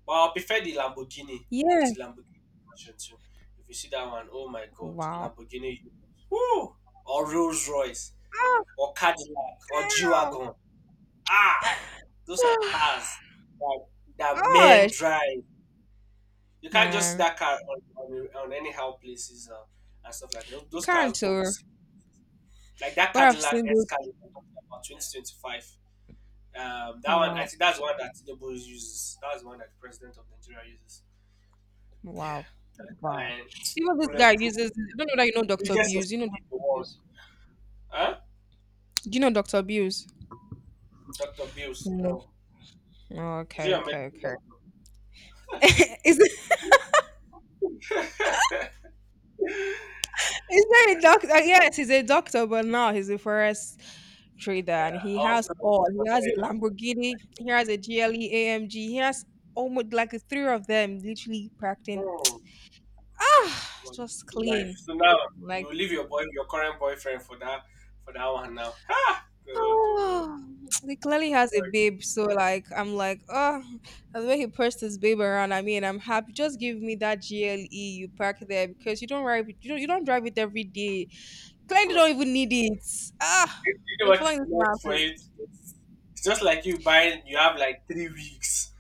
But I prefer the Lamborghini. There's the
Yes.
Lamborghini version too. If you see that one, oh my God,
Wow.
Lamborghini, woo, or Rolls Royce,
Oh
or Cadillac, or G
damn.
wagon. Ah, those are cars that, that men
Gosh,
drive. You can't just see
man,
that car on anyhow places and stuff like that. Those,
you
those cars
can't
go with
tell.
like that
But I've
Cadillac
seen
S
this.
Cadillac I'm talking about 2025. That one, I
Wow.
think that's one that Tinubu uses. That's one that the president of Nigeria uses.
Wow.
Yeah.
Wow.
And
Even this guy
bulletproof,
uses. I don't know that you know Doctor
biggest
Bills. You know
SUV in the
Doctor
world.
Bills.
Huh?
Do you know Doctor Bills?
Dr. Bills.
No.
No.
Oh,
Is it
okay,
your
okay,
medical
okay. is it
doctor?
is that a doctor? Yes, he's a doctor, but now he's a forest trader, and
Yeah.
he has
Also, I
all. He has a
know.
Lamborghini. He has a GLE AMG. He has almost like the three of them, literally practicing.
Hmm.
Ah, just
Life.
clean.
So now you
Like
will leave your boy, your current boyfriend for that one now. Ha! Go to.
oh, he clearly has a babe. So like, I'm like, oh, and the way he pushed his babe around. I mean, I'm happy. Just give me that GLE you park there because you don't drive. You don't drive it every day. Clients
Hmm.
don't even need it. Ah,
You know
we're
what is
following this map.
next for it? It's it's just like you buying, you have like 3 weeks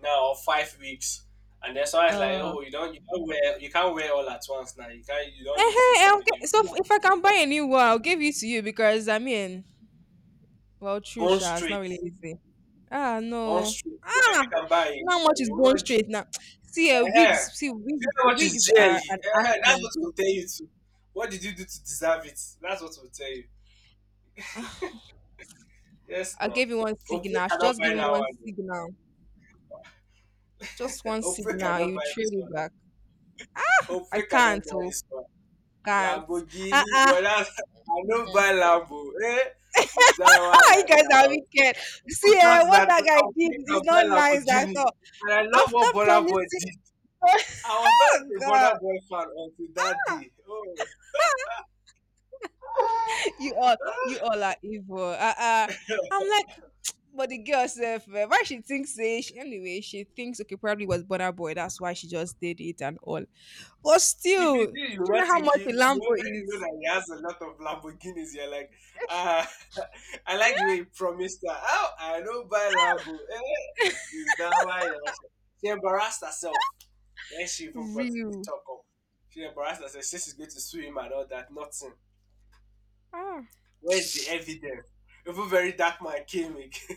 now or 5 weeks, and then someone's like,
Oh,
oh, you don't wear, you can't wear all at once now. You can't, you don't use it
hey,
every day.
okay.
We
So if
want
if I can buy a new one, I'll give it to you because I mean, well, true,
Bone
Sha, it's not
straight,
really easy. Ah,
bone
no.
straight. So if you
Ah,
can buy it,
you know how much is
you will
going
not give.
straight now? See,
Uh-huh. Do you
wigs,
know what
wigs
is
are
jelly?
an
Uh-huh. That's
accent.
what we'll tell you too. What did you do to deserve it? That's what we'll tell you.
Ah,
Yes,
I
no.
gave you one signal.
Opre
I should
cannot
just
buy
give him one
that
signal. Just
one.
one
Opre
signal.
cannot
You
buy
trade
this one.
it back. Ah, I
Opre cannot
can't.
buy
Oh,
this one.
can't. Ah,
Lamborghini,
ah.
but that's I don't buy Lambo. Eh? Is that why I
You guys are
now?
wicked.
People
See,
thought
eh, what
that
that guy
I'll
did
pick
is
and buy
not nice at
Lamborghini.
all.
And I love
After
what Bonner Boy
promising,
did.
oh
I was not a
God,
Bonner Boy fan until that day. Oh.
you all, you all are evil. I'm like, but the girl herself, eh, why she thinks say she, anyway, she thinks okay, probably was Bonner Boy. That's why she just did it and all. But
If
still,
it's
do
you, you're
you
not
know how much a
thinking. If You
Lambo
when you know
is?
that he has a lot of Lamborghinis, you're like, ah, I like the way he promised her. Oh, I don't buy Lambo. Eh, is that why? You're not sure?" She embarrassed herself. Then she
Yeah.
even brought the
Real.
talk up. She embarrassed herself. She says she's going to sue him and all that. Nothing.
Ah,
Where's the evidence? Even very dark man came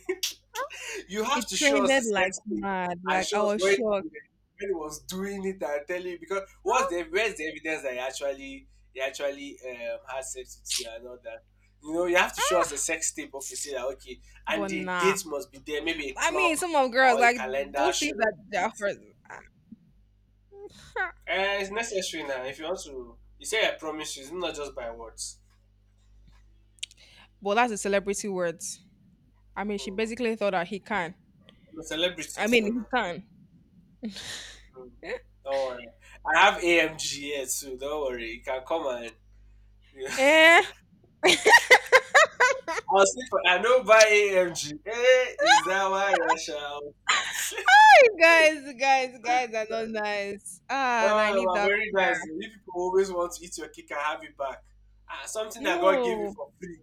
You have
it
to show us the
trended like
sex tape
mad.
and
Like I
show us
was
when he-
shocked.
when he was doing it and tell you because what's
Ah,
the where's the evidence that he actually had sex with you and all that. You have to show us
ah.
the sex tape, okay, say that okay, and
But
the
nah.
date must be there, maybe a
I mean,
clock
some of girls
or a
like
calendar
those things
showing.
that they are for.
It's necessary now. If you want to you say I promise you, it's not just by words.
Well, that's a celebrity words. I mean, she
Mm.
basically thought that he can.
I'm a celebrity
I mean,
too
he
now.
can.
Mm. Don't worry. I have AMG here too, don't worry. You can come and
Eh,
I'll say for I don't buy AMG. Hey, is that why I shall?
you guys are not nice. Ah, and I need
Oh, but
that
very
car.
nice. You people always want to eat your cake and have it back. Ah, something that God gave you
No,
for free.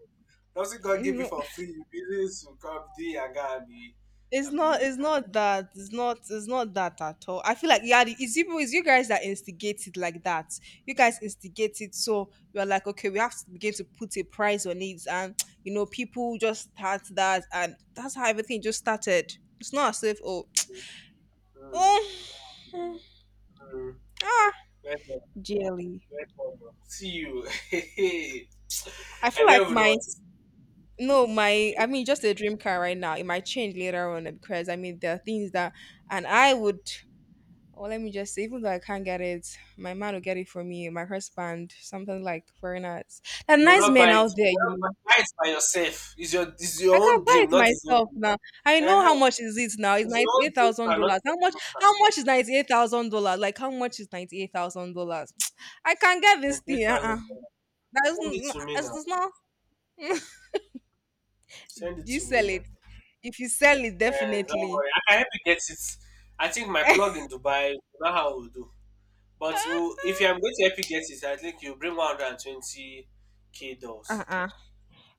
Something God gave you
no.
for free. You business will come do your guy and be
It's
and
not.
be
It's
and
not that. It's not. It's not that at all. I feel like yeah, it's you. It's you guys that instigate it like that. You guys instigate it, so we are like, okay, we have to begin to put a price on it, and people just start that, and that's how everything just started. It's not as if oh,
be. Mm,
oh, mm,
mm, mm.
ah,
Welcome,
jelly.
welcome. See you.
I
I
feel
don't
like
even know
my
what to say.
no, my
Okay.
I mean, just a dream car right now. It might change later on because I mean, there are things that, and I would. Oh, let me just say, even though I can't get it, my man will get it for me, my husband, something like foreigners. There are
You will
nice
not buy
men
it.
out
You
there,
will
you
not buy
know.
buy it by yourself. It's your
I
own
can buy
dream,
it
not his own
myself
dream.
now. I know how
Uh-huh.
much is it now. It's
If you
ninety
want
eight thousand
data, not
dollars. How much?
data,
How much is $98,000? Like how much is $98,000? I can get
then
this
three
thing. Uh-uh.
thousand dollars. Send it to me
It's
now.
it's not.
Send it
Do you
to me
sell
now.
it? If you sell it,
Man, don't
definitely.
worry. I can help you get it. I think my plug in Dubai, you know how we'll do. But if I'm going to help you get it, I think you bring 120K dollars.
Uh-uh.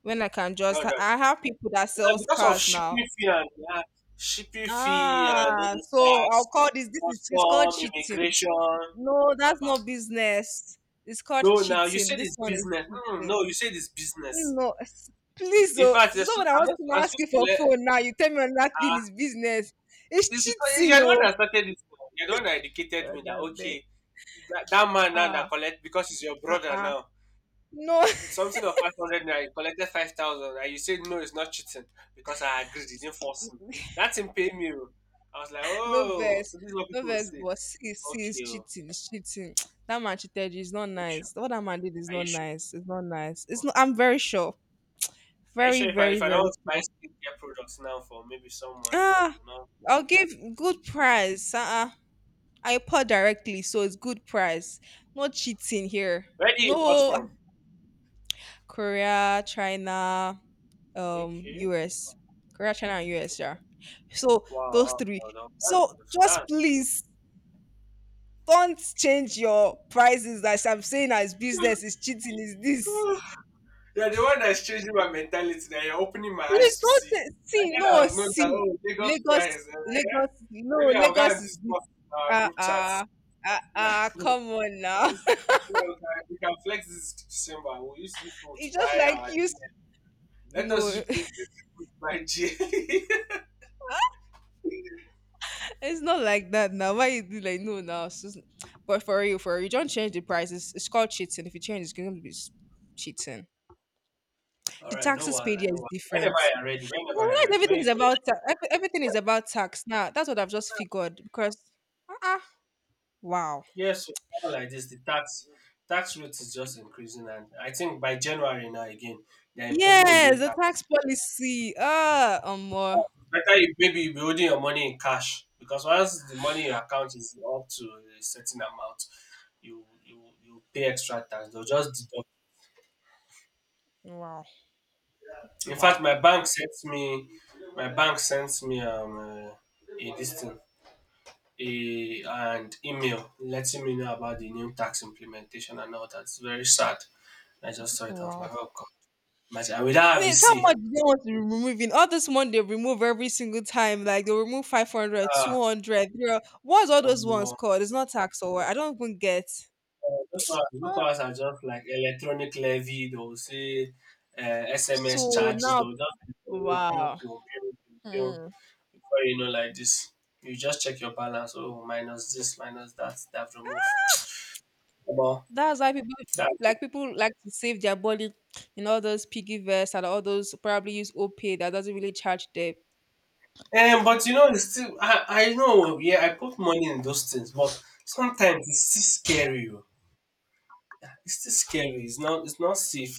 When I can just,
100.
I have people that sells
Because of
cars now.
shipping fee and yeah, shipping fee and all
Ah,
those
so I'll
tax,
call this. This is It's called
custom,
cheating.
immigration.
No, that's
Abba.
not business. It's called
No, now you
cheating.
said
This
it's
one is
business. Mm,
cheating.
no, you said it's business.
No, please,
In
oh,
fact, you're
it's not when I
I'm
want
not.
to
I'm
ask
supposed
you
to
for
collect.
phone now. You tell me another thing is
Ah,
business.
it's
It's
because you're
cheating,
the one
oh.
that started it now. You're the one that educated
God,
me that
that's big.
okay, that man now that
Ah,
collect because he's your
uh,
brother
uh,
now.
no,
It's something of 500 naira. He collected 5,000, and you said no, it's not cheating because I agreed. You didn't force me. That's him paying me, oh. I was like,
no
oh,
verse,
so this is what
no
people will
verse.
say.
But it's
Okay, oh,
cheating. It's cheating. That man cheated you. It's not
are you sure?
nice. What that man did is
Are
not
you sure?
nice. It's not nice. It's not.
Okay,
I'm very sure.
are you
Very,
sure if I
very,
if I don't
very
want to buy
sure.
skincare products now for maybe someone now,
Ah,
you know,
I'll give good price. Uh-uh. I pour directly, so it's good price. No cheating here.
where do you import
No
from?
Korea, China,
Okay,
US. Korea, China, and US, yeah. So
wow,
those
wow,
three.
wow, wow, that's good.
So just
That's good.
please don't change your prices as I'm saying as business is cheating is this.
You're the one that's changing my mentality, that you're opening my
Please
eyes to
don't
see. I
see,
then
no,
I've known that
see.
oh, Lagos
Lagos,
prize, eh,
Lagos, no,
maybe I'll go
Lagos
and
is this.
discuss in our
Uh
group chats.
uh, come
This,
on now.
you know, we can flex this December. We'll use you people to
It's just
buy
like
our
you.
GL. Let us
No,
use you people to buy GL.
it's not like that now. Why you do like no now? But for you, don't change the prices. It's called cheating. If you change, it's going to be cheating.
All
The
right, no
taxes paid
wahala,
here
no
is
wahala. Whenever
different.
you're ready,
Well,
whenever you're
realize
ready. When
everything is
you
about everything is about tax now. That's what I've just figured because uh-uh. Wow,
yes, so now like this, the tax rate is just increasing, and I think by January now again they're imposing a new
yes, the
tax.
tax policy. Ah, more.
Better you maybe be holding your money in cash because once the money in your account is up to a certain amount, you pay extra tax. They'll just deduct.
Wow,
In fact,
wow.
my bank sent me a this thing a and email letting me know about the new tax implementation and all that. It's very sad. I just saw it. I was like, oh god, imagine I without have a
Wait, how
C.
much do they want to be removing? All this one they remove every single time. Like they'll remove 500.
Ah,
What's all those ones
um,
called? It's not tax or what? I don't even get.
those
Ah,
ones are just like electronic levy. They'll say uh, SMS
so
charges.
now,
They'll just be pew, pew,
wow.
pew, pew, pew, pew.
Hmm.
Before you know, like this, you just check your balance. Oh, minus this, minus that, that remove. About
That's why
that.
people like to save their body in all those piggy vests and all those probably use OPay that doesn't really charge them.
But you know, it's still, I know, yeah, I put money in those things, but sometimes it's still scary, oh. It's still scary. It's not safe.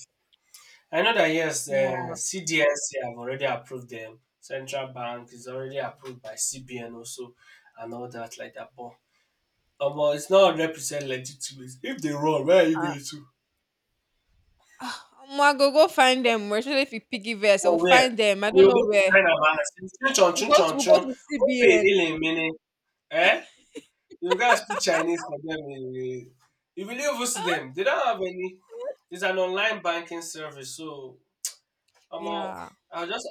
I know that yes,
Yeah.
CDSC have already approved them. Central Bank is already approved by CBN also, and all that like that. But it's not 100% legitimate. If they run, where are you going to?
I go. Go find them. Especially if you piggy vest, I'll
Or where?
find them. I
You
don't know
go to
where.
China, man. Chun chun
We'll
chun
go to,
chun
we'll go
chun.
to
Open
CBN.
healing meaning. Eh? You guys speak Chinese for them, eh, eh. If you leave us to them, they don't have any. It's an online banking service, so I'm all.
Yeah.
I'll just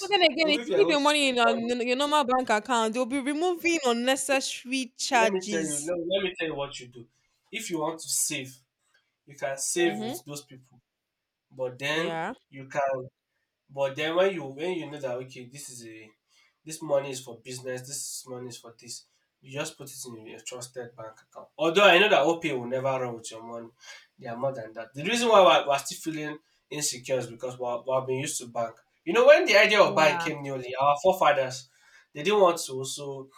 But then again,
Even
if
if
you
you're
leave
going
your
to
money in
spend
your,
money.
your normal bank account, they'll be removing unnecessary
Let me tell you,
charges.
no, let me tell you what you do. If you want to save, you can save with
Mm-hmm.
those people. But then
Yeah.
you can but then when you know that okay, this is a this money is for business, this money is for this, you just put it in your trusted bank account. Although I know that OPay will never run with your money. They are more than that. The reason why we're still feeling insecure is because we're being used to bank. You know, when the idea of bank
Yeah.
came newly, our forefathers, they didn't want to also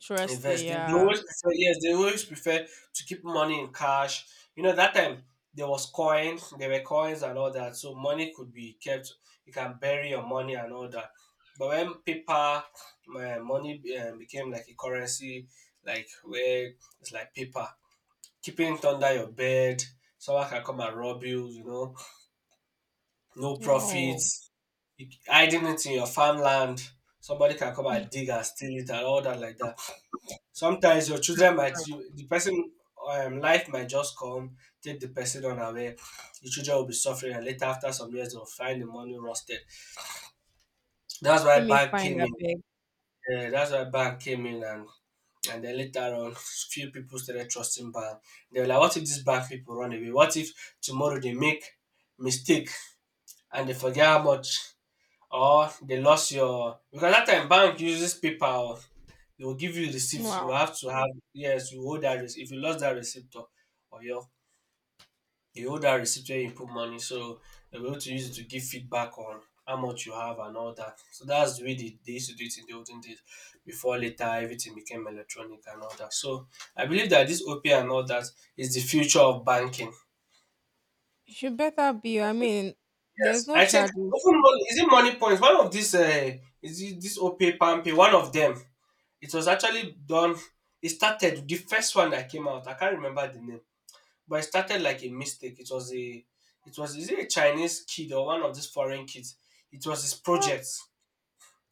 Trusty.
invest. They
Yeah.
always prefer, yes, they always prefer to keep money in cash. You know, that time there were coins and all that, so money could be kept. You can bury your money and all that. But when paper, my money became like a currency, like where it's like paper, keeping it under your bed, someone can come and rob you. You know, no
Oh.
profits, hiding it in your farmland. Somebody can come and dig and steal it and all that like that. Sometimes your children might
Mm.
you, the person life might just come take the person on away. The children will be suffering, and later after some years they'll find the money rusted. That's
Let
why
me
bank
find
came
a
in.
big.
Yeah, that's why bank came in, and then later on, few people started trusting bank. They were like, what if this bank people run away? What if tomorrow they make mistake and they forget how much or they lost your because that time bank uses PayPal. They will give you receipts. You
Wow.
have to have yes, you hold that receipt. If you lost that receipt or or your you hold that receipt where you put money, so they'll be able to use it to give feedback on how much you have and all that. So that's the way they used to do it in the olden days before later everything became electronic and all that. So I believe that this OP and all that is the future of banking.
It should better be. I mean, there's
Yes,
no
I think
charges.
even money, is it money points? One of these, is it this OPay, PamPay? One of them. It was actually done. It started the first one that came out. I can't remember the name, but it started like a mistake. It was is it a Chinese kid or one of these foreign kids? It was his
Ah,
project.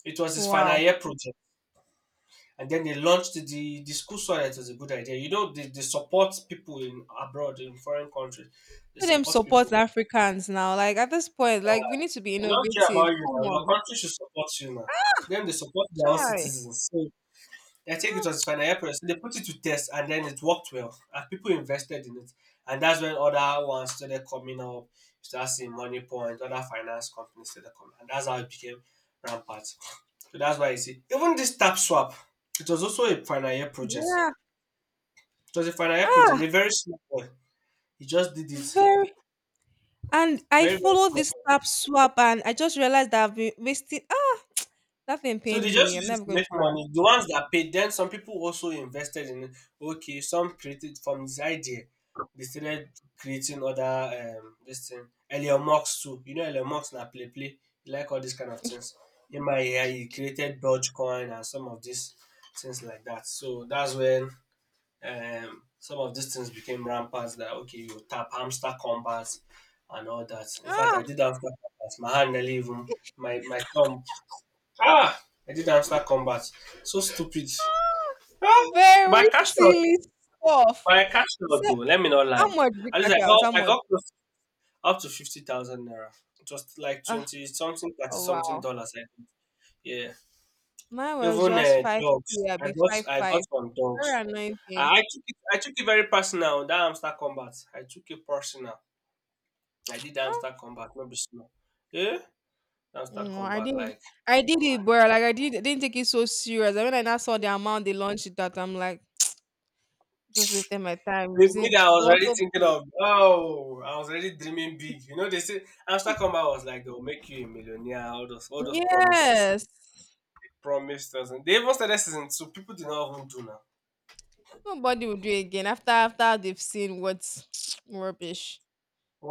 It was his final
wow.
year project, and then they launched the school saw that it was a good idea. You know, they support people in abroad in foreign countries. They
Let them
support
support
people.
Africans now. Like at this point, like we need to be
They don't care about
innovative.
you
Come
now. Your
on.
country should support you now. Then they support their own
Try.
citizens. So I take it as
Ah,
financial Fanayapress. They put it to test and then it worked well. And people invested in it. And that's when other ones started coming up. You start seeing Money Point, other finance companies started coming. And that's how it became rampant. So that's why you see. Even this tap swap, it was also a financial project.
yeah.
It was a financial project,
Ah,
a very small one. He just did it.
very. And I
Very, very
follow
small.
this tap swap, and I just realized that I've been wasting. Ah, that thing
So they
pained
just
me. I'm
use it
never
to
going
make
to lie.
money. The ones that paid, then some people also invested in it. Okay, some created from this idea. They started creating other this thing. Elon Musk too. You know Elon Musk na play play. He like all these kind of things. In my year, he created Dogecoin and some of these things like that. So that's when some of these things became rampant that okay, you tap hamster combat and all that. In fact
Ah,
I did hamster combat. My hand nearly even my thumb. Ah! I did hamster combat. So stupid.
ah,
Ah! But
very
I cashed out.
silly stuff.
But I cashed
So,
out though. Let me not lie.
how much did you
At least
catch out? How
I
much?
got close up to 50,000 naira. Just like
Ah,
20 something, 30
oh,
something
wow.
dollars, I think. Yeah.
Mine was
Even
just
dogs.
5K. I'll
I
be
got
five. Five.
some dogs.
Very annoying thing.
I took it very personal. That hamster combat. I took it personal. I did
Ah,
hamster combat. No be small. Yeah. Hamster
no, I
combat.
didn't.
Like
I did it, bro. Like, I didn't take it so serious. And when I now saw the amount they launched it at, I'm like, just wasting my time
with me
using.
that I
I
was
was
already
so
thinking
paid.
of, oh, I was already dreaming big. You know, they say Amsterdam was like they'll make you a millionaire, all those promises.
Yes.
Promised us and they even started season so people did not even do now.
Nobody will do it again after they've seen what's rubbish.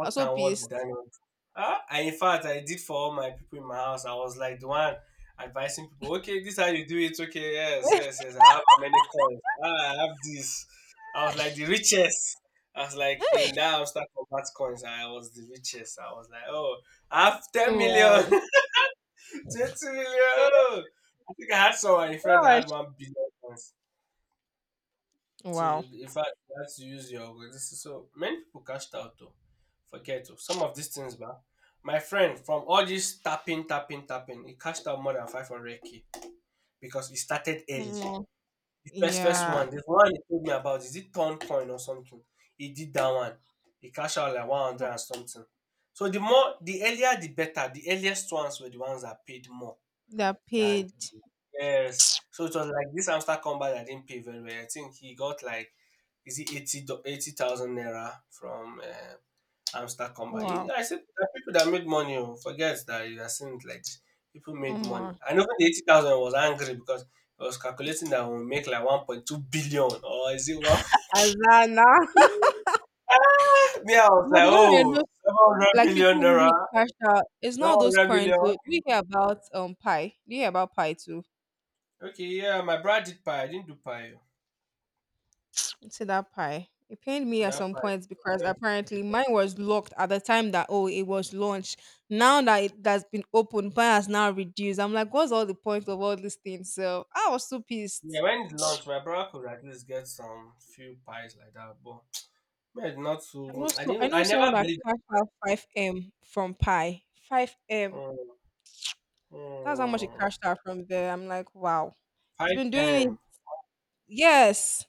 I'm so
and what did I
pissed.
not do? Ah, I, in fact, I did for all my people in my house. I was like the one advising people. Okay, this is how you do it. Okay, yes, yes, yes. I have how many coins? Ah, I have this. I was like the richest. I was like in that hamster combat coins. I was the richest. I was like, oh, I have ten
Oh
million,
wow.
20 million. Oh, I think I had someone, a friend, that
Gosh.
had 1 billion coins. So
Wow.
you, in fact, you have to use your organization. So many people cashed out though. Forget though. Some of these things, but my friend from all this tapping, he cashed out more than 500k because he started early.
Omo.
The first
Yeah.
one, the one he told me about, is it Torn Coin or something? He did that one. He cashed out like 100 and something. So the more, the earlier, the better. The earliest ones were the ones that paid more
They're
than
paid.
yes. So it was like this hamster combat I didn't pay very well. I think he got like is it 80,000 naira from hamster combat.
Wow.
I said there are people that made money, oh. Forget that you are seeing it like this. People
Oh
made money.
my
And even the 80,000 was angry because I was calculating that we'll make like 1.2 billion or is it one?
Azana.
Ah, me, I was
But
like,
the one I
oh,
know,
700
like
million
people
naira,
really cashed out. It's not those
700
coins. So,
million.
do you hear about pie? Do you hear about pie too?
Okay, yeah, my brother did pie. I didn't do pie.
To that pie. It pained
Oh.
me at
That
some
pie
points
was
because
very stupid.
apparently mine was locked at the time that oh it was launched. Now that it has been opened, mine has now reduced. I'm like, what's all the point of all these things? So I was so
Yeah,
pissed.
when it's lunch, my brother could at least get some few pies like that, but me, I did not
I
so
know so I know
I never
someone that
believed
crashed out five M from pie. Five M.
mm,
That's how much it
mm,
crashed out from there. I'm like, wow. He's
five
been doing
um,
it. Yes.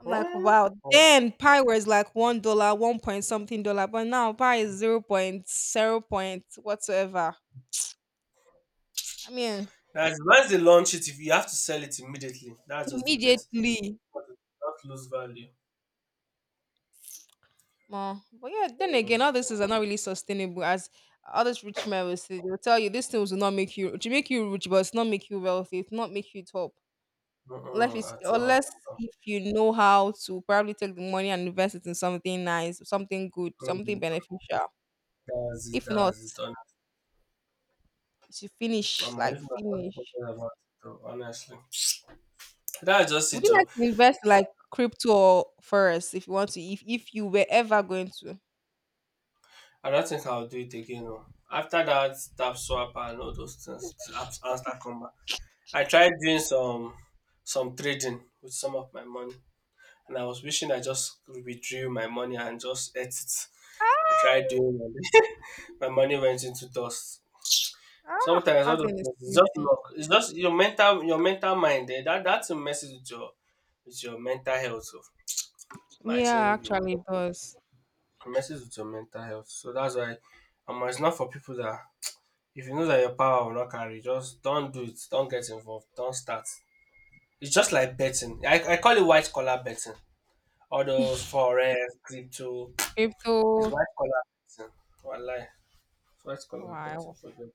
I'm
mm,
like,
mm,
wow.
oh.
Then pie was like $1, 1 point something dollar, but now pie is 0 point 0 point whatsoever. I mean,
That's once they launch it, if you have to sell it immediately, that's just the best.
immediately.
But it does not lose value.
More. But yeah, then
Mm,
again, all these things are not really sustainable. As all these rich men will say, they'll tell you these things will not make you to make you rich, but it's not make you wealthy. It's not make you top. Unless
mm,
it's,
at all.
unless
At all.
if you know how to probably take the money and invest it in something nice, something good, something
Mm,
beneficial.
that's it,
If not,
that's it. Hon-
you should finish
omo,
like
if not, I don't
finish.
forget about it, oh, honestly. That's just
Would
it,
you
oh.
like to invest like crypto or forex if you want to? If you were ever going to,
I don't think I'll do it again. Oh. After that tap swap and all those things, tap answer combat. I tried doing some trading with some of my money, and I was wishing I just withdrew my money and just ate it. I tried
ah,
doing it. My money went into dust.
ah,
Sometimes all
that
those
thing is
things, it's just
painful.
luck. It's just your mental mind. Eh? That that's a message with your mental health. So,
Yeah,
imagine you
actually, it does.
it messes with your mental health. So that's why it's not for people that if you know that your power will not carry, just don't do it. Don't get involved. Don't start. It's just like betting. I call it white collar betting. All those forex, crypto. It's
Crypto,
white collar betting. Wallahi. It's white collar betting
wow.
for them.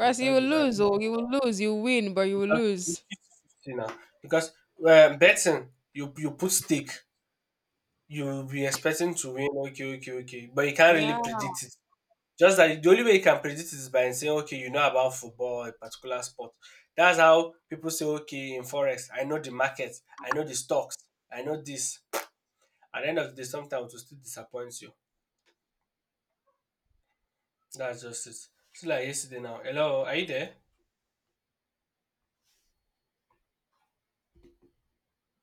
So
you
thank
will
you that
lose, oh, you will lose, you win, but you will
because
lose.
it's 50 fifty now. Because betting, you put stake, you will be expecting to win. Okay, okay, okay. But you can't really
Yeah,
predict it. Just that the only way you can predict is by saying, okay, you know about football a particular sport. That's how people say, okay, in forex, I know the market, I know the stocks, I know this. At the end of the day, sometimes it will still disappoint you. That's just it. Still like yesterday now. Hello, are you there?